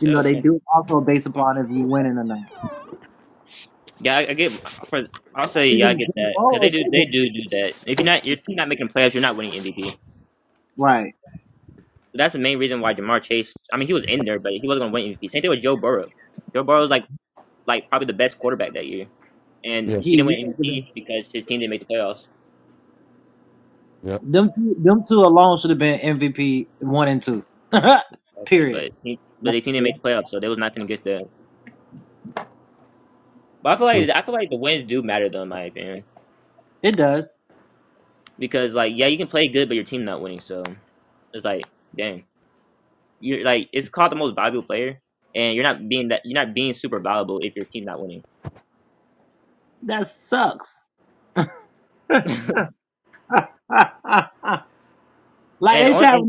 [SPEAKER 3] Sure, okay. Yeah, I, I get. For, I'll say yeah, I get that because they do. They do do that. If you're not, your team not making playoffs, you're not winning MVP. So that's the main reason why Jamar Chase. I mean, he was in there, but he wasn't going to win MVP. Same thing with Joe Burrow. Joe Burrow's like like probably the best quarterback that year, and
[SPEAKER 1] Yeah,
[SPEAKER 3] he didn't win MVP because his team didn't make the playoffs.
[SPEAKER 1] yeah,
[SPEAKER 3] Obviously, but he, but the team didn't make the playoffs, so they was not going to get that. But I feel like I feel like the wins do matter though, in my opinion, because like yeah, you can play good, but your team not winning, so it's like dang. you're like it's called the most valuable player, and you're not being that you're not being super valuable if your team's not winning. And on and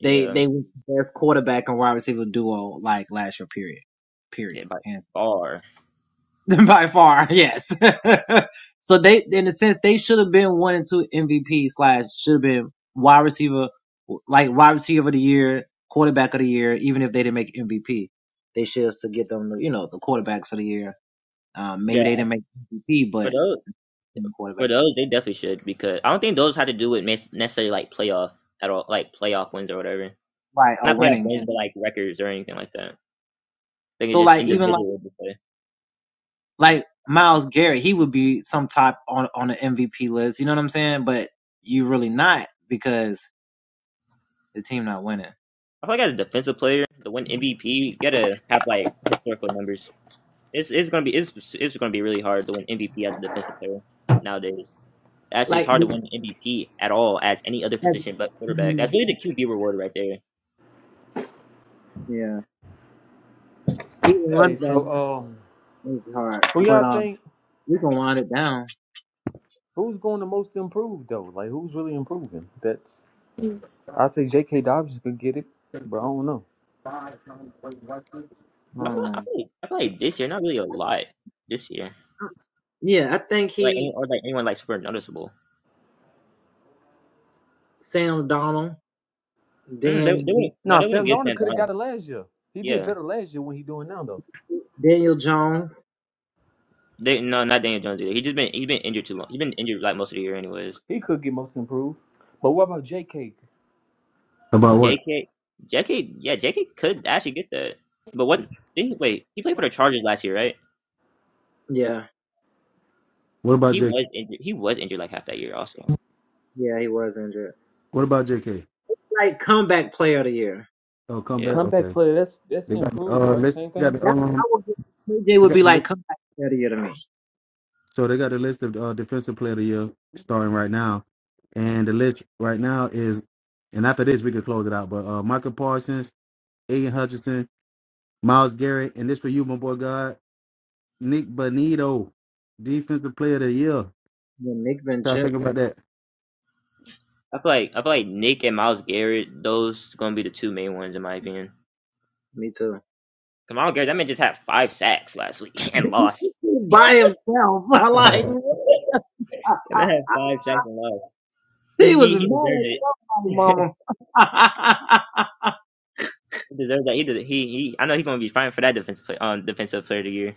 [SPEAKER 3] yeah, yeah, by far, yeah. For those, for those, they definitely should because I don't think those have to do with mes- necessarily like playoff at all, like playoff wins or whatever. Not playoff wins, but like records or anything like that. I think it's just individual play. I feel like as a defensive player, to win MVP, you gotta have like historical numbers. It's it's gonna be it's it's gonna be really hard to win MVP as a defensive player nowadays. Actually, it's hard to win MVP at all as any other position but quarterback. That's really the QB reward right there.
[SPEAKER 4] Hey, so um, who y'all think? Who's going to most improve though? Like who's really improving? That's I say J.K. Dobbins could get it, but I don't know.
[SPEAKER 1] About
[SPEAKER 3] I feel, I feel, like, I feel like this year, not really a lot this year. Like any or like anyone like super noticeable. Mm, they they wouldn't no
[SPEAKER 4] Nah,
[SPEAKER 3] they wouldn't
[SPEAKER 4] Sam
[SPEAKER 3] get
[SPEAKER 4] Darnold
[SPEAKER 3] Sam
[SPEAKER 4] could have
[SPEAKER 3] Darnold.
[SPEAKER 4] got it last year. He did
[SPEAKER 3] Yeah,
[SPEAKER 4] better last year when he doing now though.
[SPEAKER 3] they no not Daniel Jones either. He just been he has been injured too long. He's been injured like most of the year anyways.
[SPEAKER 4] He could get most improved. But what about J.K.
[SPEAKER 1] what?
[SPEAKER 3] J.K. J.K. Yeah, J.K. could actually get that. But what? Did he, wait, he played for the Chargers last year, right?
[SPEAKER 1] What about
[SPEAKER 3] He was injured. He was injured like half that year also.
[SPEAKER 1] what about JK? Oh,
[SPEAKER 3] Yeah.
[SPEAKER 1] come
[SPEAKER 4] The
[SPEAKER 1] back.
[SPEAKER 4] comeback
[SPEAKER 1] Okay,
[SPEAKER 4] player? That's that's
[SPEAKER 1] they got the
[SPEAKER 4] improved,
[SPEAKER 1] uh
[SPEAKER 4] right?
[SPEAKER 1] list.
[SPEAKER 4] Same
[SPEAKER 1] They got
[SPEAKER 4] thing.
[SPEAKER 1] the um. They got the list. So they got a list of uh, defensive player of the year starting right now, and the list right now is, and after this we can close it out. But uh, Michael Parsons, Aiden Hutchinson, Miles Garrett, and this for you, my boy God, Nick Bonito, defensive player of the year. Try to think about that.
[SPEAKER 3] I feel like I feel like Nick and Miles Garrett, those gonna be the two main ones in my opinion. 'Cause Miles Garrett, that man just had five sacks last week and lost. That man had five sacks and lost. He he he deserved it. He deserves that. He did, he he. I know he's gonna be fighting for that defensive play, um defensive player of the year.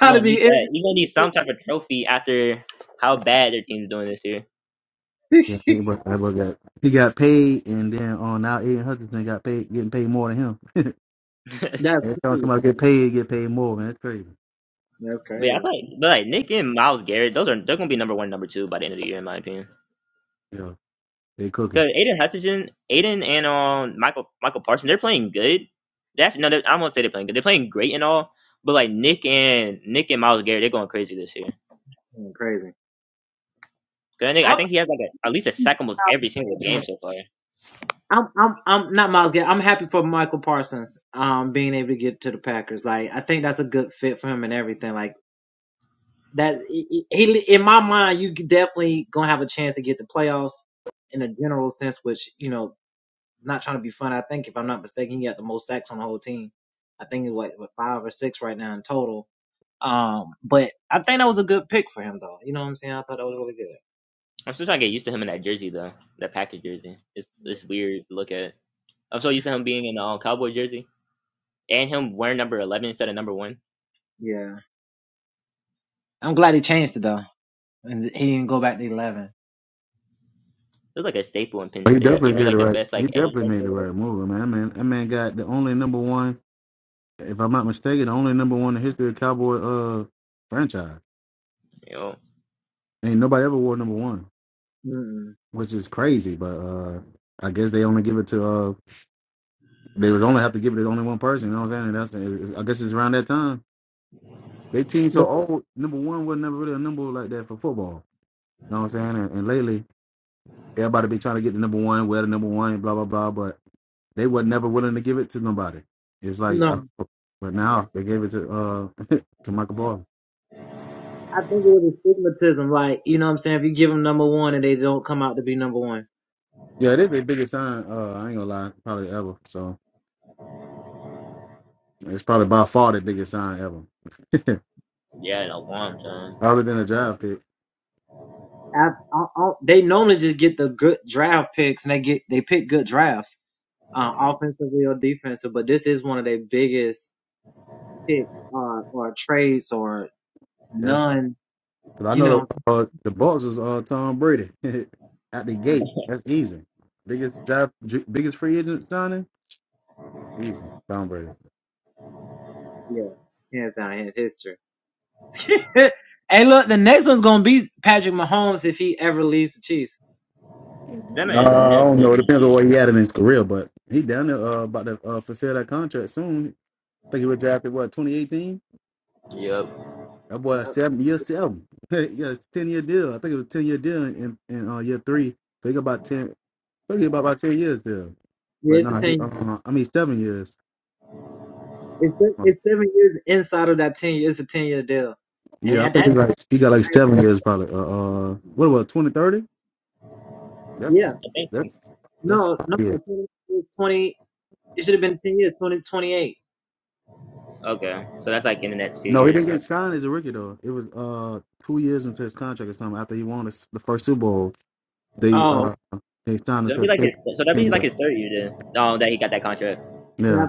[SPEAKER 3] He gonna need that. He gonna need some type of trophy after how bad their team's doing this year.
[SPEAKER 1] Yeah, think about, think about that. He got paid, and then on now Aiden Hutchinson got paid, getting paid more than him.
[SPEAKER 3] but
[SPEAKER 1] Every time somebody get paid, get paid more, man. That's crazy.
[SPEAKER 3] yeah, I feel like, but like Nick and Miles Garrett, those are they're gonna be number one, number two by the end of the year in my opinion.
[SPEAKER 1] Yeah, they cooking.
[SPEAKER 3] Because Aiden Hutchinson, Aiden and um Michael Michael Parsons, they're playing good. They actually no, they, I won't say they're playing good. They're playing great and all. But like Nick and Nick and Miles Garrett, they're going crazy this year. Cause I think, I think he has like a, at least a sack almost every single game so far. I'm still trying to get used to him in that jersey though, that Packers jersey. It's it's weird to look at. I'm so used to him being in the um, cowboy jersey and him wearing number 11 instead of number one. It's like a staple in Penn
[SPEAKER 1] he
[SPEAKER 3] State. If
[SPEAKER 1] definitely
[SPEAKER 3] you're
[SPEAKER 1] did it
[SPEAKER 3] like the
[SPEAKER 1] right.
[SPEAKER 3] best
[SPEAKER 1] He
[SPEAKER 3] like edge,
[SPEAKER 1] definitely
[SPEAKER 3] rusher
[SPEAKER 1] made
[SPEAKER 3] or
[SPEAKER 1] the
[SPEAKER 3] whatever,
[SPEAKER 1] right move, man. That man, that man got the only number one, if I'm not mistaken, the only number one in the history of Cowboy uh franchise.
[SPEAKER 3] you know,
[SPEAKER 1] Ain't nobody ever wore number one, which is crazy. But uh I guess they only give it to uh they was only have to give it to only one person. You know what I'm saying? That's it's- I guess it's around that time. They team so old. Number one was never really a number like that for football. You know what I'm saying? And, and lately Everybody be trying to get the number one, wear the number one, blah blah blah. But they were never willing to give it to nobody. It's like, I, but now they gave it to uh to Michael Ball. Yeah, it is their biggest sign. Uh, I ain't gonna lie, probably ever. So it's probably by far the biggest sign ever,
[SPEAKER 3] yeah, in a long time.
[SPEAKER 1] other than a draft pick. Yeah, because I know the uh, the Bucks was uh Tom Brady at the gate. That's easy. Biggest draft, biggest free agent signing, easy. Tom Brady. Uh,
[SPEAKER 3] That
[SPEAKER 1] I
[SPEAKER 3] man never
[SPEAKER 1] don't know. It
[SPEAKER 3] leaving
[SPEAKER 1] depends on what
[SPEAKER 3] the
[SPEAKER 1] he had in his career, but he down there uh, about to uh, fulfill that contract soon. I think he was drafted what 2018.
[SPEAKER 3] G. Yep.
[SPEAKER 1] That boy seven year seven. yeah, it's ten year deal. I think it was ten year deal in in uh, year three. So he got about ten. I think he about about ten years there. But nah, he, uh, I mean seven years. Um, Yeah, I think he like he got like seven years probably. Uh, uh what about twenty thirty? That's
[SPEAKER 3] Okay, cool.
[SPEAKER 1] that's that's yeah.
[SPEAKER 3] Okay, so that's like in the next few
[SPEAKER 1] No, he
[SPEAKER 3] years.
[SPEAKER 1] didn't get
[SPEAKER 3] Okay.
[SPEAKER 1] signed as a rookie though. It was uh two years into his contract or something. After he won his, the first Super Bowl, they uh they signed
[SPEAKER 3] So
[SPEAKER 1] him to
[SPEAKER 3] that'd
[SPEAKER 1] a
[SPEAKER 3] be like
[SPEAKER 1] pick.
[SPEAKER 3] his. So that'd be like
[SPEAKER 1] Yeah.
[SPEAKER 3] his third year then. Um, that he got that contract.
[SPEAKER 1] Yeah.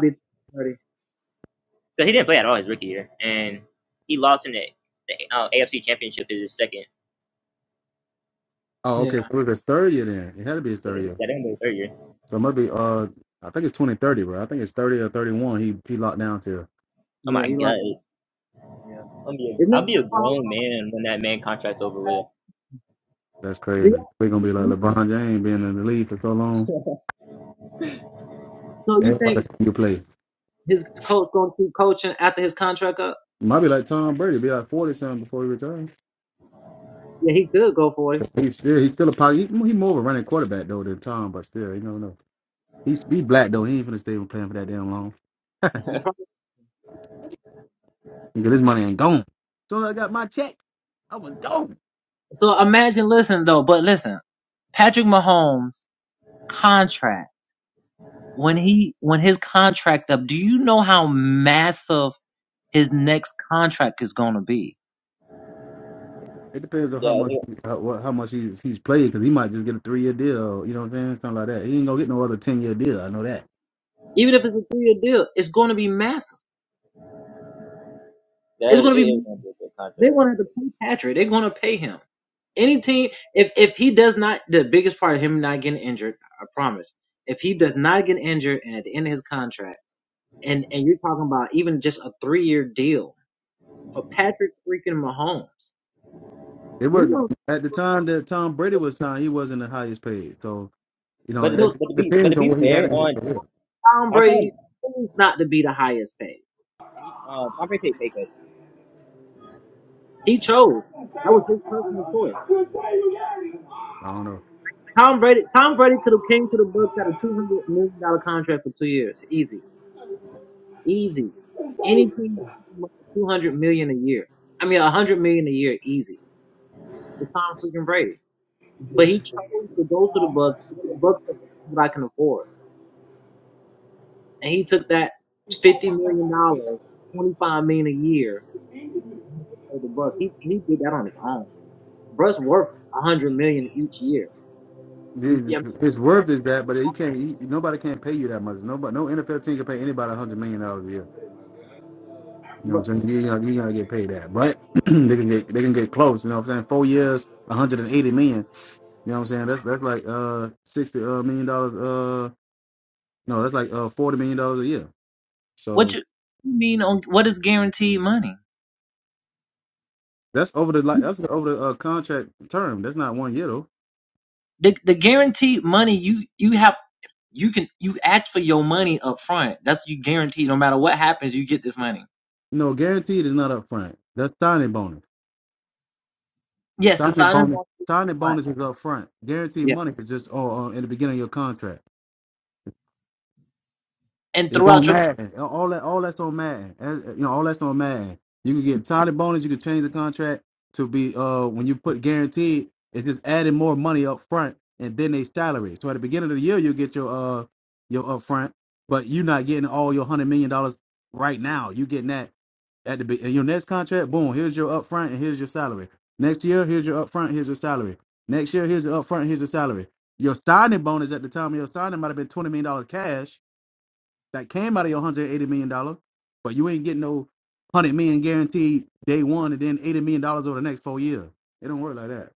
[SPEAKER 3] Cause he didn't play at all his rookie year, and he lost in the, the uh, AFC Championship is his second.
[SPEAKER 1] Oh, okay. So It was his third year then. It had to be his
[SPEAKER 3] So
[SPEAKER 1] third
[SPEAKER 3] this is
[SPEAKER 1] year.
[SPEAKER 3] that ain't his third year.
[SPEAKER 1] So it might be uh I think it's twenty thirty, bro. I think it's thirty or thirty one. He he locked down to.
[SPEAKER 3] Oh my god, I'll be a, I'll be a grown man when that man contract's over with.
[SPEAKER 1] That's crazy. We're gonna be like LeBron James being in the league for so long. Everybody see you play. Might be like Tom Brady, be like forty something before he retires. He's still he's still a pocket. He, he more of a running quarterback though than Tom, but still, you don't know. He's he black though. He ain't finna stay playing for that damn long. Nigga, this money ain't gone. Soon as I got my check, I was gone. It depends on how
[SPEAKER 3] Yeah,
[SPEAKER 1] much
[SPEAKER 3] it,
[SPEAKER 1] how, what, how much he's he's played because he might just get a three year deal. You know what I'm saying? Something like that. He ain't gonna get no other ten year deal. I know that.
[SPEAKER 3] that is, it is gonna be a good contract.
[SPEAKER 1] It wasn't at the time that Tom Brady was signed. He wasn't the highest paid. So you know
[SPEAKER 3] But
[SPEAKER 1] it
[SPEAKER 3] but to be but to
[SPEAKER 1] depends on
[SPEAKER 3] be
[SPEAKER 1] what he had
[SPEAKER 3] fair
[SPEAKER 1] in his
[SPEAKER 3] on
[SPEAKER 1] career.
[SPEAKER 3] on Tom he, uh, Tom Brady take a pay cut.
[SPEAKER 4] Oh
[SPEAKER 1] I don't know. His his worth is that, but he can't. He, nobody can't pay you that much. Nobody, no NFL team can pay anybody a hundred million dollars a year. You know what I'm saying? You, you, know, you gotta get paid that. But they can get they can get close, you know what I'm saying? Four years, 180 million. You know what I'm saying? That's that's like uh sixty uh million dollars uh no, that's like uh forty million dollars a year. So that's over the like that's over the uh, contract term. That's not one year though. No, guaranteed is not up front. That's signing bonus. Signing bonus signing bonus is up front. Guaranteed money is just oh uh, in the beginning of your contract. It's on Madden. All that, all that's on Madden. As- You know, all that's on Madden. You can get signing bonus. You can change the contract to be uh when you put guaranteed. It's just adding more money up front and then they salary. So at the beginning of the year, you get your uh your upfront, but you're not getting all your hundred million dollars right now. You getting that at the be- in your next contract. Boom, here's your upfront and here's your salary. Next year, here's your upfront. Here's your salary. Next year, here's your upfront. Here's your salary. Your signing bonus at the time of your signing might have been twenty million dollars cash that came out of your one hundred eighty million dollar, but you ain't getting no one hundred million dollars guaranteed day one, and then eighty million dollars over the next four years. It don't work like that.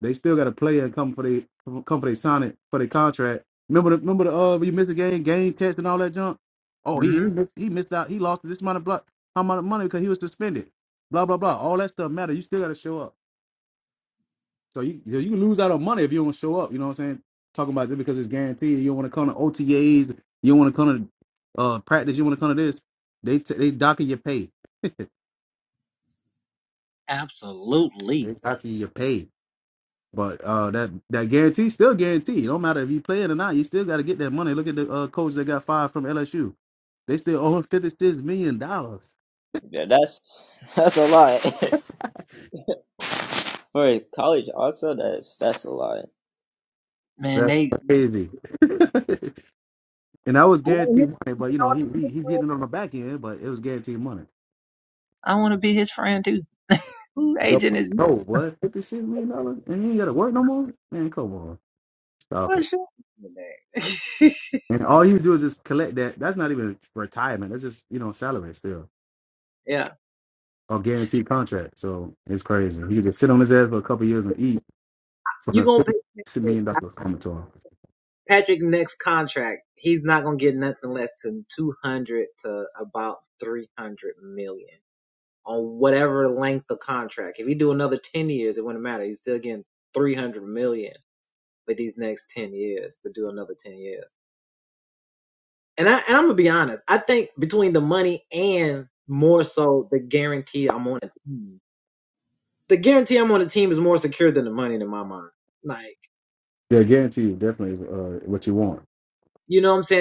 [SPEAKER 1] They still got to play and come for they come for they sign it for their contract. Remember the remember the uh you missed the game game test and all that junk. Oh he he missed, he missed out. He lost this amount of block how amount of money because he was suspended. Blah blah blah. All that stuff matter. You still got to show up. So you you you can lose out on money if you don't show up. You know what I'm saying? Talking about just because it's guaranteed. You don't want to come to OTAs. You don't want to come to uh, practice. You want to come to this. They t- they docking your pay. They docking your pay. But uh, that that guarantee still guaranteed. It don't matter if you play it or not. You still got to get that money. Look at the uh, coach that got fired from LSU. They still owe him fifty six million dollars.
[SPEAKER 3] Yeah, that's that's a lot for college. Also, that's that's a lot.
[SPEAKER 1] That's crazy. and that was guaranteed money. But you know he, he he getting it on the back end, but it was guaranteed money. Yup. Oh, what? $56 million? dollars? And you ain't got to work no more? Man, come on. Stop it. And all he would do is just collect that. That's not even retirement. That's just, you know, salary still. Or guaranteed contract. So it's crazy. He could just sit on his ass for a couple years and eat from the $56 million dollars coming to him. Yeah, guaranteed definitely is uh, what you want.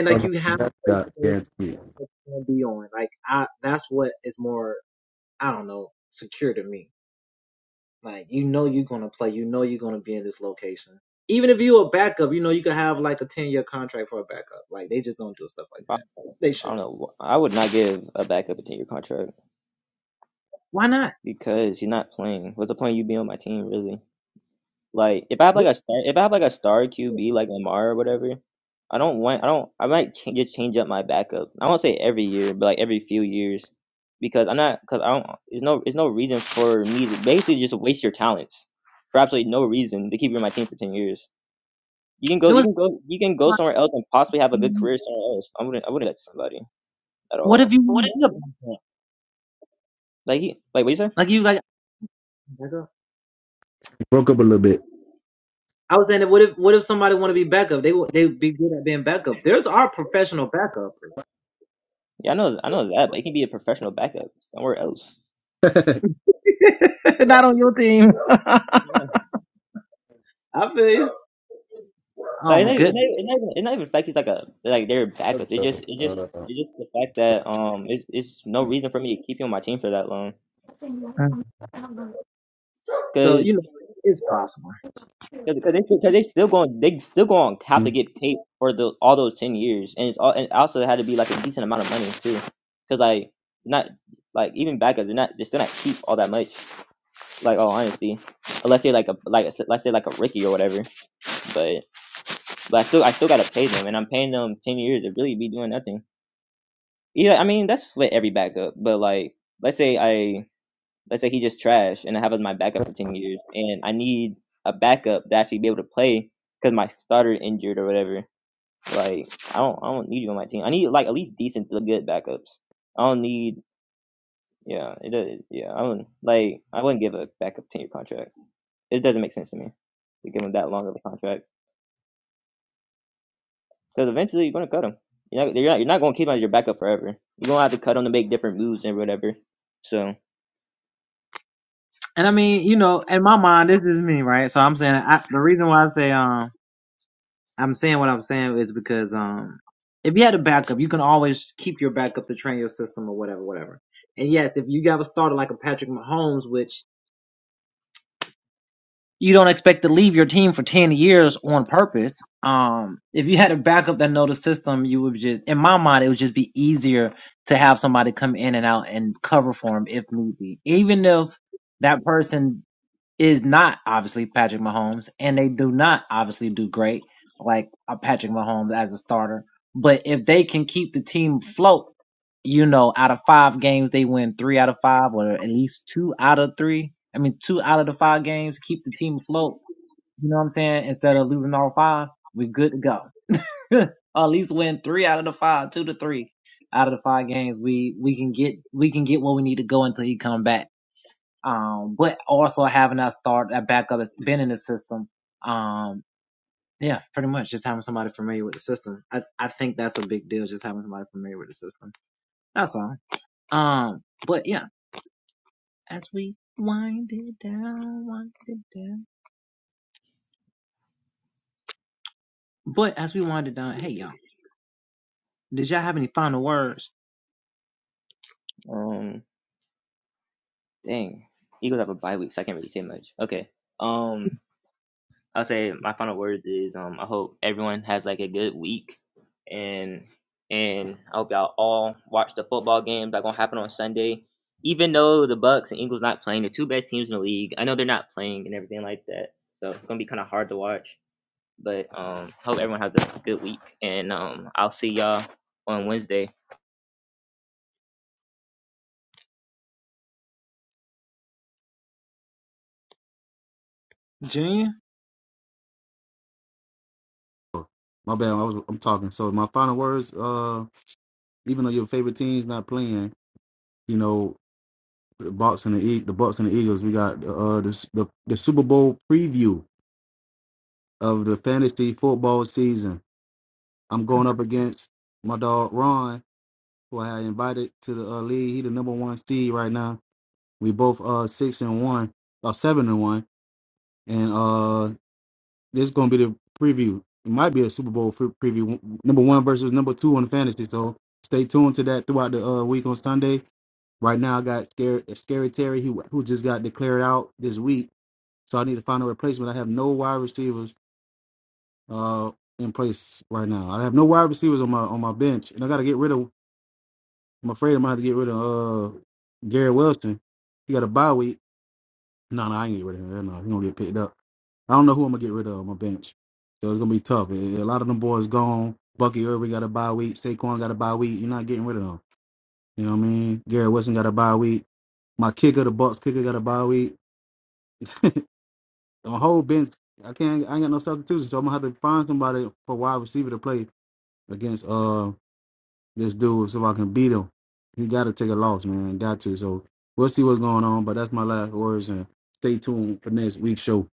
[SPEAKER 1] Oh, That got guaranteed. You
[SPEAKER 3] I I don't know. I would not give a backup a ten year contract because he's not playing. What's the point of you being on my team, really? Like, if I have like a star, if I have like a star QB like Lamar or whatever, I don't want. I don't. I might change, just change up my backup. I won't say every year, but like every few years, because I'm not. Because I don't. There's no. There's no reason for me to basically just waste your talents for absolutely no reason to keep you on my team for ten years. You can go. You can go. You can go somewhere else and possibly have a good career somewhere else. I wouldn't. I wouldn't let somebody at all. Like he. Like what you say?
[SPEAKER 1] broke up a little bit.
[SPEAKER 3] Yeah, I know, I know that, but it can be a professional backup somewhere else.
[SPEAKER 1] my
[SPEAKER 3] Yeah. Like, it's not, it's not, it's not even, it's not even the fact he's like a like they're a backup. It just, it just, it's just the fact that um, it's, it's no reason for me to keep him on my team for that long. Cause, cause, 'cause they, still- cause they still going, they still going to have to get paid for the all those ten years, and it's all, and it also it had to be like a decent amount of money too. Cause like not like even backups, they're not, they're still not cheap all that much. Like all honesty, unless they're like a like a, let's say like a Ricky or whatever, but. But I still I still gotta pay them, and I'm paying them ten years to really be doing nothing. Yeah, I mean that's with every backup. But like, let's say I let's say he just trash, and I have him as my backup for ten years, and I need a backup to actually be able to play because my starter injured or whatever. Like, I don't I don't need you on my team. I need like at least decent to good backups. I don't need yeah it does yeah I do not like I wouldn't give a backup ten year contract. It doesn't make sense to me to give him that long of a contract. Because eventually you're gonna cut him. You're not, you're not you're not gonna keep him as your backup forever. You're gonna have to cut him to make different moves and whatever. So, um, dang, Eagles have a bye week, so I can't really say much. Okay, um, I'll say my final words is um, I hope everyone has like a good week, and and I hope y'all all watch the football games that gonna happen on Sunday. Even though the Bucks and Eagles not playing, the two best teams in the league, I know they're not playing and everything like that, so it's gonna be kind of hard to watch. But um, hope everyone has a good week, and um, I'll see y'all on Wednesday.
[SPEAKER 1] bad. I was I'm talking. So my final words, uh, even though your favorite team's not playing, you know, the Bucks and the E- the Bucks and the Eagles. We got uh the, the the Super Bowl preview of the fantasy football season. I'm going up against my dog Ron, who I invited to the uh, league. He the number one seed right now. We both uh six and one, or seven and one, and uh this is gonna be the preview. It might be a Super Bowl pre- preview, number one versus number two on fantasy. So stay tuned to that throughout the uh, week on Sunday. Right now, I got scary, scary Terry, who who just got declared out this week So I need to find a replacement. I have no wide receivers uh, in place right now. I have no wide receivers on my on my bench, and I got to get rid of. I'm afraid I'm gonna have to get rid of uh, Gary Wilson. He got a bye week. No, no, I ain't get rid of him. Hell No, he gonna get picked up. I don't know who I'm gonna get rid of on my bench. So it's gonna be tough. A a lot of them boys gone. Bucky Irving got a bye week. Saquon got a bye week. You're not getting rid of them. You know what I mean? Gary Wilson got a bye week. My kicker, the Bucks kicker, got a bye week. The whole bench, I can't. I ain't got no substitution, so I'm gonna have to find somebody for wide receiver to play against uh this dude, so I can beat him. He got to take a loss, man. Got to. So we'll see what's going on. But that's my last words, and stay tuned for next week's show.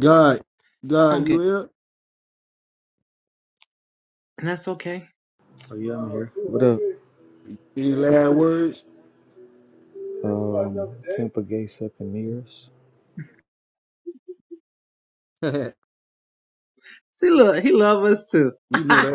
[SPEAKER 1] God, God, you here?
[SPEAKER 4] yeah, I'm here. What up?
[SPEAKER 1] Any last words?
[SPEAKER 4] Um, Tampa Gay second nearest.
[SPEAKER 1] we know that.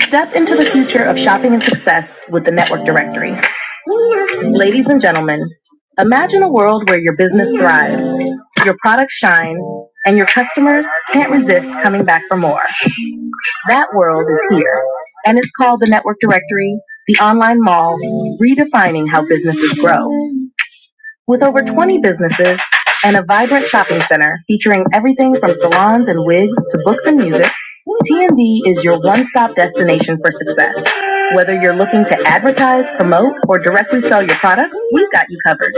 [SPEAKER 2] Step into the future of shopping and success with the Network Directory. Ladies and gentlemen, imagine a world where your business thrives, your products shine, and your customers can't resist coming back for more. That world is here, and it's called the Network Directory, the online mall, redefining how businesses grow. With over 20 businesses and a vibrant shopping center featuring everything from salons and wigs to books and music, TND is your one-stop destination for success. Whether you're looking to advertise, promote, or directly sell your products, we've got you covered.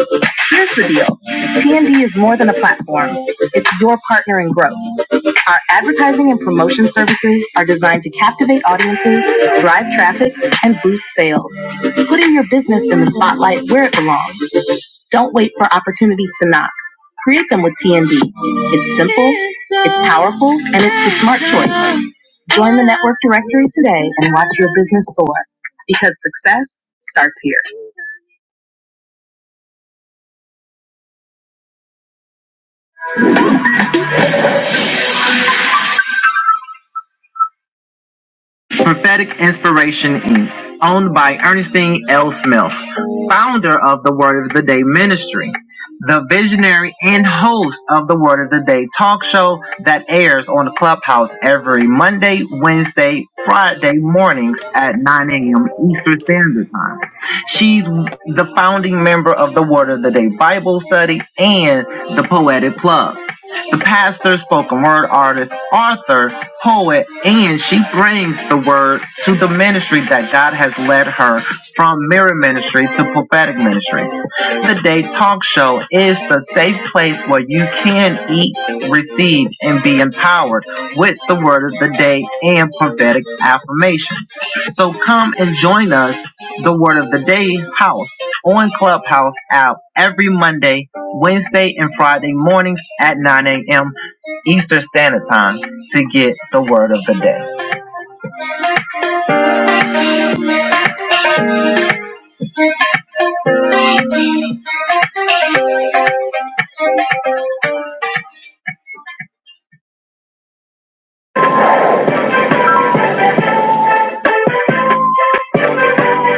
[SPEAKER 2] Here's the deal. TND is more than a platform. It's your partner in growth. Our advertising and promotion services are designed to captivate audiences, drive traffic, and boost sales. Putting your business in the spotlight where it belongs don't wait for opportunities to knock. Create them with TND. It's simple, it's powerful, and it's the smart choice. Join the network directory today and watch your business soar because success starts here. Own founder of the history. the visionary and host of the Word of the Day talk show that airs on Clubhouse every Monday, Wednesday, Friday mornings at 9 a.m. Eastern Standard Time. She's the founding member of the Word of the Day Bible Study and the Poetic Club. The pastor, spoken word artist, author, poet, and she brings the word to the ministry that God has led her from mirror ministry to prophetic ministry. The day Talk Show is the safe place where you can eat, receive, and be empowered with the word of the day and prophetic affirmations. So come and join us, the word of the day house on Clubhouse app every Monday, Wednesday, and Friday mornings at 9 a.m. Eastern Standard Time to get the word of the day.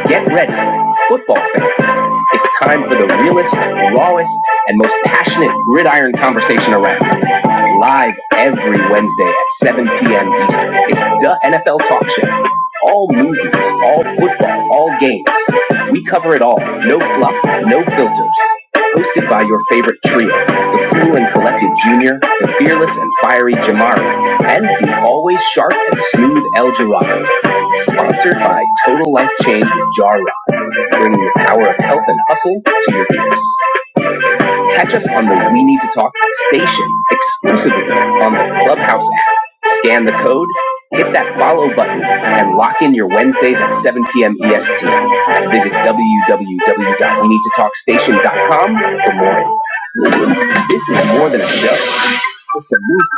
[SPEAKER 2] Get ready, football fans. It's time for the realest, rawest, and most passionate gridiron conversation around. Live every Wednesday at 7 p.m. Eastern. It's the NFL Talk Show. All movies, all football, all games. We cover it all. No fluff, no filters. Hosted by your favorite trio, the cool and collected Junior, the fearless and fiery Jamari, and the always sharp and smooth El Jirado. Sponsored by Total Life Change with Jar Rod, bringing the power of health and hustle to your ears. Catch us on the We Need to Talk station exclusively on the Clubhouse app. Scan the code, hit that follow button, and lock in your Wednesdays at 7 p.m. EST. Visit www.weneedtotalkstation.com for more. This is more than a show. It's a movement.